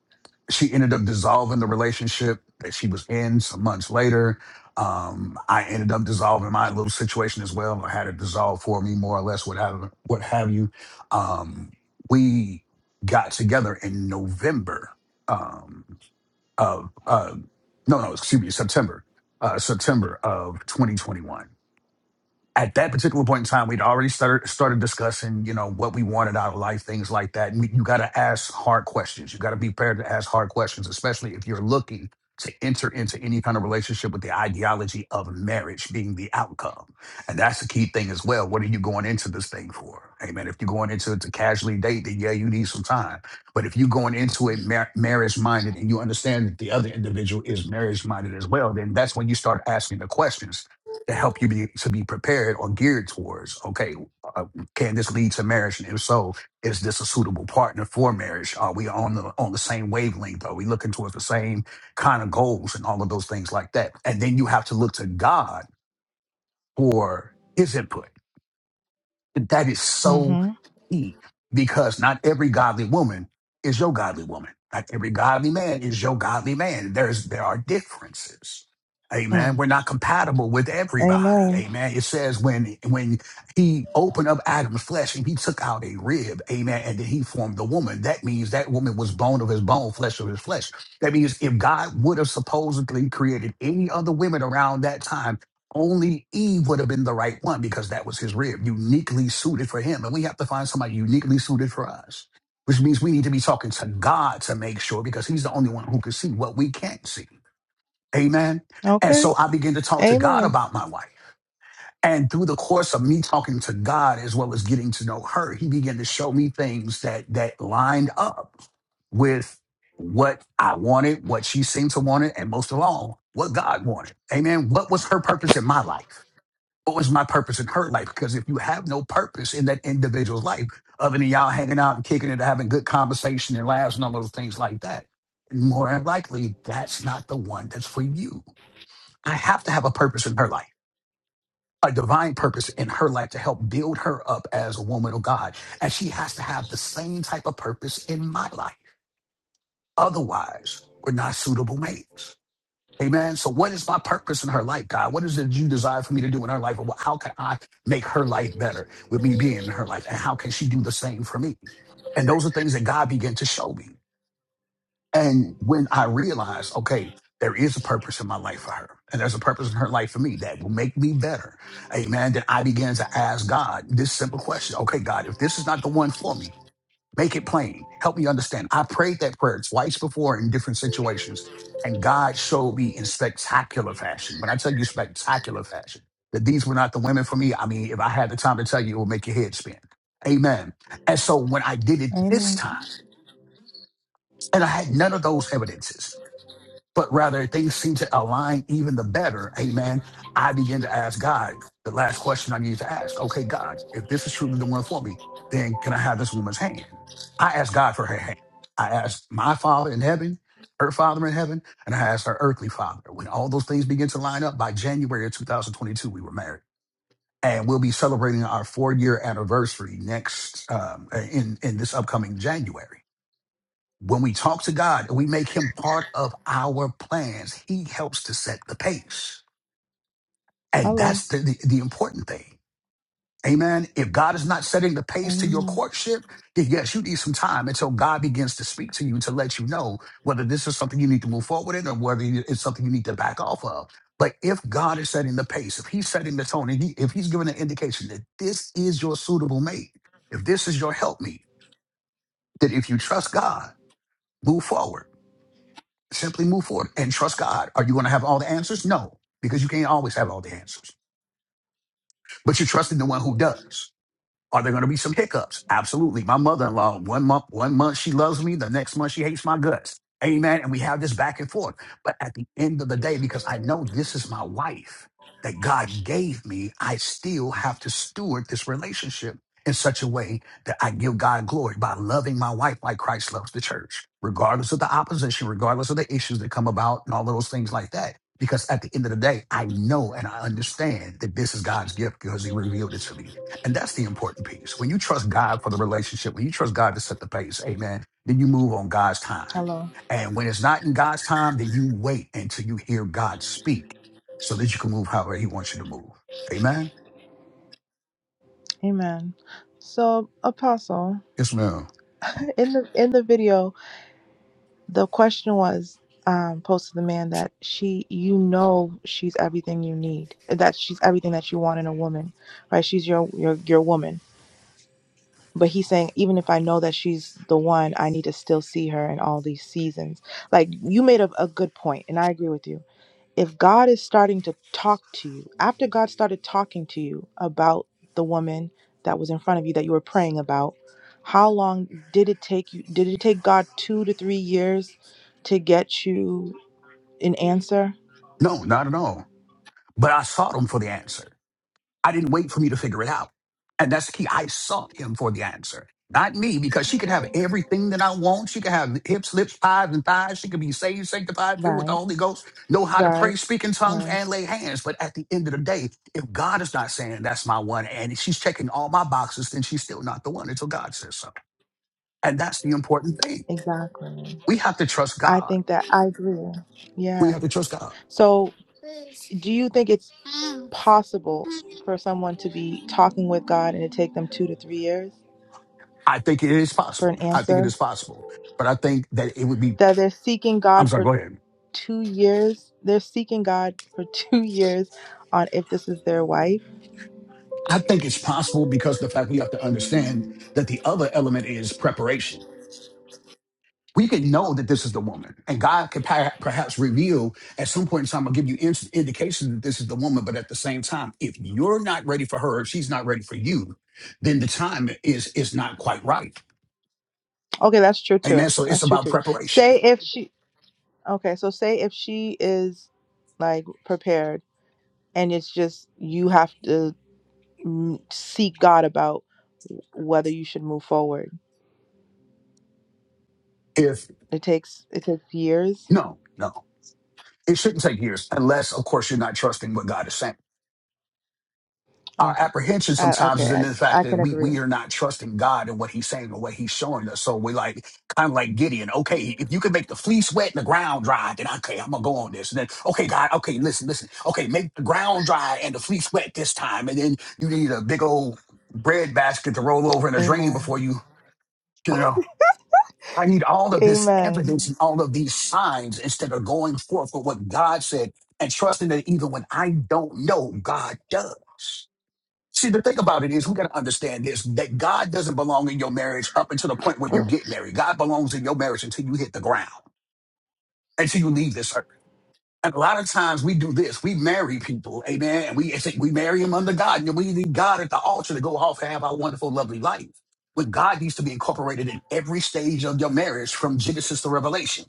she ended up dissolving the relationship that she was in some months later. Um, I ended up dissolving my little situation as well. I had it dissolved for me, more or less, what have what have you. Um, we got together in November. Um, of uh, no, no, excuse me, September, uh, September of 2021 at that particular point in time, we'd already started started discussing, you know, what we wanted out of life, things like that. And you got to ask hard questions. You got to be prepared to ask hard questions, especially if you're looking to enter into any kind of relationship with the ideology of marriage being the outcome. And that's the key thing as well. What are you going into this thing for? Amen. If you're going into it to casually date, then yeah, you need some time. But if you're going into it mar- marriage minded and you understand that the other individual is marriage minded as well, then that's when you start asking the questions to help you be, to be prepared or geared towards. Okay, uh, can this lead to marriage? And if so, is this a suitable partner for marriage? Are we on the on the same wavelength? Are we looking towards the same kind of goals and all of those things like that? And then you have to look to God for His input that is so Mm-hmm. key because not every godly woman is your godly woman. Not every godly man is your godly man. There's there are differences. Amen. Mm. We're not compatible with everybody. Amen. Amen. It says when when he opened up Adam's flesh and he took out a rib, amen, and then he formed the woman. That means that woman was bone of his bone, flesh of his flesh. That means if God would have supposedly created any other women around that time, only Eve would have been the right one because that was his rib, uniquely suited for him. And we have to find somebody uniquely suited for us, which means we need to be talking to God to make sure because he's the only one who can see what we can't see. Amen. And Okay. so I began to talk to God Amen. about my wife. And through the course of me talking to God as well as getting to know her, he began to show me things that that lined up with what I wanted, what she seemed to want it, and most of all, what God wanted. Amen. What was her purpose in my life? what was my purpose in her life? Because if you have no purpose in that individual's life, other than y'all hanging out and kicking it, having good conversation and laughs and all those things like that, more than likely, that's not the one that's for you. I have to have a purpose in her life, a divine purpose in her life to help build her up as a woman of God. And she has to have the same type of purpose in my life. Otherwise, we're not suitable mates. Amen. So, what is my purpose in her life, God? What is it you desire for me to do in her life? And how can I make her life better with me being in her life? And how can she do the same for me? And those are things that God began to show me. And when I realized, okay, there is a purpose in my life for her, and there's a purpose in her life for me that will make me better. Amen. Then I began to ask God this simple question Okay, God, if this is not the one for me, Make it plain. Help me understand. I prayed that prayer twice before in different situations, and God showed me in spectacular fashion. When I tell you spectacular fashion, that these were not the women for me, I mean, if I had the time to tell you, it would make your head spin. Amen. And so when I did it this Amen. time, and I had none of those evidences, but rather things seem to align even the better. Amen. I begin to ask God the last question I need to ask. Okay, God, if this is truly the one for me, then can I have this woman's hand? I asked God for her hand. I asked my father in heaven, her father in heaven, and I asked her earthly father. When all those things begin to line up, by January of 2022, we were married. And we'll be celebrating our four year anniversary next um, in in this upcoming January. When we talk to God and we make him part of our plans, he helps to set the pace. And Hello. that's the, the, the important thing. Amen. If God is not setting the pace to your courtship, then yes, you need some time until God begins to speak to you to let you know whether this is something you need to move forward in or whether it's something you need to back off of. But if God is setting the pace, if He's setting the tone, and he, if He's giving an indication that this is your suitable mate, if this is your helpmate, that if you trust God, move forward. Simply move forward and trust God. Are you going to have all the answers? No, because you can't always have all the answers. But you trust in the one who does. Are there going to be some hiccups? Absolutely. My mother-in-law, one month, one month she loves me, the next month she hates my guts. Amen. And we have this back and forth. But at the end of the day, because I know this is my wife that God gave me, I still have to steward this relationship in such a way that I give God glory by loving my wife like Christ loves the church, regardless of the opposition, regardless of the issues that come about and all those things like that. Because at the end of the day, I know and I understand that this is God's gift because he revealed it to me. And that's the important piece. When you trust God for the relationship, when you trust God to set the pace, amen, then you move on God's time. Hello. And when it's not in God's time, then you wait until you hear God speak so that you can move however He wants you to move. Amen? Amen. So, Apostle, Yes, ma'am. in the in the video, the question was um, posed to the man that she, you know, she's everything you need, that she's everything that you want in a woman, right? She's your your your woman. But he's saying, even if I know that she's the one, I need to still see her in all these seasons. Like you made a, a good point, and I agree with you if God is starting to talk to you, after God started talking to you about the woman that was in front of you that you were praying about, how long did it take you? Did it take God two to three years to get you an answer? No, not at all. But I sought Him for the answer. I didn't wait for me to figure it out. And that's the key. I sought him for the answer, not me, because she could have everything that I want. She could have hips, lips, pies, and thighs. She could be saved, sanctified, filled with the Right, Holy Ghost, know how to right, pray, speak in tongues, and right. lay hands. But at the end of the day, if God is not saying that's my one, and she's checking all my boxes, then she's still not the one until God says so. And that's the important thing. Exactly. We have to trust I God. think that I agree. We have to Yes. trust God. So, do you think it's possible for someone to be talking with God and it take them two to three years I think it is for an possible. I think it is answer? possible. But I think that it would be, that they're seeking I'm God sorry, for go ahead. two years. They're seeking God for two years on if this is their wife. I think it's possible because of the fact we have to understand that the other element is preparation. We can know that this is the woman, and God could per- perhaps reveal at some point in time, I'll give you in- indication that this is the woman. But at the same time, if you're not ready for her, if she's not ready for you, then the time is is not quite right. Okay, that's true Amen. too. So it's That's true about too. preparation. Say if she. Okay, so say if she is like prepared, and it's just you have to mm, seek God about whether you should move forward. If It takes it takes years. no, no, it shouldn't take years, unless of course you're not trusting what God is saying. our Okay. apprehension I, sometimes is in okay, the I, fact I that can we agree. we are not trusting God and what He's saying and what He's showing us. So we like kind of like Gideon. Okay, if you can make the fleece wet and the ground dry, then okay, I'm gonna go on this. And then okay, God, okay, listen, listen. Okay, make the ground dry and the fleece wet this time, and then you need a big old bread basket to roll over in a drain before Amen. you you know. I need all of this Amen. evidence and all of these signs instead of going forth with what God said and trusting that even when I don't know, God does. See, the thing about it is, we got to understand this that God doesn't belong in your marriage up until the point where you get married. God belongs in your marriage until you hit the ground, until you leave this earth. And a lot of times we do this. We marry people, amen. And we, it's- like we marry them under God. And we need God at the altar to go off and have our wonderful, lovely life. But God needs to be incorporated in every stage of your marriage from Genesis to Revelation.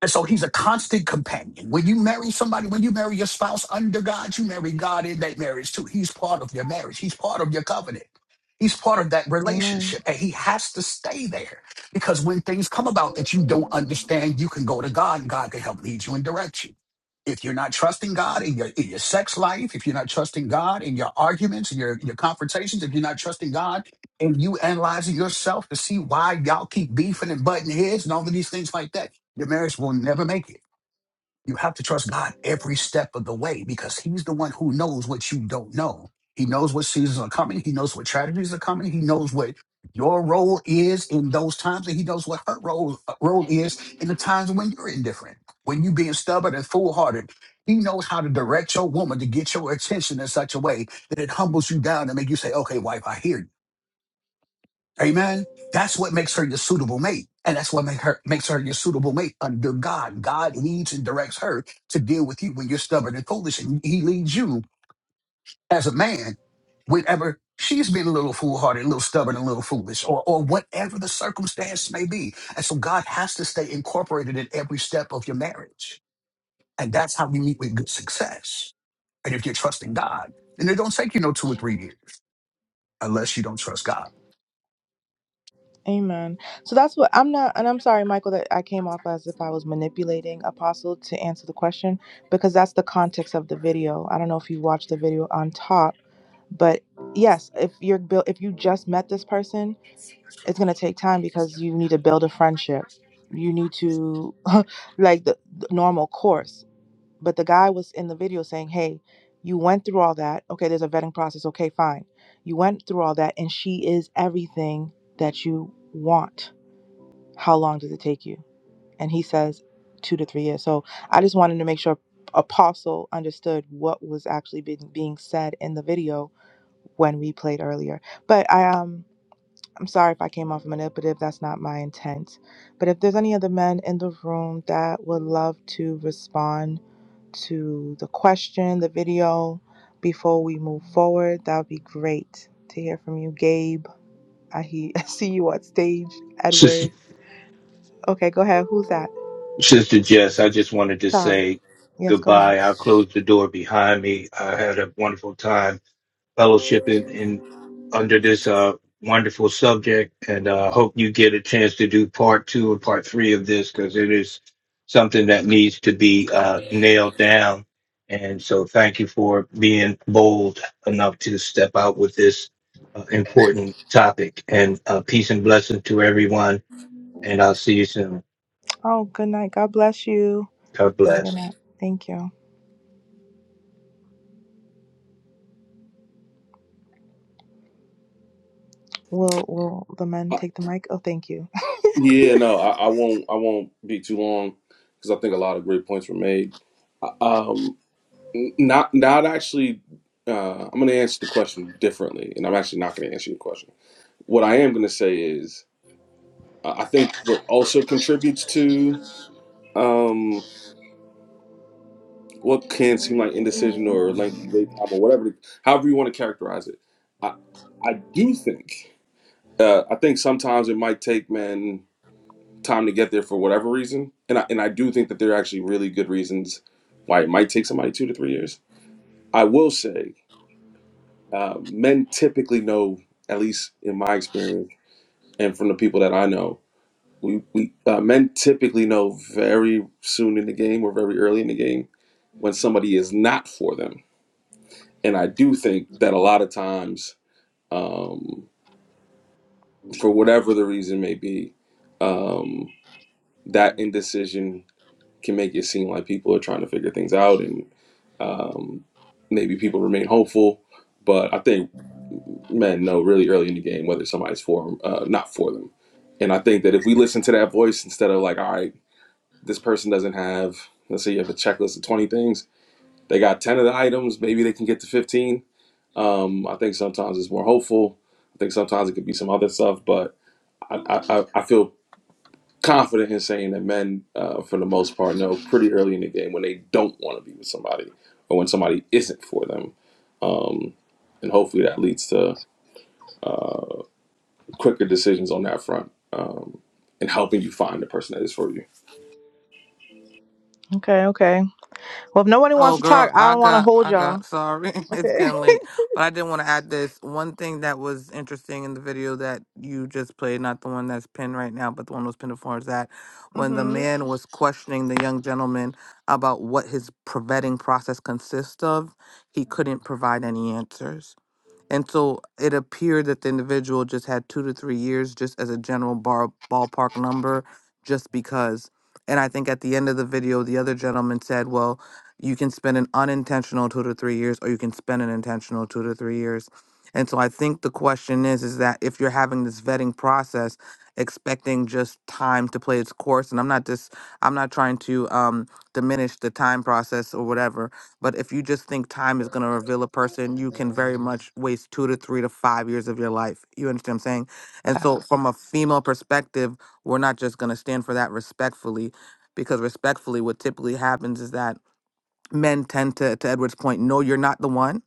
And so he's a constant companion. When you marry somebody, when you marry your spouse under God, you marry God in that marriage too. He's part of your marriage, he's part of your covenant. He's part of that Amen. relationship, and he has to stay there because when things come about that you don't understand, you can go to God, and God can help lead you and direct you. If you're not trusting God in your in your sex life, if you're not trusting God in your arguments, in your your confrontations, if you're not trusting God and you analyzing yourself to see why y'all keep beefing and butting heads and all of these things like that, your marriage will never make it. You have to trust God every step of the way because He's the one who knows what you don't know. He knows what seasons are coming. He knows what tragedies are coming. He knows what your role is in those times, and He knows what her role, uh, role is in the times when you're indifferent, when you being stubborn and foolhardy. He knows how to direct your woman to get your attention in such a way that it humbles you down and make you say, "Okay, wife, I hear you." Amen. That's what makes her your suitable mate. And that's what make her, makes her your suitable mate under God. God leads and directs her to deal with you when you're stubborn and foolish. And he leads you as a man whenever she's been a little foolhardy, a little stubborn, a little foolish, or, or whatever the circumstance may be. And so God has to stay incorporated in every step of your marriage. And that's how we meet with good success. And if you're trusting God, then it don't take you no two or three years unless you don't trust God. Amen. So that's what I'm not, and I'm sorry, Michael, that I came off as if I was manipulating Apostle to answer the question because that's the context of the video. I don't know if you watched the video on top, but yes, if you're built, if you just met this person, it's gonna take time because you need to build a friendship. You need to like the, the normal course but the guy was in the video saying, "Hey, you went through all that. Okay, there's a vetting process. Okay, fine. You went through all that and she is everything that you want. How long does it take you?" And he says 2 to 3 years. So, I just wanted to make sure Apostle understood what was actually being being said in the video when we played earlier. But I um I'm sorry if I came off manipulative. That's not my intent. But if there's any other men in the room that would love to respond to the question, the video, before we move forward, that would be great to hear from you. Gabe, I, he- I see you on stage. Sister, Edward. Okay, go ahead. Who's that? Sister Jess, I just wanted to Charles. say Yes, go ahead. goodbye. I'll close the door behind me. I had a wonderful time fellowshipping in under this uh, wonderful subject, and uh, hope you get a chance to do part two and part three of this because it is something that needs to be uh, nailed down. And so, thank you for being bold enough to step out with this uh, important topic. And uh, peace and blessing to everyone. And I'll see you soon. Oh, good night. God bless you. God Have a bless. good night. Thank you. Will will the men Uh, take the mic? Oh, thank you. Yeah, no, I, I won't. I won't be too long because I think a lot of great points were made. Um, n- not, not actually. Uh, I'm going to answer the question differently, and I'm actually not going to answer your question. What I am going to say is I think what also contributes to um, what can seem like indecision or lengthy wait time or whatever, however you want to characterize it, I, I do think uh, I think sometimes it might take men time to get there for whatever reason, and I, and I do think that there are actually really good reasons why it might take somebody two to three years. I will say uh, men typically know, at least in my experience, and from the people that I know, We, we uh, men typically know very soon in the game or very early in the game when somebody is not for them. And I do think that a lot of times, um, for whatever the reason may be, um, that indecision can make it seem like people are trying to figure things out and um, maybe people remain hopeful. But I think men know really early in the game whether somebody's for them, uh, not for them. And I think that if we listen to that voice instead of like, all right, this person doesn't have let's say you have a checklist of 20 things they got 10 of the items maybe they can get to 15 um, i think sometimes it's more hopeful i think sometimes it could be some other stuff but i, I, I feel confident in saying that men uh, for the most part know pretty early in the game when they don't want to be with somebody or when somebody isn't for them um, and hopefully that leads to quicker decisions on that front um, and helping you find the person that is for you Okay, okay. Well, if nobody wants Oh to talk, girl, I I don't want to got hold I y'all. got sorry. It's Okay. getting late. But I did want to add this one thing that was interesting in the video that you just played, not the one that's pinned right now, but the one that was pinned before is that when the Mm-hmm. man was questioning the young gentleman about what his pre- vetting process consists of, he couldn't provide any answers. And so it appeared that the individual just had two to three years, just as a general bar, ballpark number, just because. And I think at the end of the video, the other gentleman said, well, you can spend an unintentional two to three years, or you can spend an intentional two to three years. And so I think the question is, is that if you're having this vetting process, expecting just time to play its course, and I'm not just, I'm not trying to um, diminish the time process or whatever, but if you just think time is going to reveal a person, you can very much waste two to three to five years of your life. You understand what I'm saying? And so, Facts. from a female perspective, we're not just going to stand for that respectfully, because respectfully, what typically happens is that men tend to, to Edward's point, no, you're not the one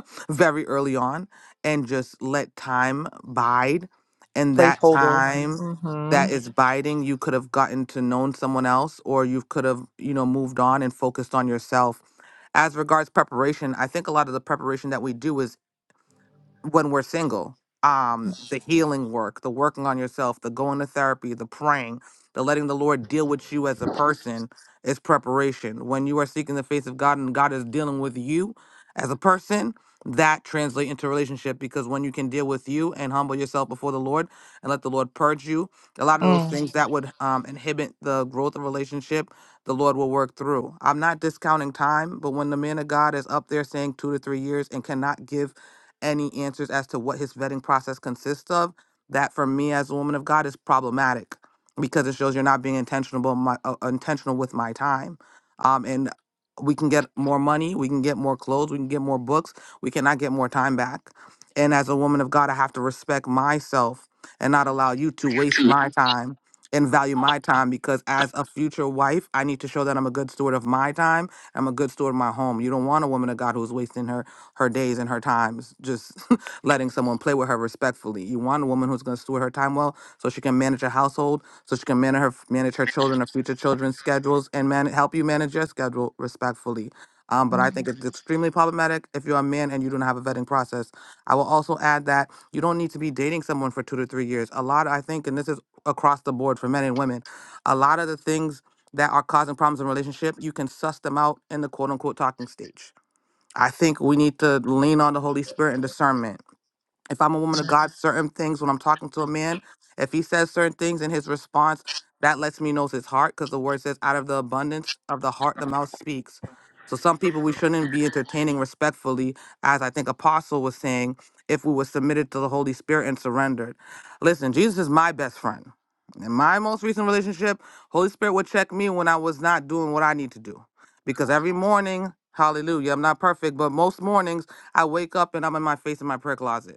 very early on and just let time bide. And that Mhm. Placeholder. time Mm-hmm. that is biding, you could have gotten to known someone else or you could have, you know, moved on and focused on yourself. As regards preparation, I think a lot of the preparation that we do is when we're single um the healing work the working on yourself the going to therapy the praying the letting the lord deal with you as a person is preparation when you are seeking the face of god and god is dealing with you as a person that translates into relationship because when you can deal with you and humble yourself before the lord and let the lord purge you a lot of those Mm. things that would um, inhibit the growth of relationship the lord will work through i'm not discounting time but when the man of god is up there saying two to three years and cannot give any answers as to what his vetting process consists of, that for me as a woman of God is problematic because it shows you're not being intentional my, uh, intentional with my time. Um, and we can get more money, we can get more clothes, we can get more books, we cannot get more time back. And as a woman of God, I have to respect myself and not allow you to waste my time and value my time because as a future wife, I need to show that I'm a good steward of my time. I'm a good steward of my home. You don't want a woman of God who's wasting her her days and her times, just letting someone play with her respectfully. You want a woman who's going to steward her time well, so she can manage a household, so she can manage her manage her children, her future children's schedules, and man, help you manage your schedule respectfully. Um, but I think it's extremely problematic if you're a man and you don't have a vetting process. I will also add that you don't need to be dating someone for two to three years. A lot, I think, and this is across the board for men and women, a lot of the things that are causing problems in relationship, you can suss them out in the quote unquote talking stage. I think we need to lean on the Holy Spirit and discernment if I'm a woman of God, certain things when I'm talking to a man, if he says certain things in his response, that lets me know it's his heart because the word says, out of the abundance of the heart, the mouth speaks. So some people we shouldn't be entertaining respectfully, as I think Apostle was saying, if we were submitted to the Holy Spirit and surrendered. Listen, Jesus is my best friend. In my most recent relationship, Holy Spirit would check me when I was not doing what I need to do. Because every morning, hallelujah, I'm not perfect, but most mornings I wake up and I'm in my face in my prayer closet.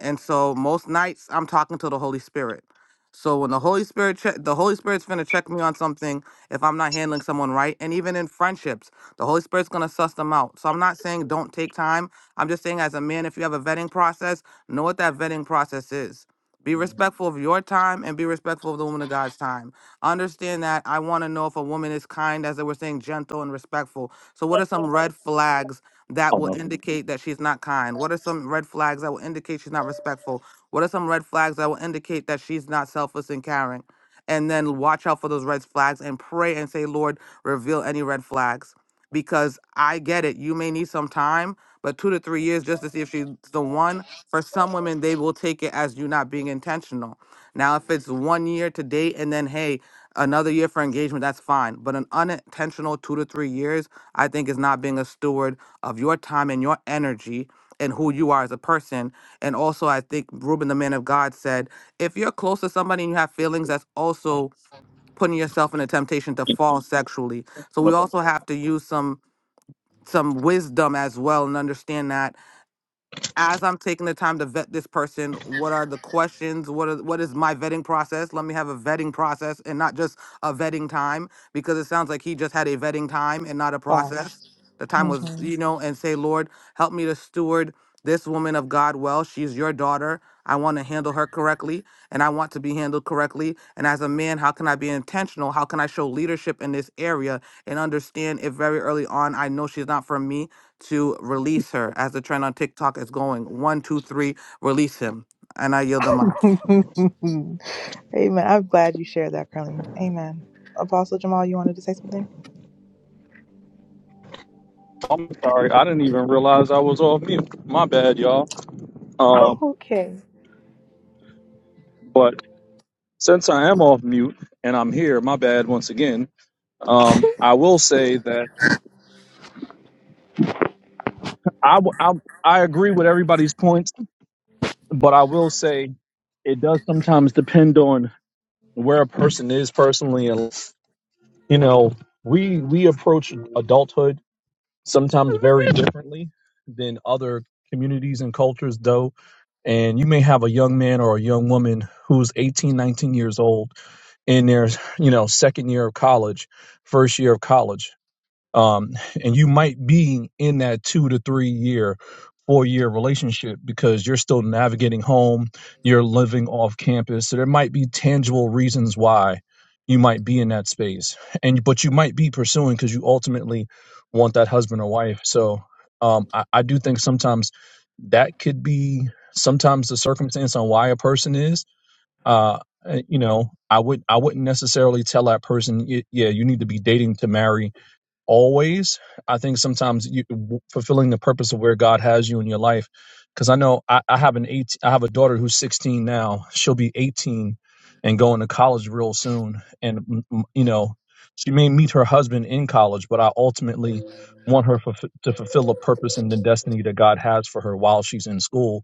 And so most nights I'm talking to the Holy Spirit. So when the Holy Spirit check the Holy Spirit's gonna check me on something if I'm not handling someone right. And even in friendships, the Holy Spirit's gonna suss them out. So I'm not saying don't take time. I'm just saying as a man, if you have a vetting process, know what that vetting process is. Be respectful of your time and be respectful of the woman of God's time. Understand that I want to know if a woman is kind, as they were saying, gentle and respectful. So, what are some red flags that Oh will no, indicate that she's not kind? What are some red flags that will indicate she's not respectful? What are some red flags that will indicate that she's not selfless and caring? And then watch out for those red flags and pray and say, Lord, reveal any red flags. Because I get it, you may need some time, but two to three years just to see if she's the one. For some women, they will take it as you not being intentional. Now, if it's one year to date and then, hey, another year for engagement, that's fine. But an unintentional two to three years, I think, is not being a steward of your time and your energy and who you are as a person. And also, I think Reuben, the man of God, said, if you're close to somebody and you have feelings, that's also putting yourself in a temptation to fall sexually. So we no. also have to use some some wisdom as well and understand that as I'm taking the time to vet this person, what are the questions? What are, what is my vetting process? Let me have a vetting process and not just a vetting time because it sounds like he just had a vetting time and not a Facts. process. The time was, Mm-hmm. you know, and say, Lord, help me to steward this woman of God well. She's your daughter. I want to handle her correctly and I want to be handled correctly. And as a man, how can I be intentional? How can I show leadership in this area and understand if very early on I know she's not for me? to release her as the trend on TikTok is going. One, two, three, release him. And I yield the mic. Amen. I'm glad you shared that, Carlene. Amen. Apostle Jamal, you wanted to say something? I'm sorry, I didn't even realize I was off mute. My bad, y'all. Um, Okay. but since I am off mute and I'm here, my bad once again. Um, I will say that I, w- I I agree with everybody's points But I will say it does sometimes depend on where a person is personally and you know, we we approach adulthood sometimes very differently than other communities and cultures though. And you may have a young man or a young woman who's 18, 19 years old in their, you know, second year of college, first year of college um, and you might be in that two to three year four year relationship because you're still navigating home you're living off campus so there might be tangible reasons why you might be in that space and but you might be pursuing because you ultimately want that husband or wife so um, I, I do think sometimes that could be sometimes the circumstance on why a person is uh, uh, you know i would i wouldn't necessarily tell that person "Y- yeah you need to be dating to marry always. I think sometimes you fulfilling the purpose of where God has you in your life. Because I know I, I have an eight, I have a daughter who's 16 now. She'll be 18 and going to college real soon. And mm, mm, you know, she may meet her husband in college, but I ultimately want her fulf- to fulfill a purpose and the destiny that God has for her while she's in school.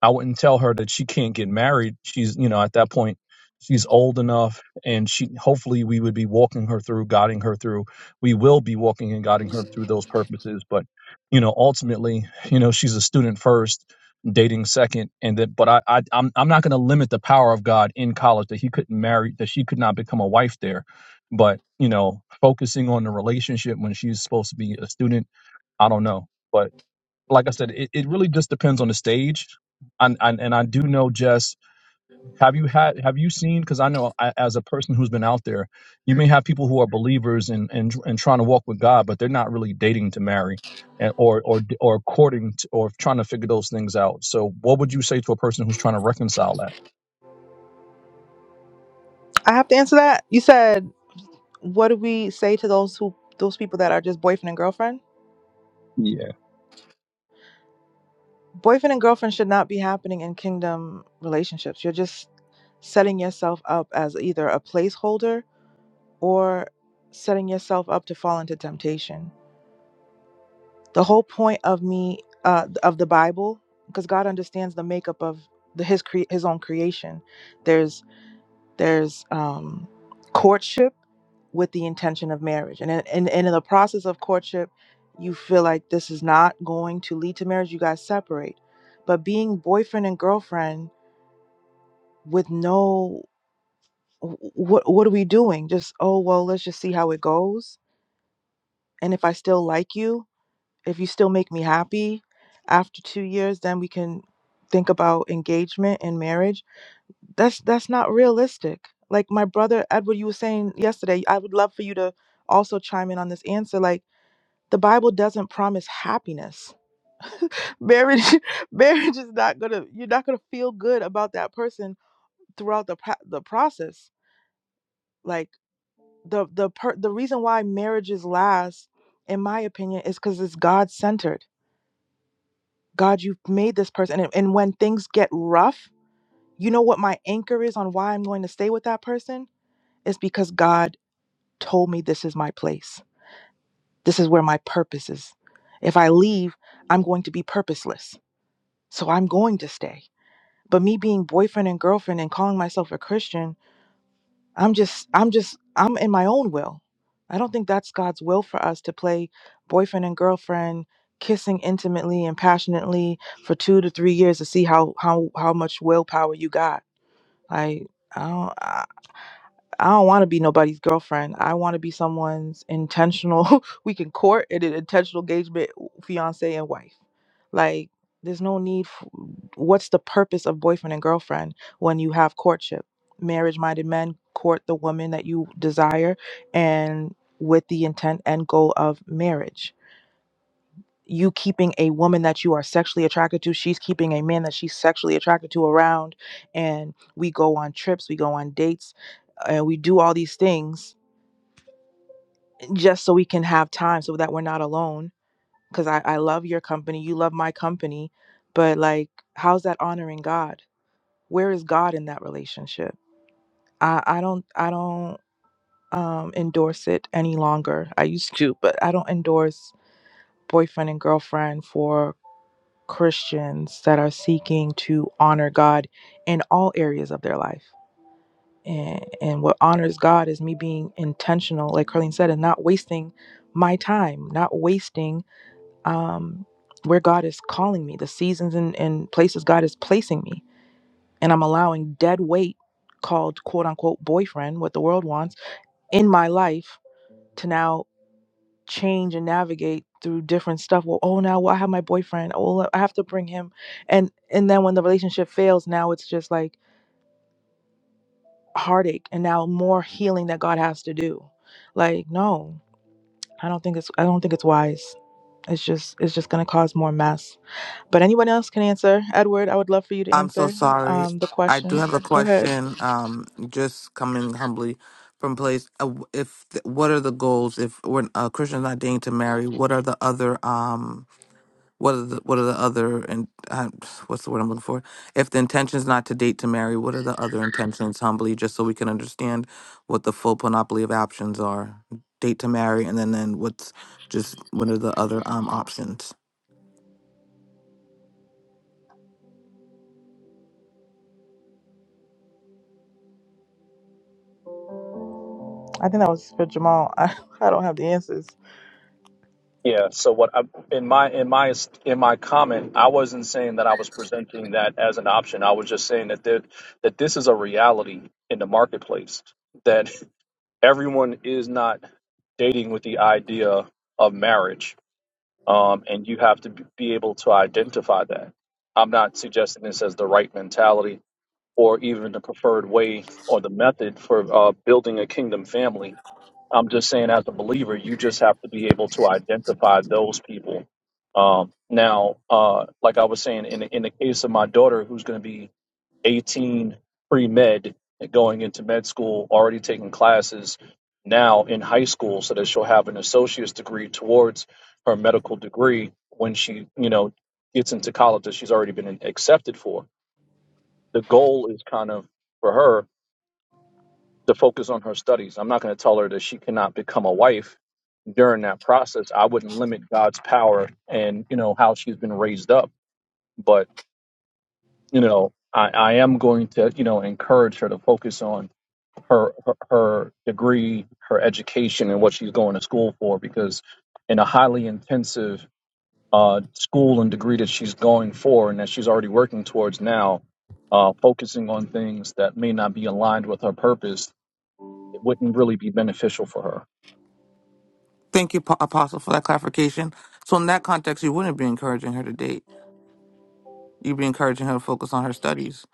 I wouldn't tell her that she can't get married. She's, you know, at that point, she's old enough, and she hopefully we would be walking her through, guiding her through we will be walking and guiding her through those purposes. But you know, ultimately, you know, she's a student first, dating second, and that. But I, I I'm I'm not going to limit the power of God in college that he couldn't marry, that she could not become a wife there. But you know, focusing on the relationship when she's supposed to be a student, I don't know. But like I said, it, it really just depends on the stage. And, and and I do know Jess have you had? Have you seen? Because I know, I, as a person who's been out there, you may have people who are believers and and and trying to walk with God, but they're not really dating to marry, and, or or or courting to, or trying to figure those things out. So, what would you say to a person who's trying to reconcile that? I have to answer that. You said, what do we say to those who those people that are just boyfriend and girlfriend? Yeah. boyfriend and girlfriend should not be happening in kingdom relationships. You're just setting yourself up as either a placeholder or setting yourself up to fall into temptation. The whole point of me uh, of the Bible, because God understands the makeup of the, his cre- his own creation. There's there's um, courtship with the intention of marriage. And, in- and, and in the process of courtship, you feel like this is not going to lead to marriage. You guys separate. But being boyfriend and girlfriend with no, what, what are we doing? Just, oh, well, let's just see how it goes. And if I still like you, if you still make me happy after two years, then we can think about engagement and marriage that's that's not realistic like my brother edward you were saying yesterday i would love for you to also chime in on this answer like the bible doesn't promise happiness marriage marriage is not gonna you're not gonna feel good about that person throughout the pro- the process like the the per- the reason why marriages last in my opinion is because it's god centered god you've made this person and, and when things get rough you know what my anchor is on why i'm going to stay with that person it's because god told me this is my place. This is where my purpose is. If I leave, I'm going to be purposeless. So I'm going to stay. But me being boyfriend and girlfriend and calling myself a Christian, I'm just, I'm just, I'm in my own will. I don't think that's God's will for us to play boyfriend and girlfriend, kissing intimately and passionately for two to three years to see how how how much willpower you got like I don't I, I don't want to be nobody's girlfriend. I want to be someone's intentional. we can court and an intentional engagement, fiance and wife. Like there's no need. f what's the purpose of boyfriend and girlfriend when you have courtship? Marriage-minded men court the woman that you desire, and with the intent and goal of marriage you keeping a woman that you are sexually attracted to she's keeping a man that she's sexually attracted to around and we go on trips we go on dates and we do all these things just so we can have time so that we're not alone because I, I love your company you love my company but like how's that honoring god where is god in that relationship i, I don't i don't um, endorse it any longer i used to but i don't endorse boyfriend and girlfriend for Christians that are seeking to honor God in all areas of their life. And, and what honors God is me being intentional, like Carlene said, and not wasting my time, not wasting um, where God is calling me, the seasons and, and places God is placing me. And I'm allowing dead weight called quote unquote boyfriend, what the world wants, in my life to now change and navigate through different stuff. Well, oh now well, I have my boyfriend. Oh I have to bring him and and then when the relationship fails, now it's just like heartache and now more healing that God has to do. Like, no, I don't think it's I don't think it's wise. It's just it's just gonna cause more mess. But anyone else can answer. Edward, I would love for you to I'm so answer sorry. um the I question. do have a Go ahead. question. Um, just coming humbly from place. Uh, w- If what are the goals? If when a Christian's not dating to marry, what are the other um? What are the what are the other and uh, what's the word I'm looking for? If the intention is not to date to marry, what are the other intentions humbly, just so we can understand what the full panoply of options are? Date to marry, and then then what's just what are the other um options? I think that was for Jamal. I, I don't have the answers. Yeah. So what I, in my in my in my comment, I wasn't saying that I was presenting that as an option. I was just saying that that, that this is a reality in the marketplace. that. everyone is not dating with the idea of marriage, um, and you have to b- be able to identify that. I'm not suggesting this as the right mentality or even the preferred way or the method for uh, building a kingdom family. I'm just saying, as a believer, you just have to be able to identify those people. Um, now, uh, like I was saying, in in the case of my daughter, who's going to be 18 pre med and going into med school, already taking classes now in high school so that she'll have an associate's degree towards her medical degree when she, you know, gets into college that she's already been accepted for. The goal is kind of for her to focus on her studies. I'm not going to tell her that she cannot become a wife during that process. I wouldn't limit God's power and, you know, how she's been raised up. But, you know, I, I am going to, you know, encourage her to focus on her, her her degree, her education, and what she's going to school for. Because in a highly intensive uh, school and degree that she's going for, and that she's already working towards now, uh, focusing on things that may not be aligned with her purpose, it wouldn't really be beneficial for her. Thank you, Po- Apostle, for that clarification. So in that context, you wouldn't be encouraging her to date. You'd be encouraging her to focus on her studies.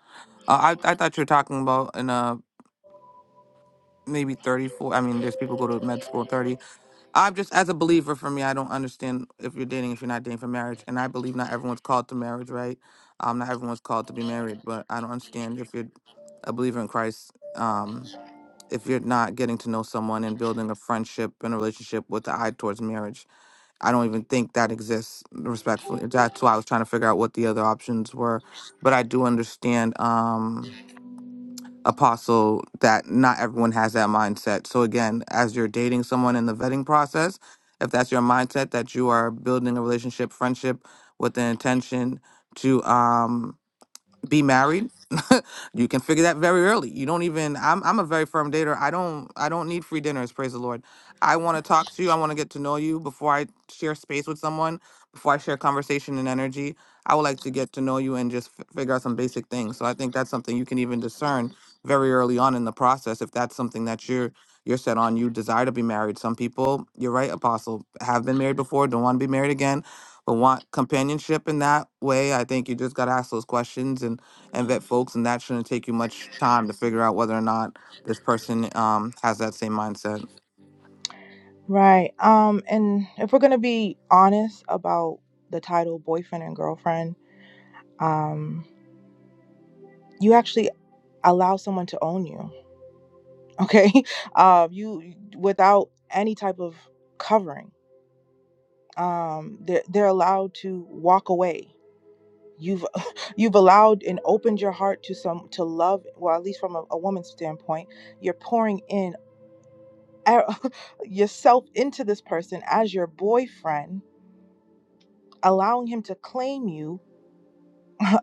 Uh, I I thought you were talking about in uh maybe 34. I mean, there's people go to med school at 30 I'm just as a believer for me, I don't understand if you're dating if you're not dating for marriage. And I believe not everyone's called to marriage, right? Um, not everyone's called to be married, but I don't understand if you're a believer in Christ, um, if you're not getting to know someone and building a friendship and a relationship with the eye towards marriage. I don't even think that exists respectfully. That's why I was trying to figure out what the other options were. But I do understand um apostle that not everyone has that mindset. So again, as you're dating someone in the vetting process, if that's your mindset that you are building a relationship, friendship with the intention to um be married you can figure that very early you don't even i'm i'm a very firm dater i don't i don't need free dinners praise the lord i want to talk to you i want to get to know you before i share space with someone before i share conversation and energy i would like to get to know you and just f- figure out some basic things so i think that's something you can even discern very early on in the process if that's something that you're you're set on you desire to be married some people you're right apostle have been married before don't want to be married again but want companionship in that way i think you just got to ask those questions and and vet folks, and that shouldn't take you much time to figure out whether or not this person um, has that same mindset. Right. Um, and if we're gonna be honest about the title boyfriend and girlfriend, um, you actually allow someone to own you. Okay. Um, you without any type of covering. Um, they're they're allowed to walk away. You've you've allowed and opened your heart to some to love. Well, at least from a, a woman's standpoint, you're pouring in e- yourself into this person as your boyfriend, allowing him to claim you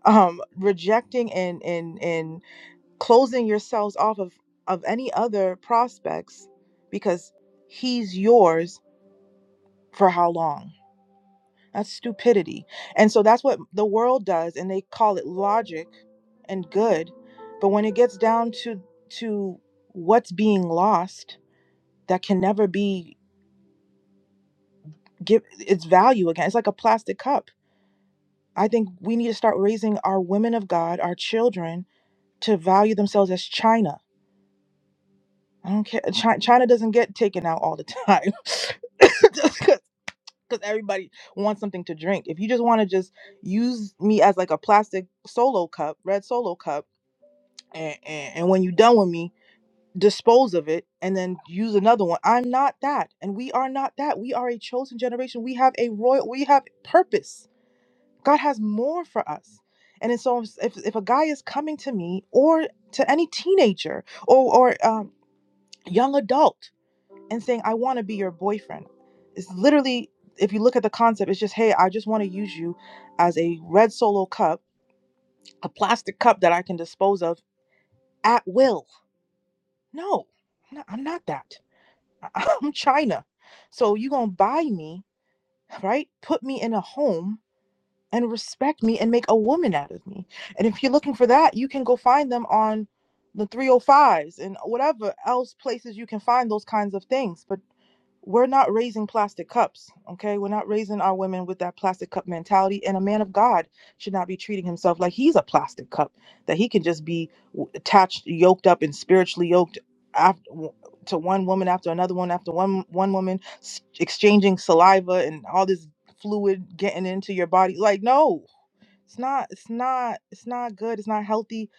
um rejecting and and and closing yourselves off of of any other prospects because he's yours for how long that's stupidity and so that's what the world does and they call it logic and good but when it gets down to to what's being lost that can never be give its value again it's like a plastic cup i think we need to start raising our women of god our children to value themselves as china I don't care. Chi- China doesn't get taken out all the time because everybody wants something to drink. If you just want to just use me as like a plastic solo cup, red solo cup, and, and, and when you're done with me, dispose of it and then use another one. I'm not that, and we are not that. We are a chosen generation. We have a royal. We have purpose. God has more for us. And then so if, if a guy is coming to me or to any teenager or or um, young adult and saying, I want to be your boyfriend. It's literally, if you look at the concept, it's just, hey, I just want to use you as a red solo cup, a plastic cup that I can dispose of at will. No, I'm not, I'm not that. I'm China. So you going to buy me, right? Put me in a home and respect me and make a woman out of me. And if you're looking for that, you can go find them on the 305s and whatever else places you can find those kinds of things. But we're not raising plastic cups, okay? We're not raising our women with that plastic cup mentality. And a man of God should not be treating himself like he's a plastic cup, that he can just be attached, yoked up, and spiritually yoked after, to one woman after another one after one one woman, exchanging saliva and all this fluid getting into your body. Like, no, it's not, it's not, it's not good. It's not healthy.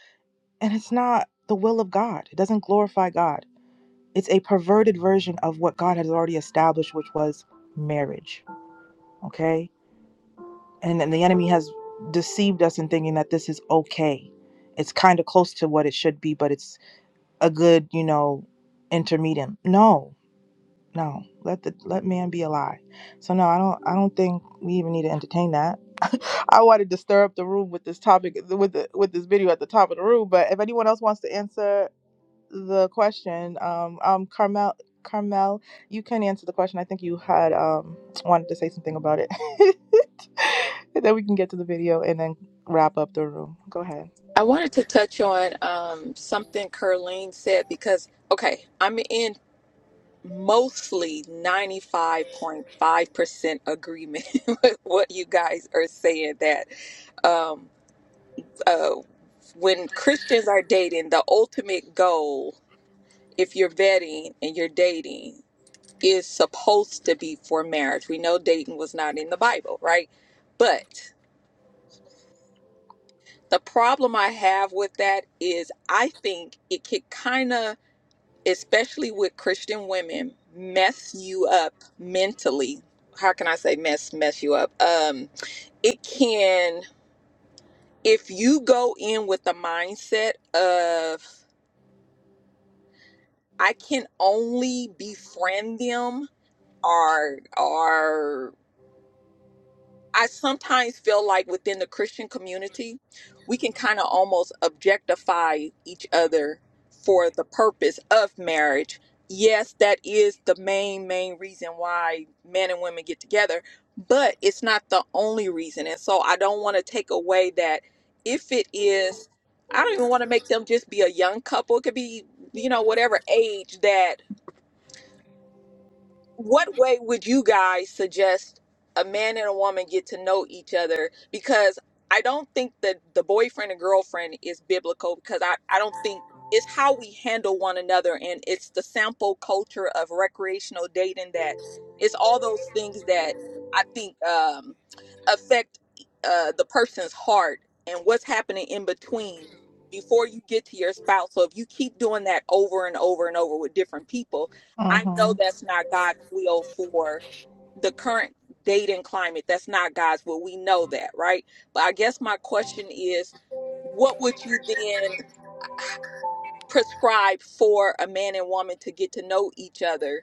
And it's not the will of God. It doesn't glorify God. It's a perverted version of what God has already established, which was marriage. Okay. And then the enemy has deceived us in thinking that this is okay. It's kind of close to what it should be, but it's a good, you know, intermediate. No, No, let the let man be a lie. So no, I don't I don't think we even need to entertain that. I wanted to stir up the room with this topic with the with this video at the top of the room, but if anyone else wants to answer the question, um um Carmel Carmel, you can answer the question. I think you had um wanted to say something about it. and then we can get to the video and then wrap up the room. Go ahead. I wanted to touch on um, something Curleen said because, okay, I'm in mostly 95.5% agreement with what you guys are saying that um, uh, when Christians are dating, the ultimate goal, if you're vetting and you're dating, is supposed to be for marriage. We know dating was not in the Bible, right? But the problem I have with that is I think it could kind of especially with Christian women, mess you up mentally. How can I say mess mess you up? Um, it can if you go in with the mindset of I can only befriend them or or I sometimes feel like within the Christian community, we can kind of almost objectify each other for the purpose of marriage. Yes, that is the main, main reason why men and women get together, but it's not the only reason. And so I don't want to take away that if it is, I don't even want to make them just be a young couple. It could be, you know, whatever age that what way would you guys suggest a man and a woman get to know each other because i don't think that the boyfriend and girlfriend is biblical because i, I don't think it's how we handle one another and it's the sample culture of recreational dating that it's all those things that i think um, affect uh, the person's heart and what's happening in between before you get to your spouse so if you keep doing that over and over and over with different people I know Mhm. that's not God's will for the current date and climate. That's not God's will. We know that, right? But I guess my question is what would you then prescribe for a man and woman to get to know each other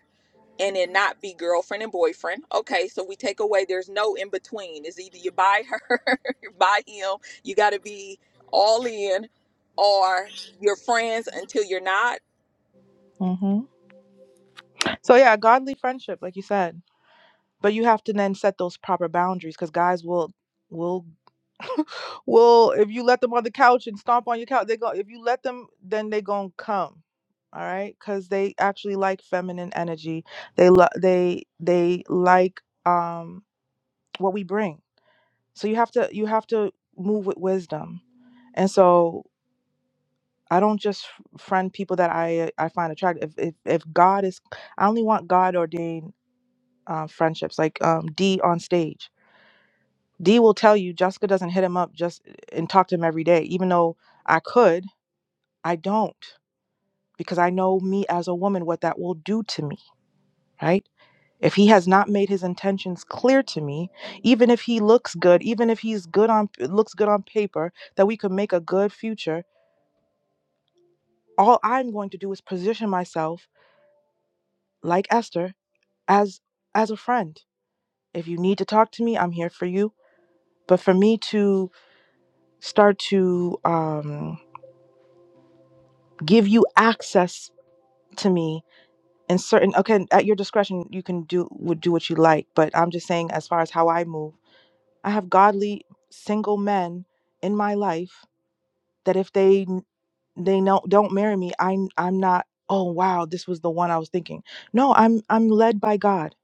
and it not be girlfriend and boyfriend? Okay, so we take away there's no in between. It's either you buy her, you buy him, you got to be all in, or you're friends until you're not Mhm. So yeah, godly friendship like you said, but you have to then set those proper boundaries cuz guys will will Well, if you let them on the couch and stomp on your couch, they go. If you let them, then they gonna come. All right, because they actually like feminine energy. They lo- they they like um what we bring. So you have to you have to move with wisdom. And so I don't just f- friend people that I I find attractive. If if, if God is, I only want God ordained uh, friendships. Like um D on stage, D will tell you Jessica doesn't hit him up just and talk to him every day, even though I could. I don't because I know me as a woman what that will do to me, right? If he has not made his intentions clear to me, even if he looks good, even if he's good on looks good on paper that we could make a good future, all I'm going to do is position myself like Esther as as a friend. If you need to talk to me, I'm here for you. But for me to start to um give you access to me and certain okay at your discretion you can do would do what you like but i'm just saying as far as how i move i have godly single men in my life that if they they know don't marry me i'm i'm not oh wow this was the one i was thinking no i'm i'm led by god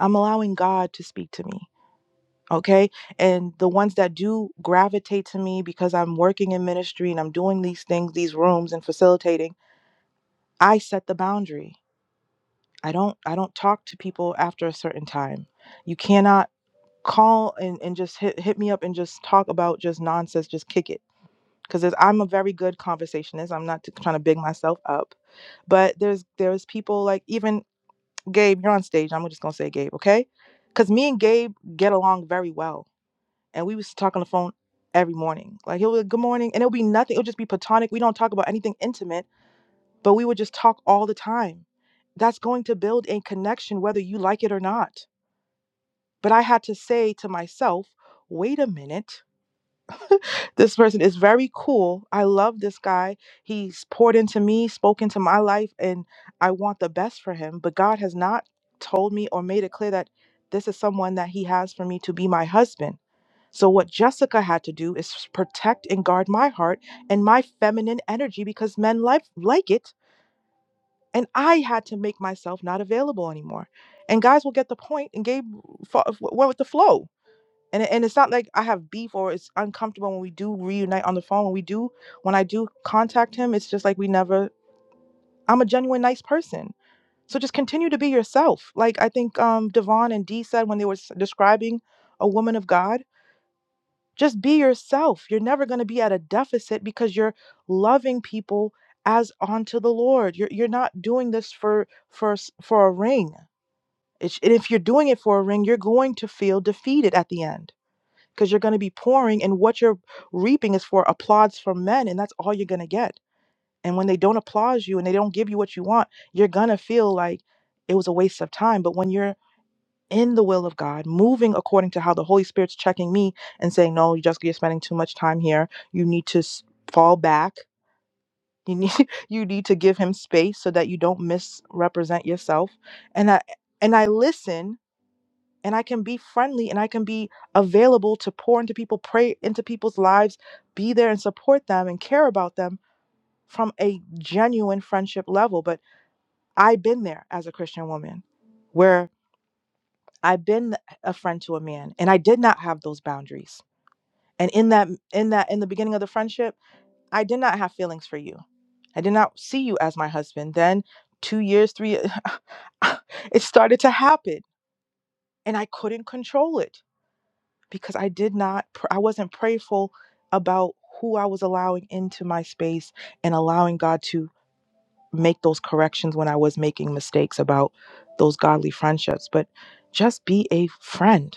i'm allowing god to speak to me okay and the ones that do gravitate to me because i'm working in ministry and i'm doing these things these rooms and facilitating i set the boundary I don't I don't talk to people after a certain time. You cannot call and, and just hit hit me up and just talk about just nonsense, just kick it. Because I'm a very good conversationist. I'm not t- trying to big myself up, but there's there's people like even Gabe. You're on stage. I'm just gonna say Gabe, okay? Because me and Gabe get along very well, and we was talk on the phone every morning. Like he'll be like, good morning, and it'll be nothing. It'll just be platonic. We don't talk about anything intimate but we would just talk all the time. That's going to build a connection whether you like it or not. But I had to say to myself, wait a minute. This person is very cool. I love this guy. He's poured into me, spoken to my life, and I want the best for him. But God has not told me or made it clear that this is someone that He has for me to be my husband. So, what Jessica had to do is protect and guard my heart and my feminine energy because men like like it and I had to make myself not available anymore. And guys will get the point, and Gabe fo- went with the flow. And and it's not like I have beef or it's uncomfortable when we do reunite on the phone. When we do, when I do contact him, it's just like we never. I'm a genuine nice person, so just continue to be yourself. Like I think um Devon and Dee said when they were s- describing a woman of God just be yourself. You're never going to be at a deficit because you're loving people as unto the Lord. You're you're not doing this for for s- for a ring. It's, and if you're doing it for a ring, you're going to feel defeated at the end because you're going to be pouring, and what you're reaping is for applause from men, and that's all you're going to get. And when they don't applaud you and they don't give you what you want, you're going to feel like it was a waste of time. But when you're in the will of God, moving according to how the Holy Spirit's checking me and saying, "No, you just you're spending too much time here. You need to s- fall back. You need you need to give him space so that you don't misrepresent yourself." And I and I listen and I can be friendly and I can be available to pour into people, pray into people's lives, be there and support them and care about them from a genuine friendship level. But I've been there as a Christian woman. where. I've been a friend to a man and I did not have those boundaries. And in that in that in the beginning of the friendship, I did not have feelings for you. I did not see you as my husband. Then 2 years, 3 years, it started to happen and I couldn't control it because I did not pr- I wasn't prayerful about who I was allowing into my space and allowing God to make those corrections when I was making mistakes about those godly friendships. But just be a friend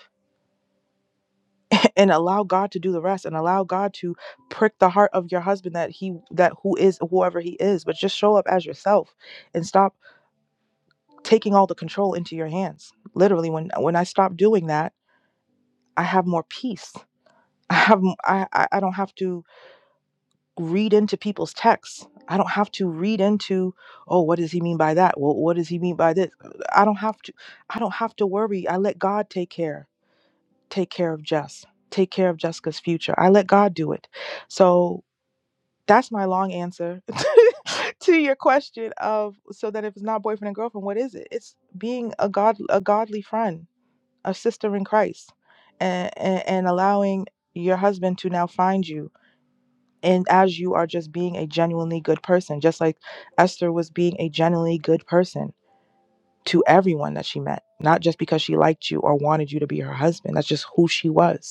and allow God to do the rest and allow God to prick the heart of your husband that he that who is whoever he is but just show up as yourself and stop taking all the control into your hands literally when when I stop doing that I have more peace I have I I I I I don't have to read into people's texts I don't have to read into oh what does he mean by that well what does he mean by this I don't have to I don't have to worry I let God take care take care of Jess take care of Jessica's future I let God do it so That's my long answer to your question of so that if it's not boyfriend and girlfriend, what is it? It's being a god a godly friend, a sister in Christ, and and, and allowing your husband to now find you. And as you are just being a genuinely good person, just like Esther was being a genuinely good person to everyone that she met, not just because she liked you or wanted you to be her husband. That's just who she was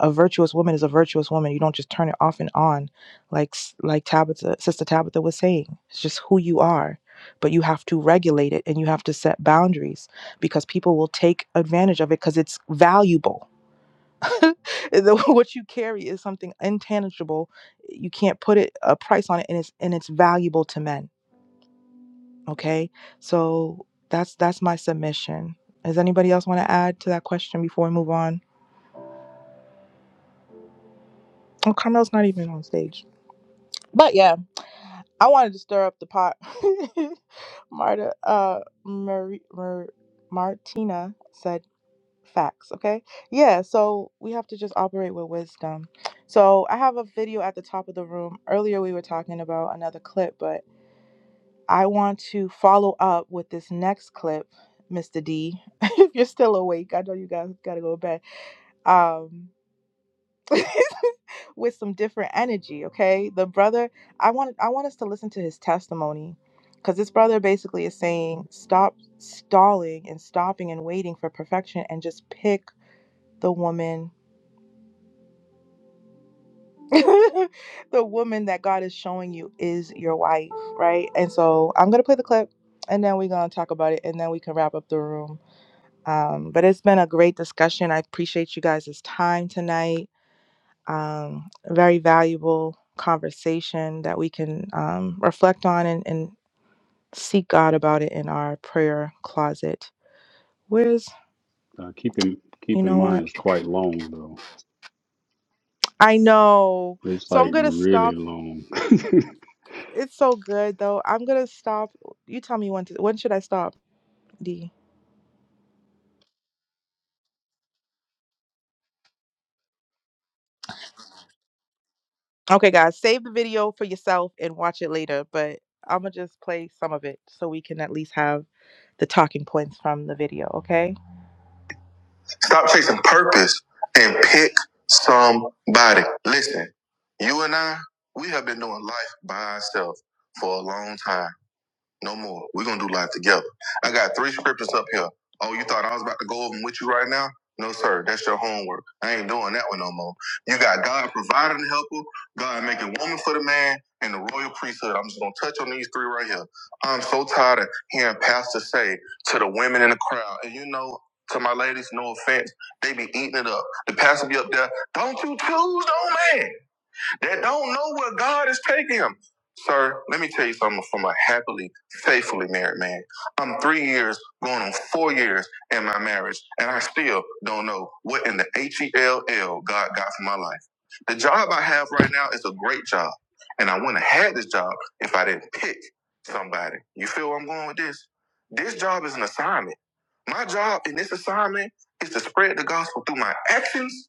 a virtuous woman is a virtuous woman. You don't just turn it off and on, like like Tabitha, Sister Tabitha was saying. It's just who you are, but you have to regulate it and you have to set boundaries because people will take advantage of it because it's valuable. The- what you carry is something intangible. You can't put it a price on it, and it's and it's valuable to men. Okay, so that's that's my submission. Does anybody else want to add to that question before we move on? Oh, Carmel's not even on stage. But yeah, I wanted to stir up the pot. Marta, uh, Marie, Mar- Martina said facts. Okay, yeah. So we have to just operate with wisdom. So I have a video at the top of the room. Earlier we were talking about another clip, but I want to follow up with this next clip, Mr. D. if you're still awake, I know you guys gotta go to bed. Um, with some different energy, okay? The brother, I want I want us to listen to his testimony cuz this brother basically is saying stop stalling and stopping and waiting for perfection and just pick the woman the woman that God is showing you is your wife, right? And so I'm gonna play the clip and then we're gonna talk about it and then we can wrap up the room. Um, but it's been a great discussion. I appreciate you guys' time tonight. um, very valuable conversation that we can um, reflect on and, and seek God about it in our prayer closet. Where's, Uh, keep in you keep in know mind what? it's quite long though. I know. It's So I'm like going to really stop. long. It's so good, though. I'm going to stop. You tell me when to, when should I stop, D? Okay, guys, save the video for yourself and watch it later, but I'm going to just play some of it so we can at least have the talking points from the video, okay? Stop chasing purpose and pick somebody. Listen, you and I, we have been doing life by ourselves for a long time. No more. We're gonna do life together. I got three scriptures up here. Oh, you thought I was about to go over them with you right now? No, sir. That's your homework. I ain't doing that one no more. You got God providing the helper, God making woman for the man, and the royal priesthood. I'm just gonna touch on these three right here. I'm so tired of hearing pastors say to the women in the crowd, and you know, to my ladies, no offense, they be eating it up. The pastor be up there, don't you choose no man that don't know where God is taking them. Sir, let me tell you something from a happily, faithfully married man. I'm three years, going on four years in my marriage, and I still don't know what in the H E L L God got for my life. The job I have right now is a great job, and I wouldn't have had this job if I didn't pick somebody. You feel where I'm going with this? This job is an assignment. My job in this assignment is to spread the gospel through my actions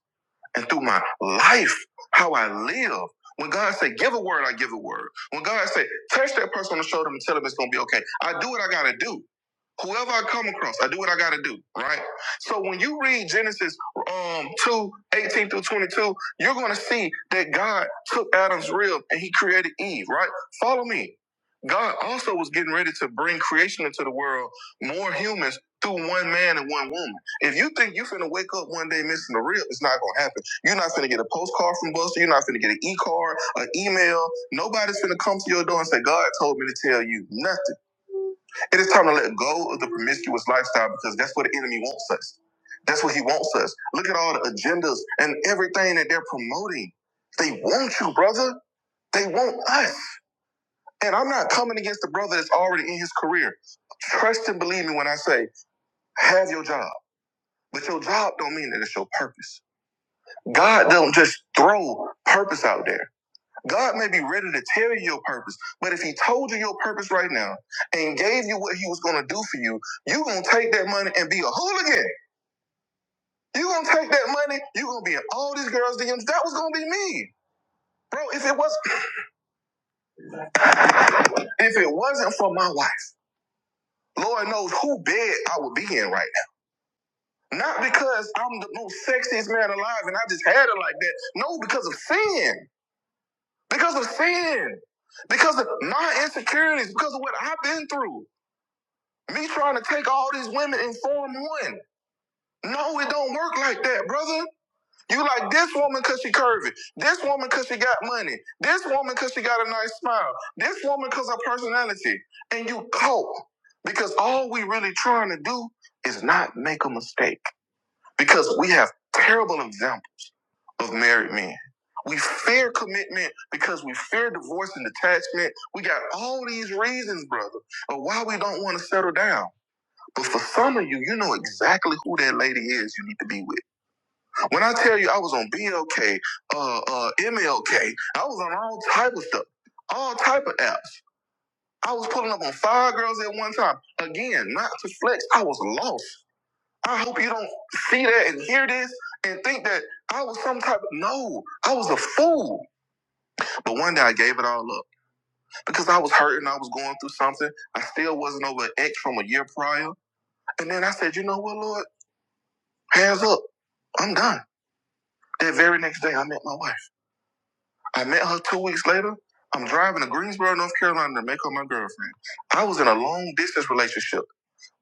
and through my life, how I live. When God said, give a word, I give a word. When God said, touch that person on the shoulder and tell them it's gonna be okay. I do what I gotta do. Whoever I come across, I do what I gotta do, right? So when you read Genesis um 2 18 through 22, you're gonna see that God took Adam's rib and he created Eve, right? Follow me. God also was getting ready to bring creation into the world, more humans through one man and one woman. If you think you're going to wake up one day missing the rib, it's not gonna happen you're not gonna get a postcard from Buster. You're not gonna get an e-card, an email. Nobody's gonna come to your door and say, God told me to tell you nothing. It is time to let go of the promiscuous lifestyle because that's what the enemy wants us. That's what he wants us. Look at all the agendas and everything that they're promoting. They want you, brother. They want us. And I'm not coming against the brother that's already in his career. Trust and believe me when I say, have your job. But your job don't mean that it's your purpose. God don't just throw purpose out there. God may be ready to tell you your purpose, but if He told you your purpose right now and gave you what He was going to do for you, you going to take that money and be a hooligan. you going to take that money, you going to be in all these girls' DMs. That was going to be me. Bro, if it was if it wasn't for my wife, Lord knows who bed I would be in right now. Not because I'm the most sexiest man alive and I just had it like that. No, because of sin. Because of sin. Because of my insecurities. Because of what I've been through. Me trying to take all these women and form one. No, it don't work like that, brother. You like this woman cause she curvy. This woman cause she got money. This woman cause she got a nice smile. This woman cause her personality. And you cope. Because all we really trying to do is not make a mistake. Because we have terrible example of married men. We fear commitment because we fear divorce and detachment. We got all these reasons, brother, of why we don't want to settle down. But for some of you, you know exactly who that lady is you need to be with. When I tell you I was on BLK, uh, uh, MLK, I was on all type of stuff, all type of apps. I was pulling up on five girls at one time. Again, not to flex, I was lost. I hope you don't see that and hear this and think that I was some type of, no, I was a fool. But one day I gave it all up because I was hurting, I was going through something. I still wasn't over an ex from a year prior. And then I said, you know what, Lord? Hands up. I'm done. That very next day, I met my wife. I met her two weeks later. I'm driving to Greensboro, North Carolina to make her my girlfriend. I was in a long distance relationship.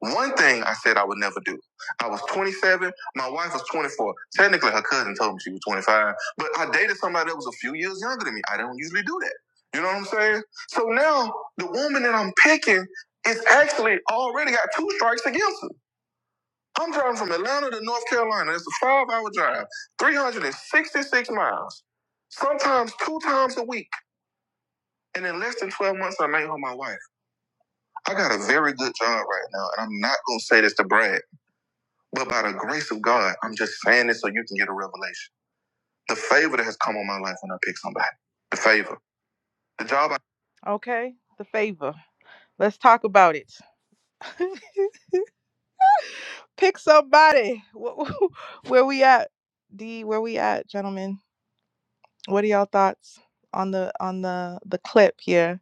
One thing I said I would never do. I was 27. My wife was 24. Technically, her cousin told me she was 25, but I dated somebody that was a few years younger than me. I don't usually do that. You know what I'm saying? So now the woman that I'm picking is actually already got two strikes against her. I'm driving from Atlanta to North Carolina. It's a five hour drive, 366 miles, sometimes two times a week. And in less than 12 months, I made her my wife. I got a very good job right now, and I'm not going to say this to brag, but by the grace of God, I'm just saying this so you can get a revelation. The favor that has come on my life when I pick somebody. The favor. The job I. Okay, the favor. Let's talk about it. pick somebody. Where we at? D, where we at, gentlemen? What are y'all thoughts on the on the the clip here?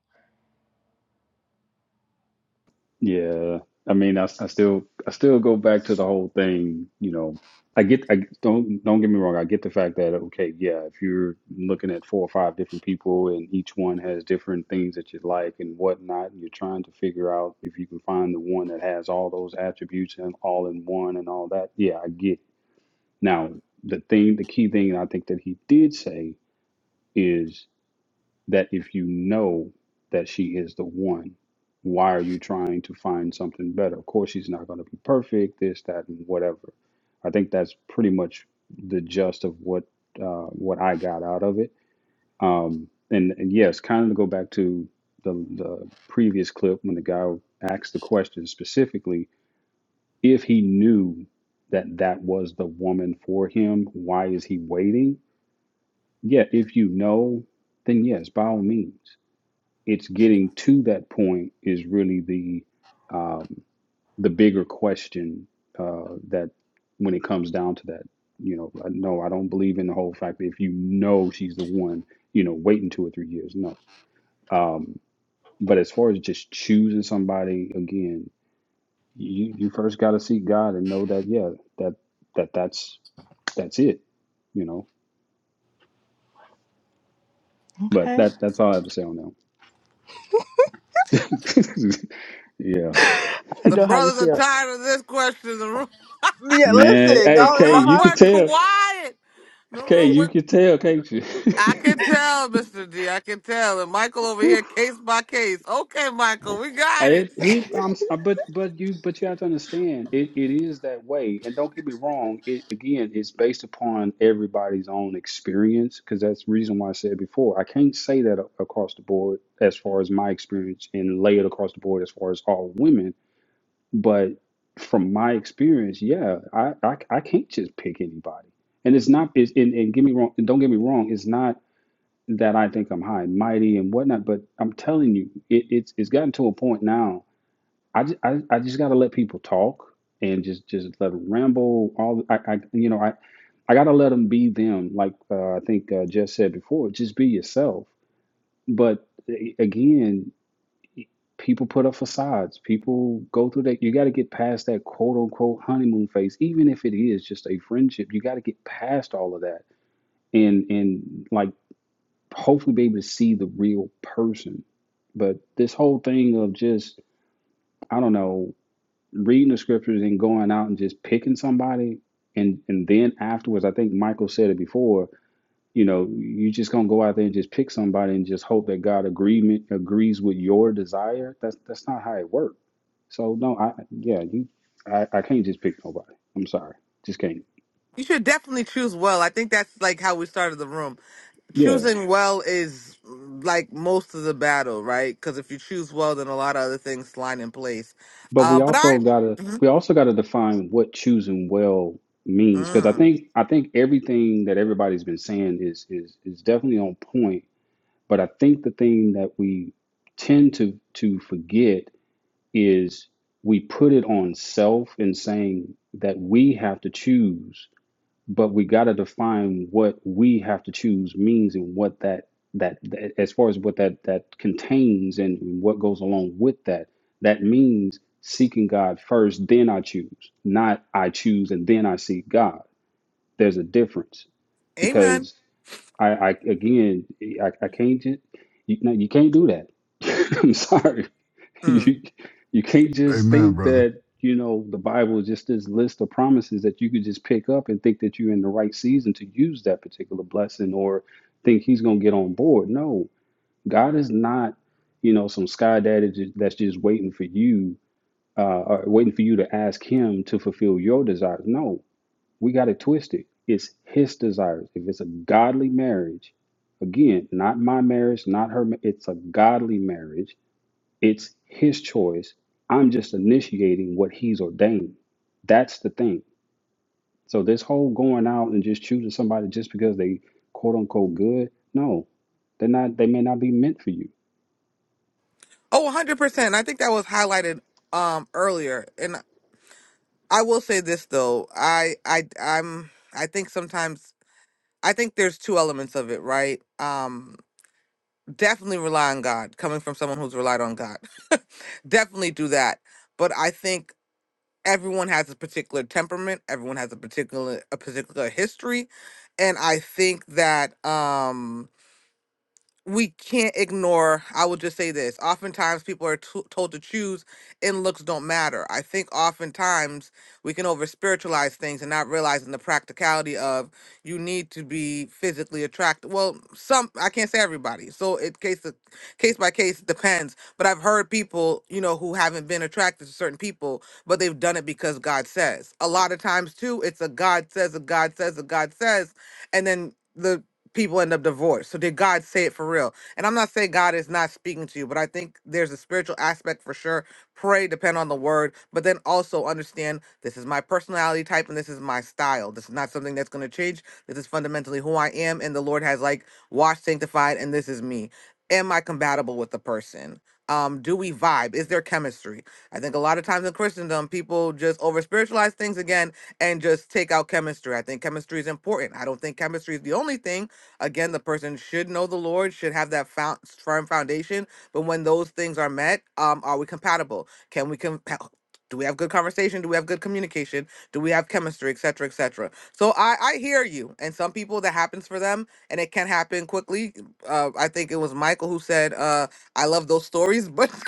Yeah, I mean, I, I still I still go back to the whole thing. You know, I get I don't don't get me wrong. I get the fact that okay, yeah, if you're looking at four or five different people and each one has different things that you like and whatnot, and you're trying to figure out if you can find the one that has all those attributes and all in one and all that. Yeah, I get. Now, the thing, the key thing I think that he did say is that if you know that she is the one, why are you trying to find something better? Of course, she's not going to be perfect, this, that, and whatever. I think that's pretty much the gist of what uh, what I got out of it. Um, and, and yes, kind of to go back to the, the previous clip when the guy asked the question specifically if he knew that that was the woman for him, why is he waiting? Yeah, if you know, then yes, by all means. It's getting to that point is really the um, the bigger question uh, that when it comes down to that, you know, uh, no, I don't believe in the whole fact that if you know she's the one, you know, waiting two or three years, no. Um, but as far as just choosing somebody again, you you first got to seek God and know that yeah, that that that's that's it, you know. But Okay, that that's all I have to say on that. yeah, I The know how you brothers are feel. tired of this question. The room, Yeah, man. listen, Hey, the y'all in Kay, the room you hot can went seat. tell. quiet. The Okay, room you went. can tell, can't you? I can tell, Mr. D. I can tell. And Michael over Whew. here, case by case. Okay, Michael, we got it. I, he, I'm, s- uh, but but you but you have to understand it, it is that way. And don't get me wrong, it again it's based upon everybody's own experience because that's the reason why I said before. I can't say that a- across the board as far as my experience and lay it across the board as far as all women. But from my experience, yeah, I I, I can't just pick anybody. And it's not it's, and, and get me wrong, don't get me wrong, it's not that I think I'm high and mighty and whatnot. But I'm telling you, it, it's it's gotten to a point now. I just, I, I just got to let people talk and just just let them ramble. All I, I you know I I got to let them be them. Like uh, I think uh, Jess said before, just be yourself. But a- again, people put up facades. People go through that. You got to get past that quote unquote honeymoon phase, even if it is just a friendship. You got to get past all of that. And and like hopefully be able to see the real person. But this whole thing of just, I don't know, reading the scriptures and going out and just picking somebody and and then afterwards, I think Michael said it before, you know, you just gonna go out there and just pick somebody and just hope that God agreement agrees with your desire. That's that's not how it works. So no, I yeah, you I, I can't just pick nobody. I'm sorry. Just can't. You should definitely choose well. I think that's like how we started the room. Yeah. Choosing well is mm, like most of the battle, right? Because if you choose well, then a lot of other things slide in place. But we Um, but also I, gotta we also gotta define what choosing well means because I Mhm. think I think everything that everybody's been saying is is is definitely on point. But I think the thing that we tend to to forget is we put it on self in saying that we have to choose but we got to define what we have to choose means and what that that that- as far as what that that contains and what goes along with that that means seeking god first then i choose not i choose and then i seek god there's a difference Amen. because i i again i, I can't ju- you, no, you can't do that i'm sorry Mm. you you can't just Amen, think brother. that you know the bible is just this list of promises that you could just pick up and think that you're in the right season to use that particular blessing or think he's going to get on board no god is not you know some sky daddy ju- that's just waiting for you uh or waiting for you to ask him to fulfill your desires no we got it twisted it's his desires if it's a godly marriage again not my marriage not her ma- it's a godly marriage it's his choice. I'm just initiating what he's ordained. That's the thing. So this whole going out and just choosing somebody just because they quote unquote good, no, they're not. They may not be meant for you. Oh, 100%. I think that was highlighted um earlier. And I will say this though. I I I'm I think sometimes I think there's two elements of it, right? Um definitely rely on God, coming from someone who's relied on God. definitely do that. But I think everyone has a particular temperament, everyone has a particular a particular history, and I think that um we can't ignore i will just say this oftentimes people are t- told to choose and looks don't matter i think oftentimes we can over spiritualize things and not realizing the practicality of you need to be physically attracted well some i can't say everybody so it case to- case by case depends but i've heard people you know who haven't been attracted to certain people but they've done it because god says a lot of times too it's a god says a god says a god says and then the people end up divorced. So did God say it for real? And I'm not saying God is not speaking to you, but I think there's a spiritual aspect for sure. Pray, depend on the word, but then also understand this is my personality type and this is my style. This is not something that's going to change. This is fundamentally who I am, and the Lord has like washed, sanctified, and this is me. Am I compatible with the person? Um, do we vibe? Is there chemistry? I think a lot of times in Christendom, people just over spiritualize things again and just take out chemistry. I think chemistry is important. I don't think chemistry is the only thing Again, the person should know the Lord, should have that found, firm foundation. But when those things are met, um, are we compatible? Can we com- do we have good conversation? Do we have good communication? Do we have chemistry, et cetera, et cetera? So I, I hear you. And some people that happens for them and it can happen quickly. Uh, I think it was Michael who said, uh, I love those stories, but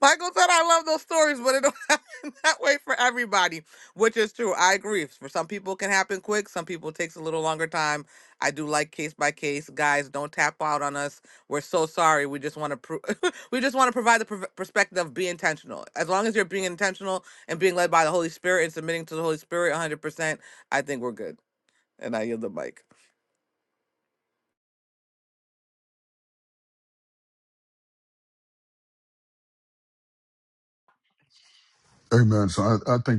Michael said, I love those stories, but it don't happen that way for everybody, which is true. I agree. For some people, it can happen quick. Some people, it takes a little longer time. I do like case by case. Guys, don't tap out on us. We're so sorry. We just want to pro- we just want to provide the pr- perspective of be intentional. As long as you're being intentional and being led by the Holy Spirit and submitting to the Holy Spirit 100%, I think we're good. And I yield the mic.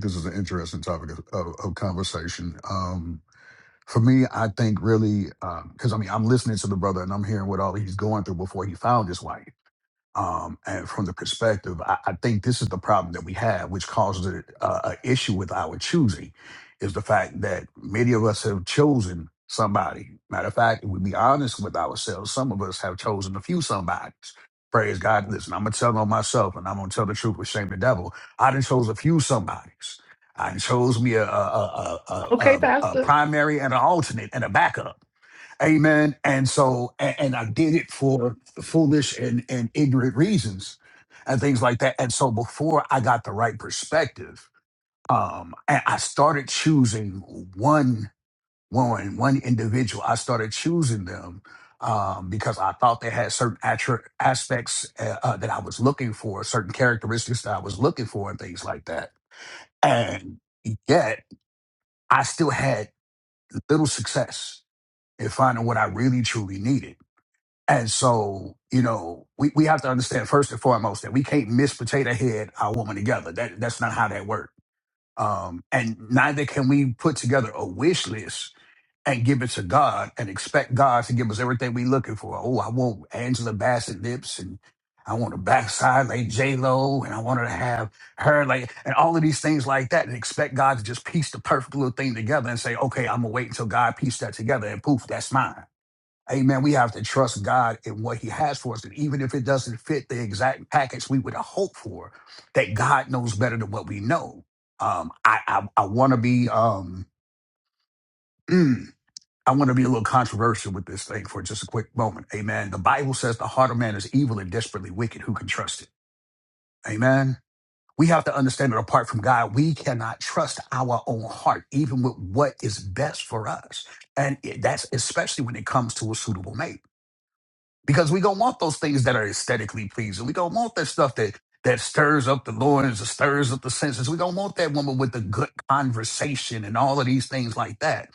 this is an interesting topic of, of, of conversation. Um, for me, I think really because I mean I'm listening to the brother and I'm hearing what all he's going through before he found his wife um, and from the perspective, I, I think this is the problem that we have, which causes a, a a issue with our choosing, is the fact that many of us have chosen somebody. Matter of fact, if we be honest with ourselves, some of us have chosen a few somebodies. Praise God. Listen, I'm gonna tell on myself, and I'm gonna tell the truth with shame the devil. I done chose a few somebodies. I done chose me a a, a, a, a, Okay, a a Pastor. primary and an alternate and a backup. Amen. And so, and, and I did it for foolish and, and ignorant reasons and things like that. And so before I got the right perspective, um, and I started choosing one woman, one individual. I started choosing them um, because I thought they had certain attr aspects uh, uh, that I was looking for, certain characteristics that I was looking for, and things like that. And yet, I still had little success in finding what I really truly needed And so, you know, we, we have to understand first and foremost that we can't miss potato head our woman together. That that's not how that works. Um, and neither can we put together a wish list and give it to God and expect God to give us everything we're looking for. Oh, I want Angela Bassett lips and I want a backside like J Lo and I want her to have her like and all of these things like that and expect God to just piece the perfect little thing together and say, okay, I'm gonna wait until God pieced that together and poof, that's mine Amen. We have to trust God in what He has for us. And even if it doesn't fit the exact package we would hope for, that God knows better than what we know. Um, I I, I want to be um mm, I want to be a little controversial with this thing for just a quick moment. Amen. The Bible says the heart of man is evil and desperately wicked. Who can trust it? Amen. We have to understand that apart from God, we cannot trust our own heart, even with what is best for us. And it- that's especially when it comes to a suitable mate. because we don't want those things that are aesthetically pleasing. We don't want that stuff that that stirs up the loins, that stirs up the senses. We don't want that woman with the good conversation and all of these things like that.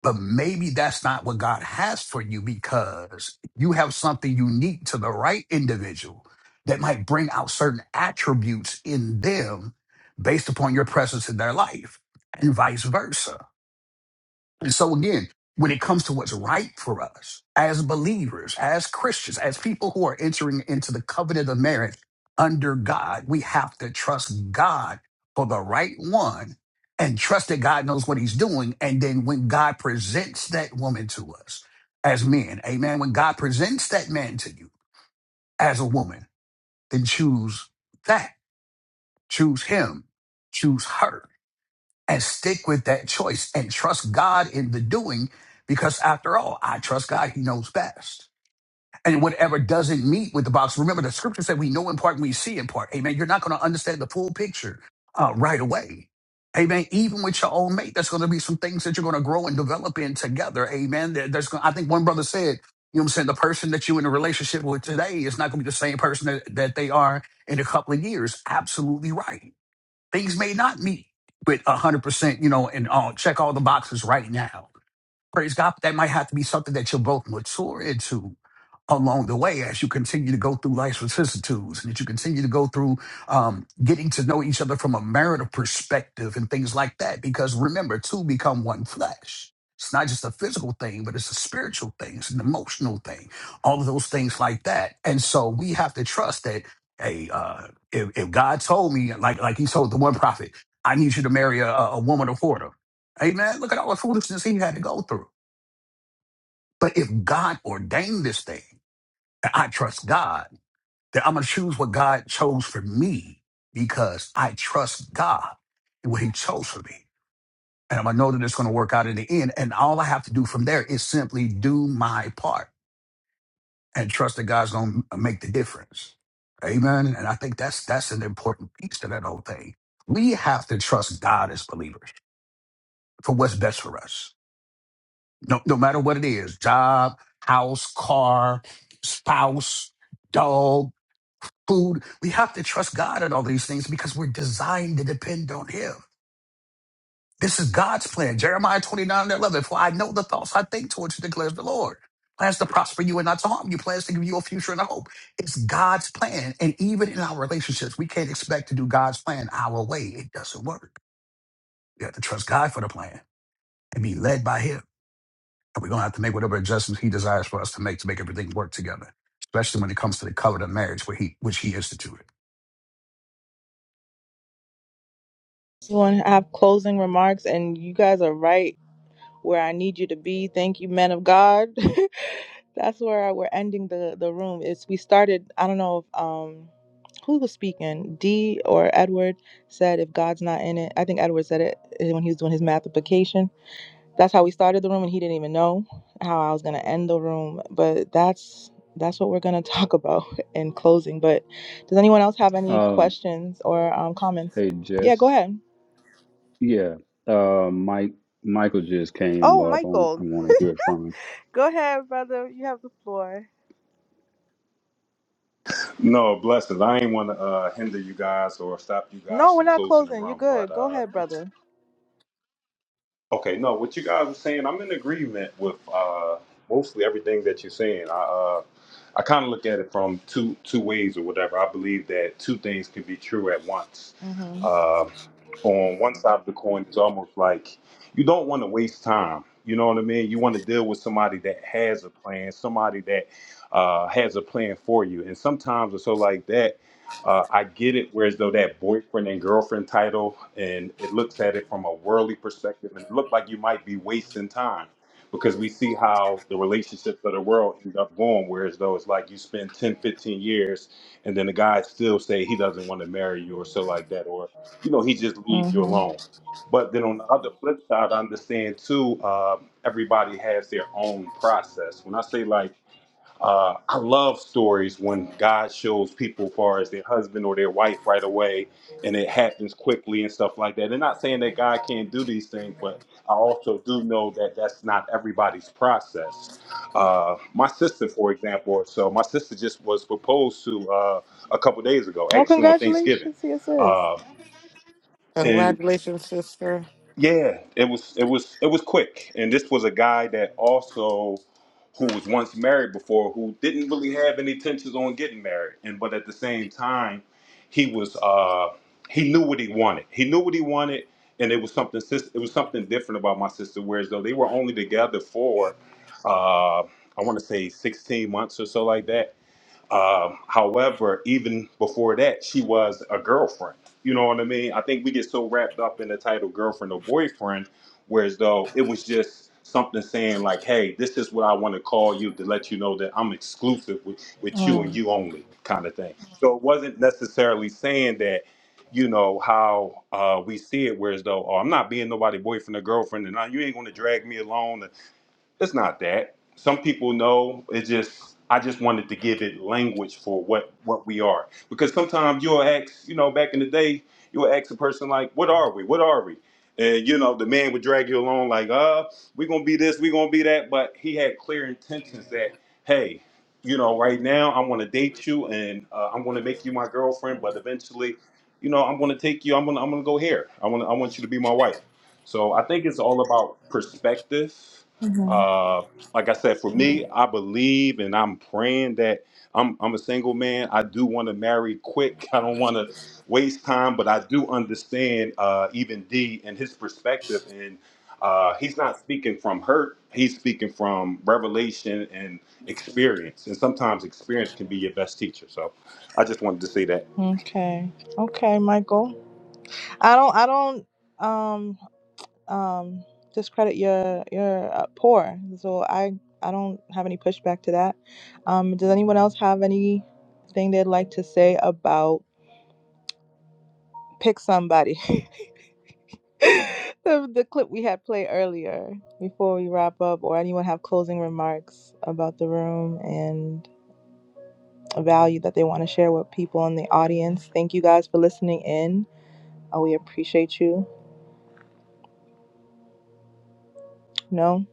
But maybe that's not what God has for you because you have something unique to the right individual that might bring out certain attributes in them based upon your presence in their life and vice versa. And so again, when it comes to what's right for us as believers, as Christians, as people who are entering into the covenant of marriage under God, we have to trust God for the right one and trust that God knows what he's doing. And then when God presents that woman to us as men, amen, when God presents that man to you as a woman, then choose that, choose him, choose her and stick with that choice and trust God in the doing because after all, I trust God. He knows best. And whatever doesn't meet with the box, remember the scripture said we know in part we see in part. Amen. You're not going to understand the full picture uh, right away. Amen. Even with your own mate, there's going to be some things that you're going to grow and develop in together. Amen. There- There's, gonna- I think one brother said, you know what I'm saying? The person that you're in a relationship with today is not going to be the same person that, that they are in a couple of years. Absolutely right Things may not meet with 100%, you know, and uh, check all the boxes right now. Praise God. That might have to be something that you'll both mature into along the way as you continue to go through life's vicissitudes and that you continue to go through um, getting to know each other from a marital perspective and things like that. Because remember, two become one flesh. It's not just a physical thing, but it's a spiritual thing, it's an emotional thing, all of those things like that. And so we have to trust that, hey, uh, if, if God told me, like like he told the one prophet, I need you to marry a, a a woman of order. Amen. Look at all the foolishness he had to go through. But if God ordained this thing, and I trust God, then I'm going to choose what God chose for me because I trust God and what He chose for me. And I'm going to know that it's going to work out in the end. And all I have to do from there is simply do my part and trust that God's going to make the difference. Amen. And I think that's that's an important piece to that whole thing. We have to trust God as believers for what's best for us. no, no matter what it is job, house, car, spouse, dog, food. We have to trust God in all these things because we're designed to depend on Him. This is God's plan. Jeremiah 29 and 11. For I know the thoughts I think towards you, declares the Lord. Plans to prosper you and not to harm you, plans to give you a future and a hope. It's God's plan. And even in our relationships, we can't expect to do God's plan our way. It doesn't work. We have to trust God for the plan and be led by Him. And we're going to have to make whatever adjustments he desires for us to make to make everything work together, especially when it comes to the covenant of marriage, where he, which he instituted. You want to have closing remarks, and you guys are right where I need you to be. Thank you, men of God. That's where I, we're ending the the room. It's we started. I don't know if um who was speaking, D or Edward said if God's not in it. I think Edward said it eh, when he was doing his math application That's how we started the room, and he didn't even know how I was gonna end the room. But that's that's what we're gonna talk about in closing. But does anyone else have any Um, questions or um, comments? hey Yeah, go Jess, ahead. yeah, uh, Mike, Michael just came Oh, up. I, Michael, want to hear it from him. go ahead, brother. You have the floor. No, blessings. I ain't want to uh, hinder you guys or stop you No, guys we're from not closing the closing. You're room, but good. Go uh, ahead, brother. okay, no, what you guys were saying, I'm in agreement with uh, mostly everything that you're saying. I uh, I kind of look at it from two two ways or whatever. I believe that two things can be true at once. Mhm. Uh, on one side of the coin, it's almost like you don't want to waste time. You know what I mean? You want to deal with somebody that has a plan, somebody that uh, has a plan for you, and sometimes it's so like that uh, I get it, whereas though that boyfriend and girlfriend title, and it looks at it from a worldly perspective, and it looked like you might be wasting time because we see how the relationships of the world end up going, whereas though it's like you spend 10, 15 years, and then the guy still say he doesn't want to marry you or so like that, or, you know, he just leave you Mhm. alone. But then on the other flip side, I understand too, uh, everybody has their own process. When I say like, uh, I love stories when God shows people, far as their husband or their wife, right away, and it happens quickly and stuff like that. And not saying that God can't do these things, but I also do know that that's not everybody's process. Uh, my sister, for example, or so my sister just was proposed to uh, a couple days ago, Well, actually on Thanksgiving, congratulations to your sis. uh, and Congratulations, sister. yeah, it was it was it was quick. And this was a guy that also who was once married before who didn't really have any intentions on getting married. And but at the same time, he was uh he knew what he wanted. He knew what he wanted and it was something sis- it was something different about my sister whereas though they were only together for uh I want to say 16 months or so like that um, however, even before that, she was a girlfriend. You know what I mean? I think we get so wrapped up in the title girlfriend or boyfriend, whereas though it was just something saying like, hey, this is what I want to call you to let you know that I'm exclusive with, with you and Mm, you only kind of thing. So it wasn't necessarily saying that, you know, how uh, we see it, whereas though, oh, I'm not being nobody boyfriend or girlfriend and I, you ain't going to drag me along it's not that. Some people know. It's just I just wanted to give it language for what what we are. Because sometimes you'll ask, you know, back in the day, you'll ask a person like, "What are we? What are we?" And you know, the man would drag you along like, "Uh, we're gonna be this, we're gonna be that," but he had clear intentions that, hey. You know, right now I want to date you, and uh, I'm going to make you my girlfriend. But eventually, you know, I'm going to take you. I'm going. to I'm going to go here. I want. I want you to be my wife. So I think it's all about perspective uh like I said, for me, I believe and I'm praying that I'm I'm a single man. I do want to marry quick. I don't want to waste time, but I do understand uh even D and his perspective and uh he's not speaking from hurt. He's speaking from revelation and experience. And sometimes experience can be your best teacher. So I just wanted to say that. Okay. Okay, Michael. I don't. I don't. Um. um, discredit your your uh, poor. So I I don't have any pushback to that. Um, does anyone else have anything they'd like to say about pick somebody? the, the clip we had play earlier before we wrap up, or anyone have closing remarks about the room and a value that they want to share with people in the audience. Thank you guys for listening in. Uh, we appreciate you. No,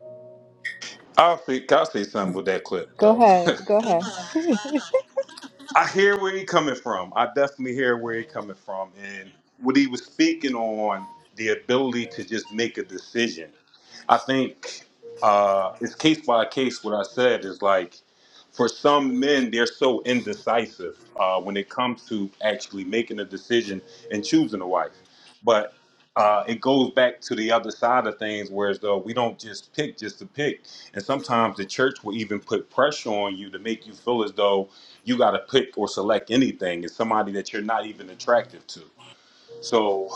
I'll see I'll say something with that clip go though. ahead. Go ahead. I hear where he coming from. I definitely hear where he coming from, and what he was speaking on the ability to just make a decision. I think uh, it's case by case. What I said is like, for some men, they're so indecisive uh, when it comes to actually making a decision and choosing a wife. But uh, it goes back to the other side of things, whereas though we don't just pick just to pick, and sometimes the church will even put pressure on you to make you feel as though you got to pick or select anything is somebody that you're not even attractive to. So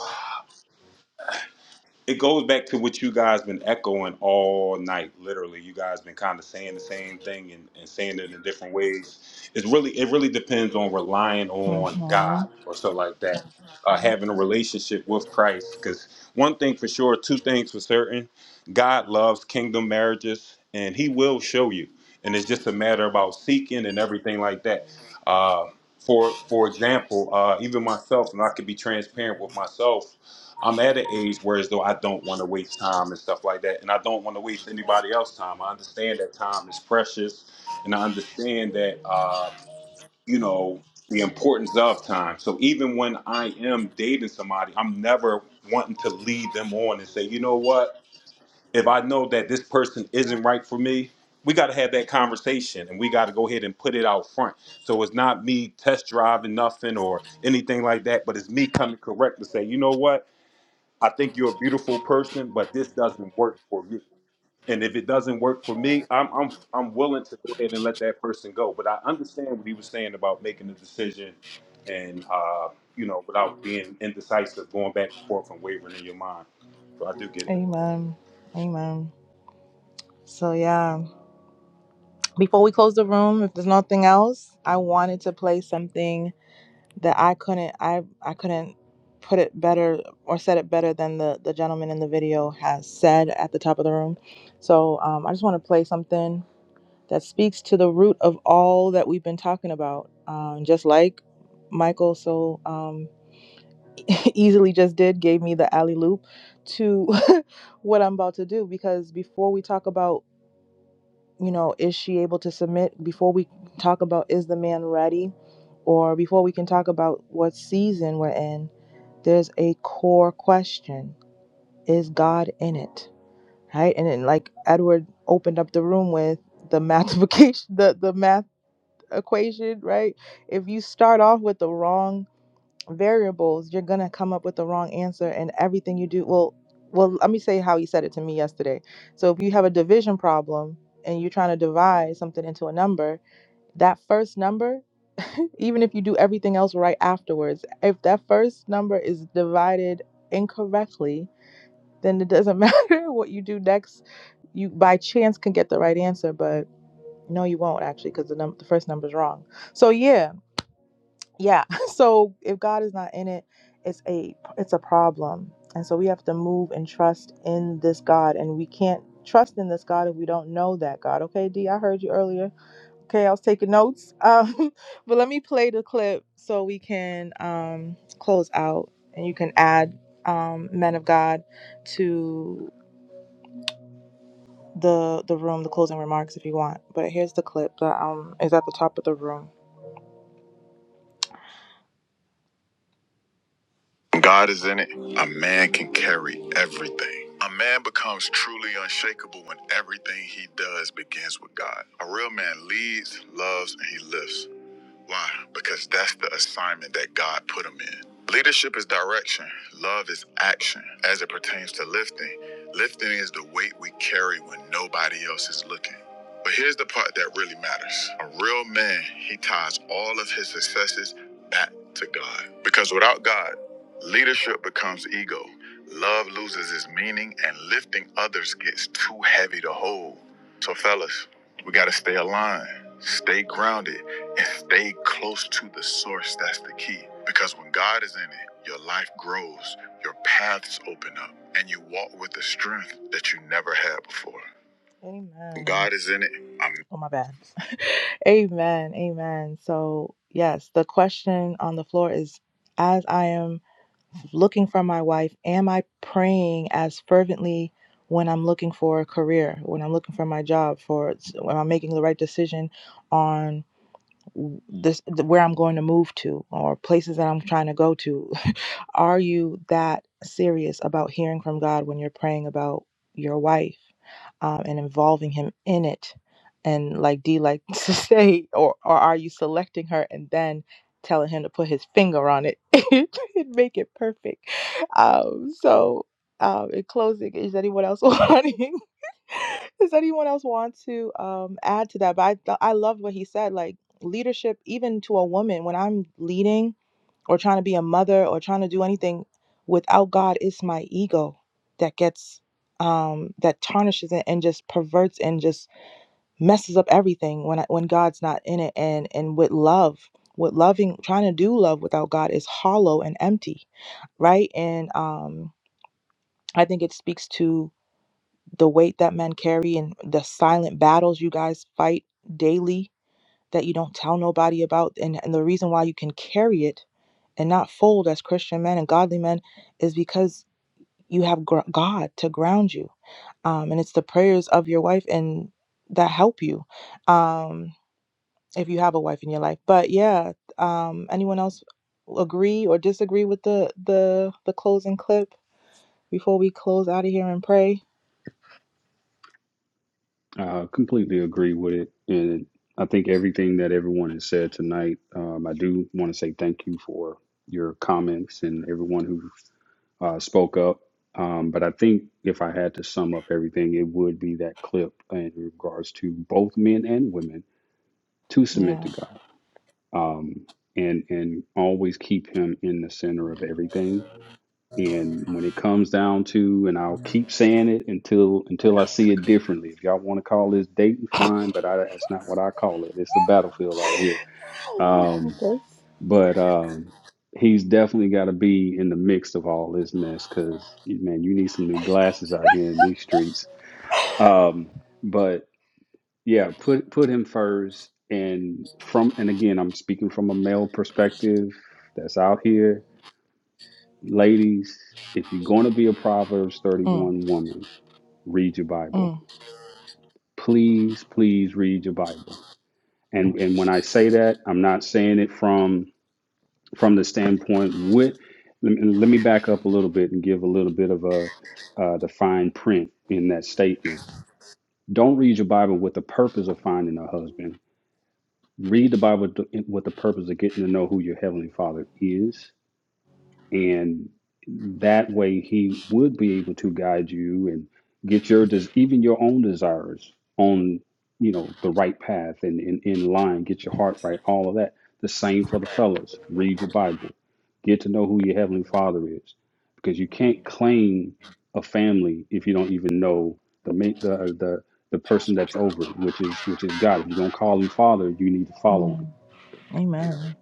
it goes back to what you guys been echoing all night literally you guys been kind of saying the same thing and, and saying it in different ways it's really it really depends on relying on Mhm. god or so like that uh, having a relationship with christ because one thing for sure two things for certain god loves kingdom marriages and he will show you and it's just a matter about seeking and everything like that uh, for for example uh, even myself and i could be transparent with myself I'm at an age where as though I don't want to waste time and stuff like that, and I don't want to waste anybody else's time. I understand that time is precious, and I understand that uh, you know the importance of time. So even when I am dating somebody, I'm never wanting to lead them on and say, you know what? If I know that this person isn't right for me, we got to have that conversation, and we got to go ahead and put it out front. So it's not me test driving nothing or anything like that, but it's me coming correct to say, you know what? I think you're a beautiful person, but this doesn't work for me. And if it doesn't work for me, I'm I'm I'm willing to go ahead and let that person go. But I understand what he was saying about making a decision, and uh, you know, without being indecisive, going back and forth and wavering in your mind. So I do get it. Amen. Amen. So, yeah, before we close the room, if there's nothing else, I wanted to play something that I couldn't, I, I couldn't put it better or said it better than the, the gentleman in the video has said at the top of the room. So, um, I just want to play something that speaks to the root of all that we've been talking about. Um, just like Michael so um, easily just did, gave me the alley loop to what I'm about to do. Because before we talk about you know, is she able to submit before we talk about is the man ready or before we can talk about what season we're in, there's a core question. Is God in it? Right? And then like Edward opened up the room with the math the the math equation, right? If you start off with the wrong variables, you're gonna come up with the wrong answer and everything you do well well let me say how he said it to me yesterday. So if you have a division problem and you're trying to divide something into a number, that first number, even if you do everything else right afterwards, if that first number is divided incorrectly, then it doesn't matter what you do next. You by chance can get the right answer, but no, you won't actually because the, num- the first number is wrong. So yeah, yeah so if god is not in it it's a it's a problem and so we have to move and trust in this god and we can't trust in this god if we don't know that god okay d i heard you earlier okay i was taking notes um but let me play the clip so we can um close out and you can add um men of god to the the room the closing remarks if you want but here's the clip that um is at the top of the room god in it i'm, I'm man leads, loves, and he lifts. Why? Because that's the assignment that God put them in. Leadership is direction, love is action. As it pertains to lifting, lifting is the weight we carry when nobody else is looking. But here's the part that really matters. A real man, he ties all of his successes back to God. Because without God, leadership becomes ego. Love loses its meaning and lifting others gets too heavy to hold. So fellas, we gotta stay aligned, stay grounded, Stay close to the source. That's the key. Because when God is in it, your life grows, your paths open up, and you walk with a strength that you never had before. Amen. When God is in it. I'm. Oh, my bad. amen. Amen. So, yes, the question on the floor is as I am looking for my wife, am I praying as fervently when I'm looking for a career, when I'm looking for my job, for when I'm making the right decision? on? this where I'm going to move to or places that I'm trying to go to. Are you that serious about hearing from God when you're praying about your wife um, and involving Him in it? And like D like to say, or or are you selecting her and then telling him to put his finger on it and make it perfect? Um, so um, in closing, is anyone else wanting? Does anyone else want to um, add to that? But I, th- I loved what he said. Like leadership even to a woman when i'm leading or trying to be a mother or trying to do anything without god it's my ego that gets um that tarnishes it and just perverts and just messes up everything when I, when god's not in it and and with love with loving trying to do love without god is hollow and empty right and um i think it speaks to the weight that men carry and the silent battles you guys fight daily that you don't tell nobody about and, and the reason why you can carry it and not fold as christian men and godly men is because you have gr- god to ground you um, and it's the prayers of your wife and that help you um, if you have a wife in your life but yeah um, anyone else agree or disagree with the the the closing clip before we close out of here and pray I completely agree with it, and I think everything that everyone has said tonight. Um, I do want to say thank you for your comments and everyone who uh, spoke up. Um, but I think if I had to sum up everything, it would be that clip in regards to both men and women to submit yeah to God um, and and always keep Him in the center of everything. And when it comes down to, and I'll keep saying it until until I see it differently. If y'all want to call this dating, fine, but I, that's not what I call it. It's the battlefield out here. Um, Okay. but um, he's definitely got to be in the mix of all this mess because, man, you need some new glasses out here in these streets. Um, but yeah, put put him first. And from and again, I'm speaking from a male perspective that's out here. Ladies, if you're going to be a Proverbs mm, 31 woman, read your Bible. mm. Please, please read your Bible. And and when I say that, I'm not saying it from from the standpoint what let me, let me back up a little bit and give a little bit of a uh, the fine print in that statement don't read your bible with the purpose of finding a husband read the bible to- with the purpose of getting to know who your heavenly father is and that way he would be able to guide you and get your des- even your own desires on you know the right path and, and in line get your heart right all of that the same for the fellas read your bible get to know who your heavenly father is because you can't claim a family if you don't even know the ma- the the the person that's over it which is which is god if you're going to call him father you need to follow him Mm. amen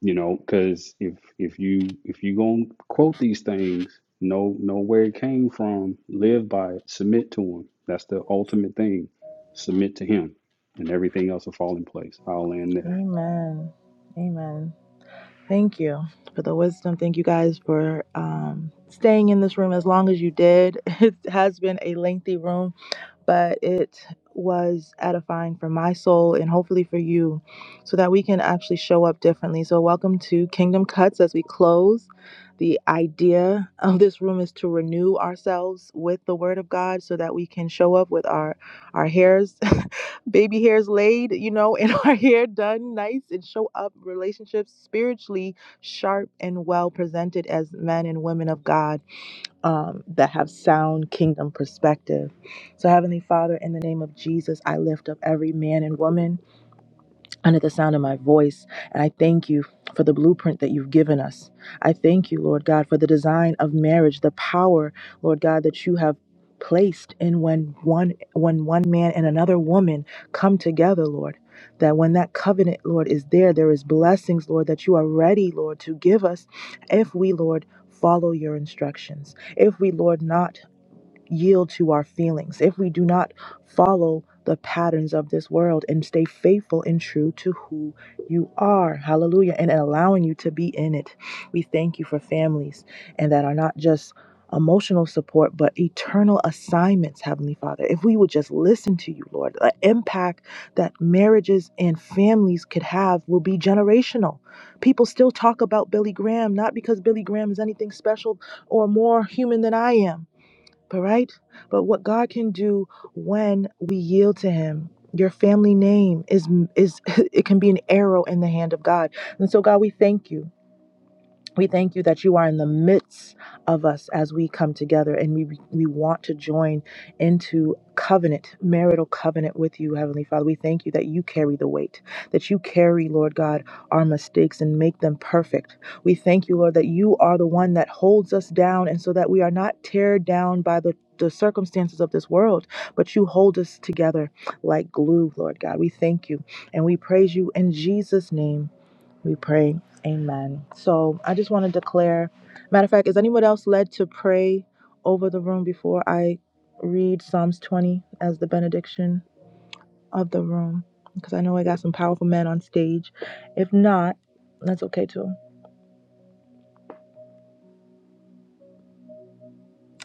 you know, because if if you if you gonna quote these things, know know where it came from, live by it, submit to him. That's the ultimate thing. Submit to him, and everything else will fall in place. I'll land there. amen amen Thank you for the wisdom. Thank you guys for um, staying in this room as long as you did. It has been a lengthy room but it was edifying for my soul and hopefully for you so that we can actually show up differently. So, welcome to Kingdom Cuts as we close. The idea of this room is to renew ourselves with the Word of God so that we can show up with our, our hairs, baby hairs laid, you know, and our hair done nice and show up relationships spiritually sharp and well presented as men and women of God um, that have sound kingdom perspective. So, Heavenly Father, in the name of Jesus, I lift up every man and woman under the sound of my voice. And I thank you for the blueprint that you've given us. I thank you, Lord God, for the design of marriage, the power, Lord God, that you have placed in when one when one man and another woman come together, Lord. That when that covenant, Lord, is there, there is blessings, Lord, that you are ready, Lord, to give us if we, Lord, follow your instructions. If we, Lord, not yield to our feelings, if we do not follow the patterns of this world and stay faithful and true to who you are, hallelujah, and allowing you to be in it. We thank you for families and that are not just emotional support, but eternal assignments, Heavenly Father. If we would just listen to you, Lord, the impact that marriages and families could have will be generational. People still talk about Billy Graham, not because Billy Graham is anything special or more human than I am but right? But what God can do when we yield to him, your family name is is it can be an arrow in the hand of God. And so God, we thank you. We thank you that you are in the midst of us as we come together and we, we want to join into covenant, marital covenant with you, Heavenly Father. We thank you that you carry the weight, that you carry, Lord God, our mistakes and make them perfect. We thank you, Lord, that you are the one that holds us down and so that we are not teared down by the the circumstances of this world, but you hold us together like glue, Lord God. We thank you and we praise you in Jesus' name. We pray. Amen. So I just want to declare. Matter of fact, is anyone else led to pray over the room before I read Psalms 20 as the benediction of the room? Because I know I got some powerful men on stage. If not, that's okay too.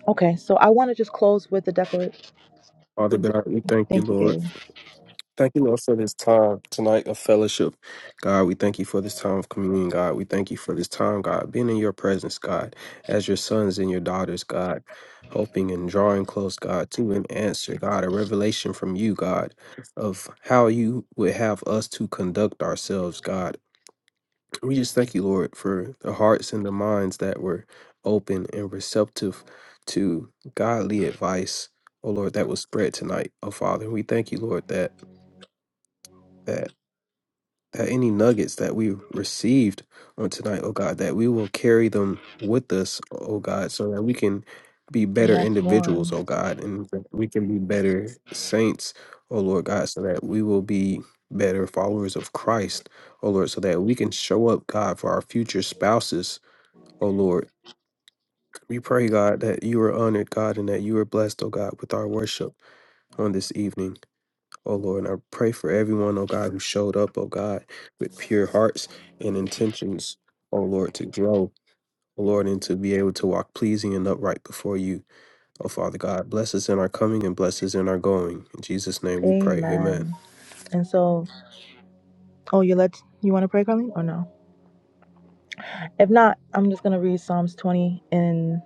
Okay, so I want to just close with the declaration. Father God, we thank you, Thank you, Lord. Gabe. Thank you, Lord, for this time tonight of fellowship. God, we thank you for this time of communion, God. We thank you for this time, God, being in your presence, God, as your sons and your daughters, God, hoping and drawing close, God, to an answer, God, a revelation from you, God, of how you would have us to conduct ourselves, God. We just thank you, Lord, for the hearts and the minds that were open and receptive to godly advice, oh Lord, that was spread tonight, oh Father. We thank you, Lord, that. that that any nuggets that we received on tonight, oh God, that we will carry them with us, oh God, so that we can be better Yes, individuals, Lord. oh God, and that we can be better saints, oh Lord God, so that we will be better followers of Christ, oh Lord, so that we can show up, God, for our future spouses, oh Lord. We pray, God, that you are honored, God, and that you are blessed, oh God, with our worship on this evening. Oh Lord, and I pray for everyone, oh God, who showed up, oh God, with pure hearts and intentions, oh Lord, to grow, oh Lord, and to be able to walk pleasing and upright before you, oh Father God. Bless us in our coming and bless us in our going. In Jesus' name we pray. Amen. Amen. And so, oh, you let you want to pray, Carly, or no? If not, I'm just gonna read Psalms 20 in.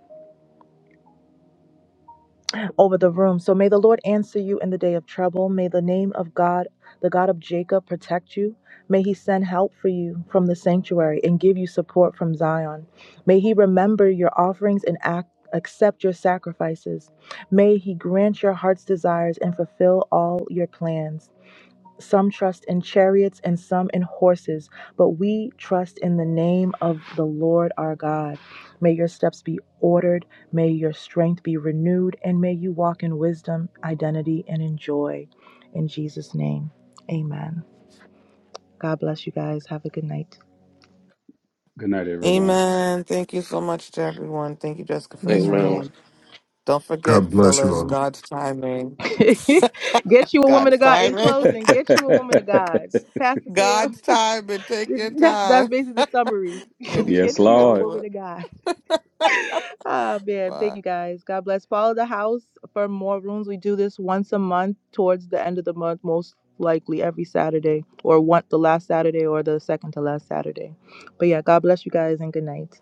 over the room. So may the Lord answer you in the day of trouble. May the name of God, the God of Jacob, protect you. May he send help for you from the sanctuary and give you support from Zion. May he remember your offerings and act. Accept your sacrifices. May He grant your heart's desires and fulfill all your plans. Some trust in chariots and some in horses, but we trust in the name of the Lord our God. May your steps be ordered, may your strength be renewed, and may you walk in wisdom, identity, and in joy. In Jesus' name, amen. God bless you guys. Have a good night. Good night, everyone. Amen. Thank you so much to everyone. Thank you, Jessica, for this Amen. Amen. room. Don't forget, fellas, God's timing. get you a woman God's of God in timing. closing. Get you a woman of God. Pastor Sam, God's timing. Take your that's, time. that's basically the summary. Good yes, Get evening, you a Lord. woman everyone. of God. Ah, man. Thank Bye. you guys. God bless. Follow the house for more rooms. We do this once a month towards the end of the month, most likely every Saturday, or one the last Saturday or the second to last Saturday. But yeah, God bless you guys and good night.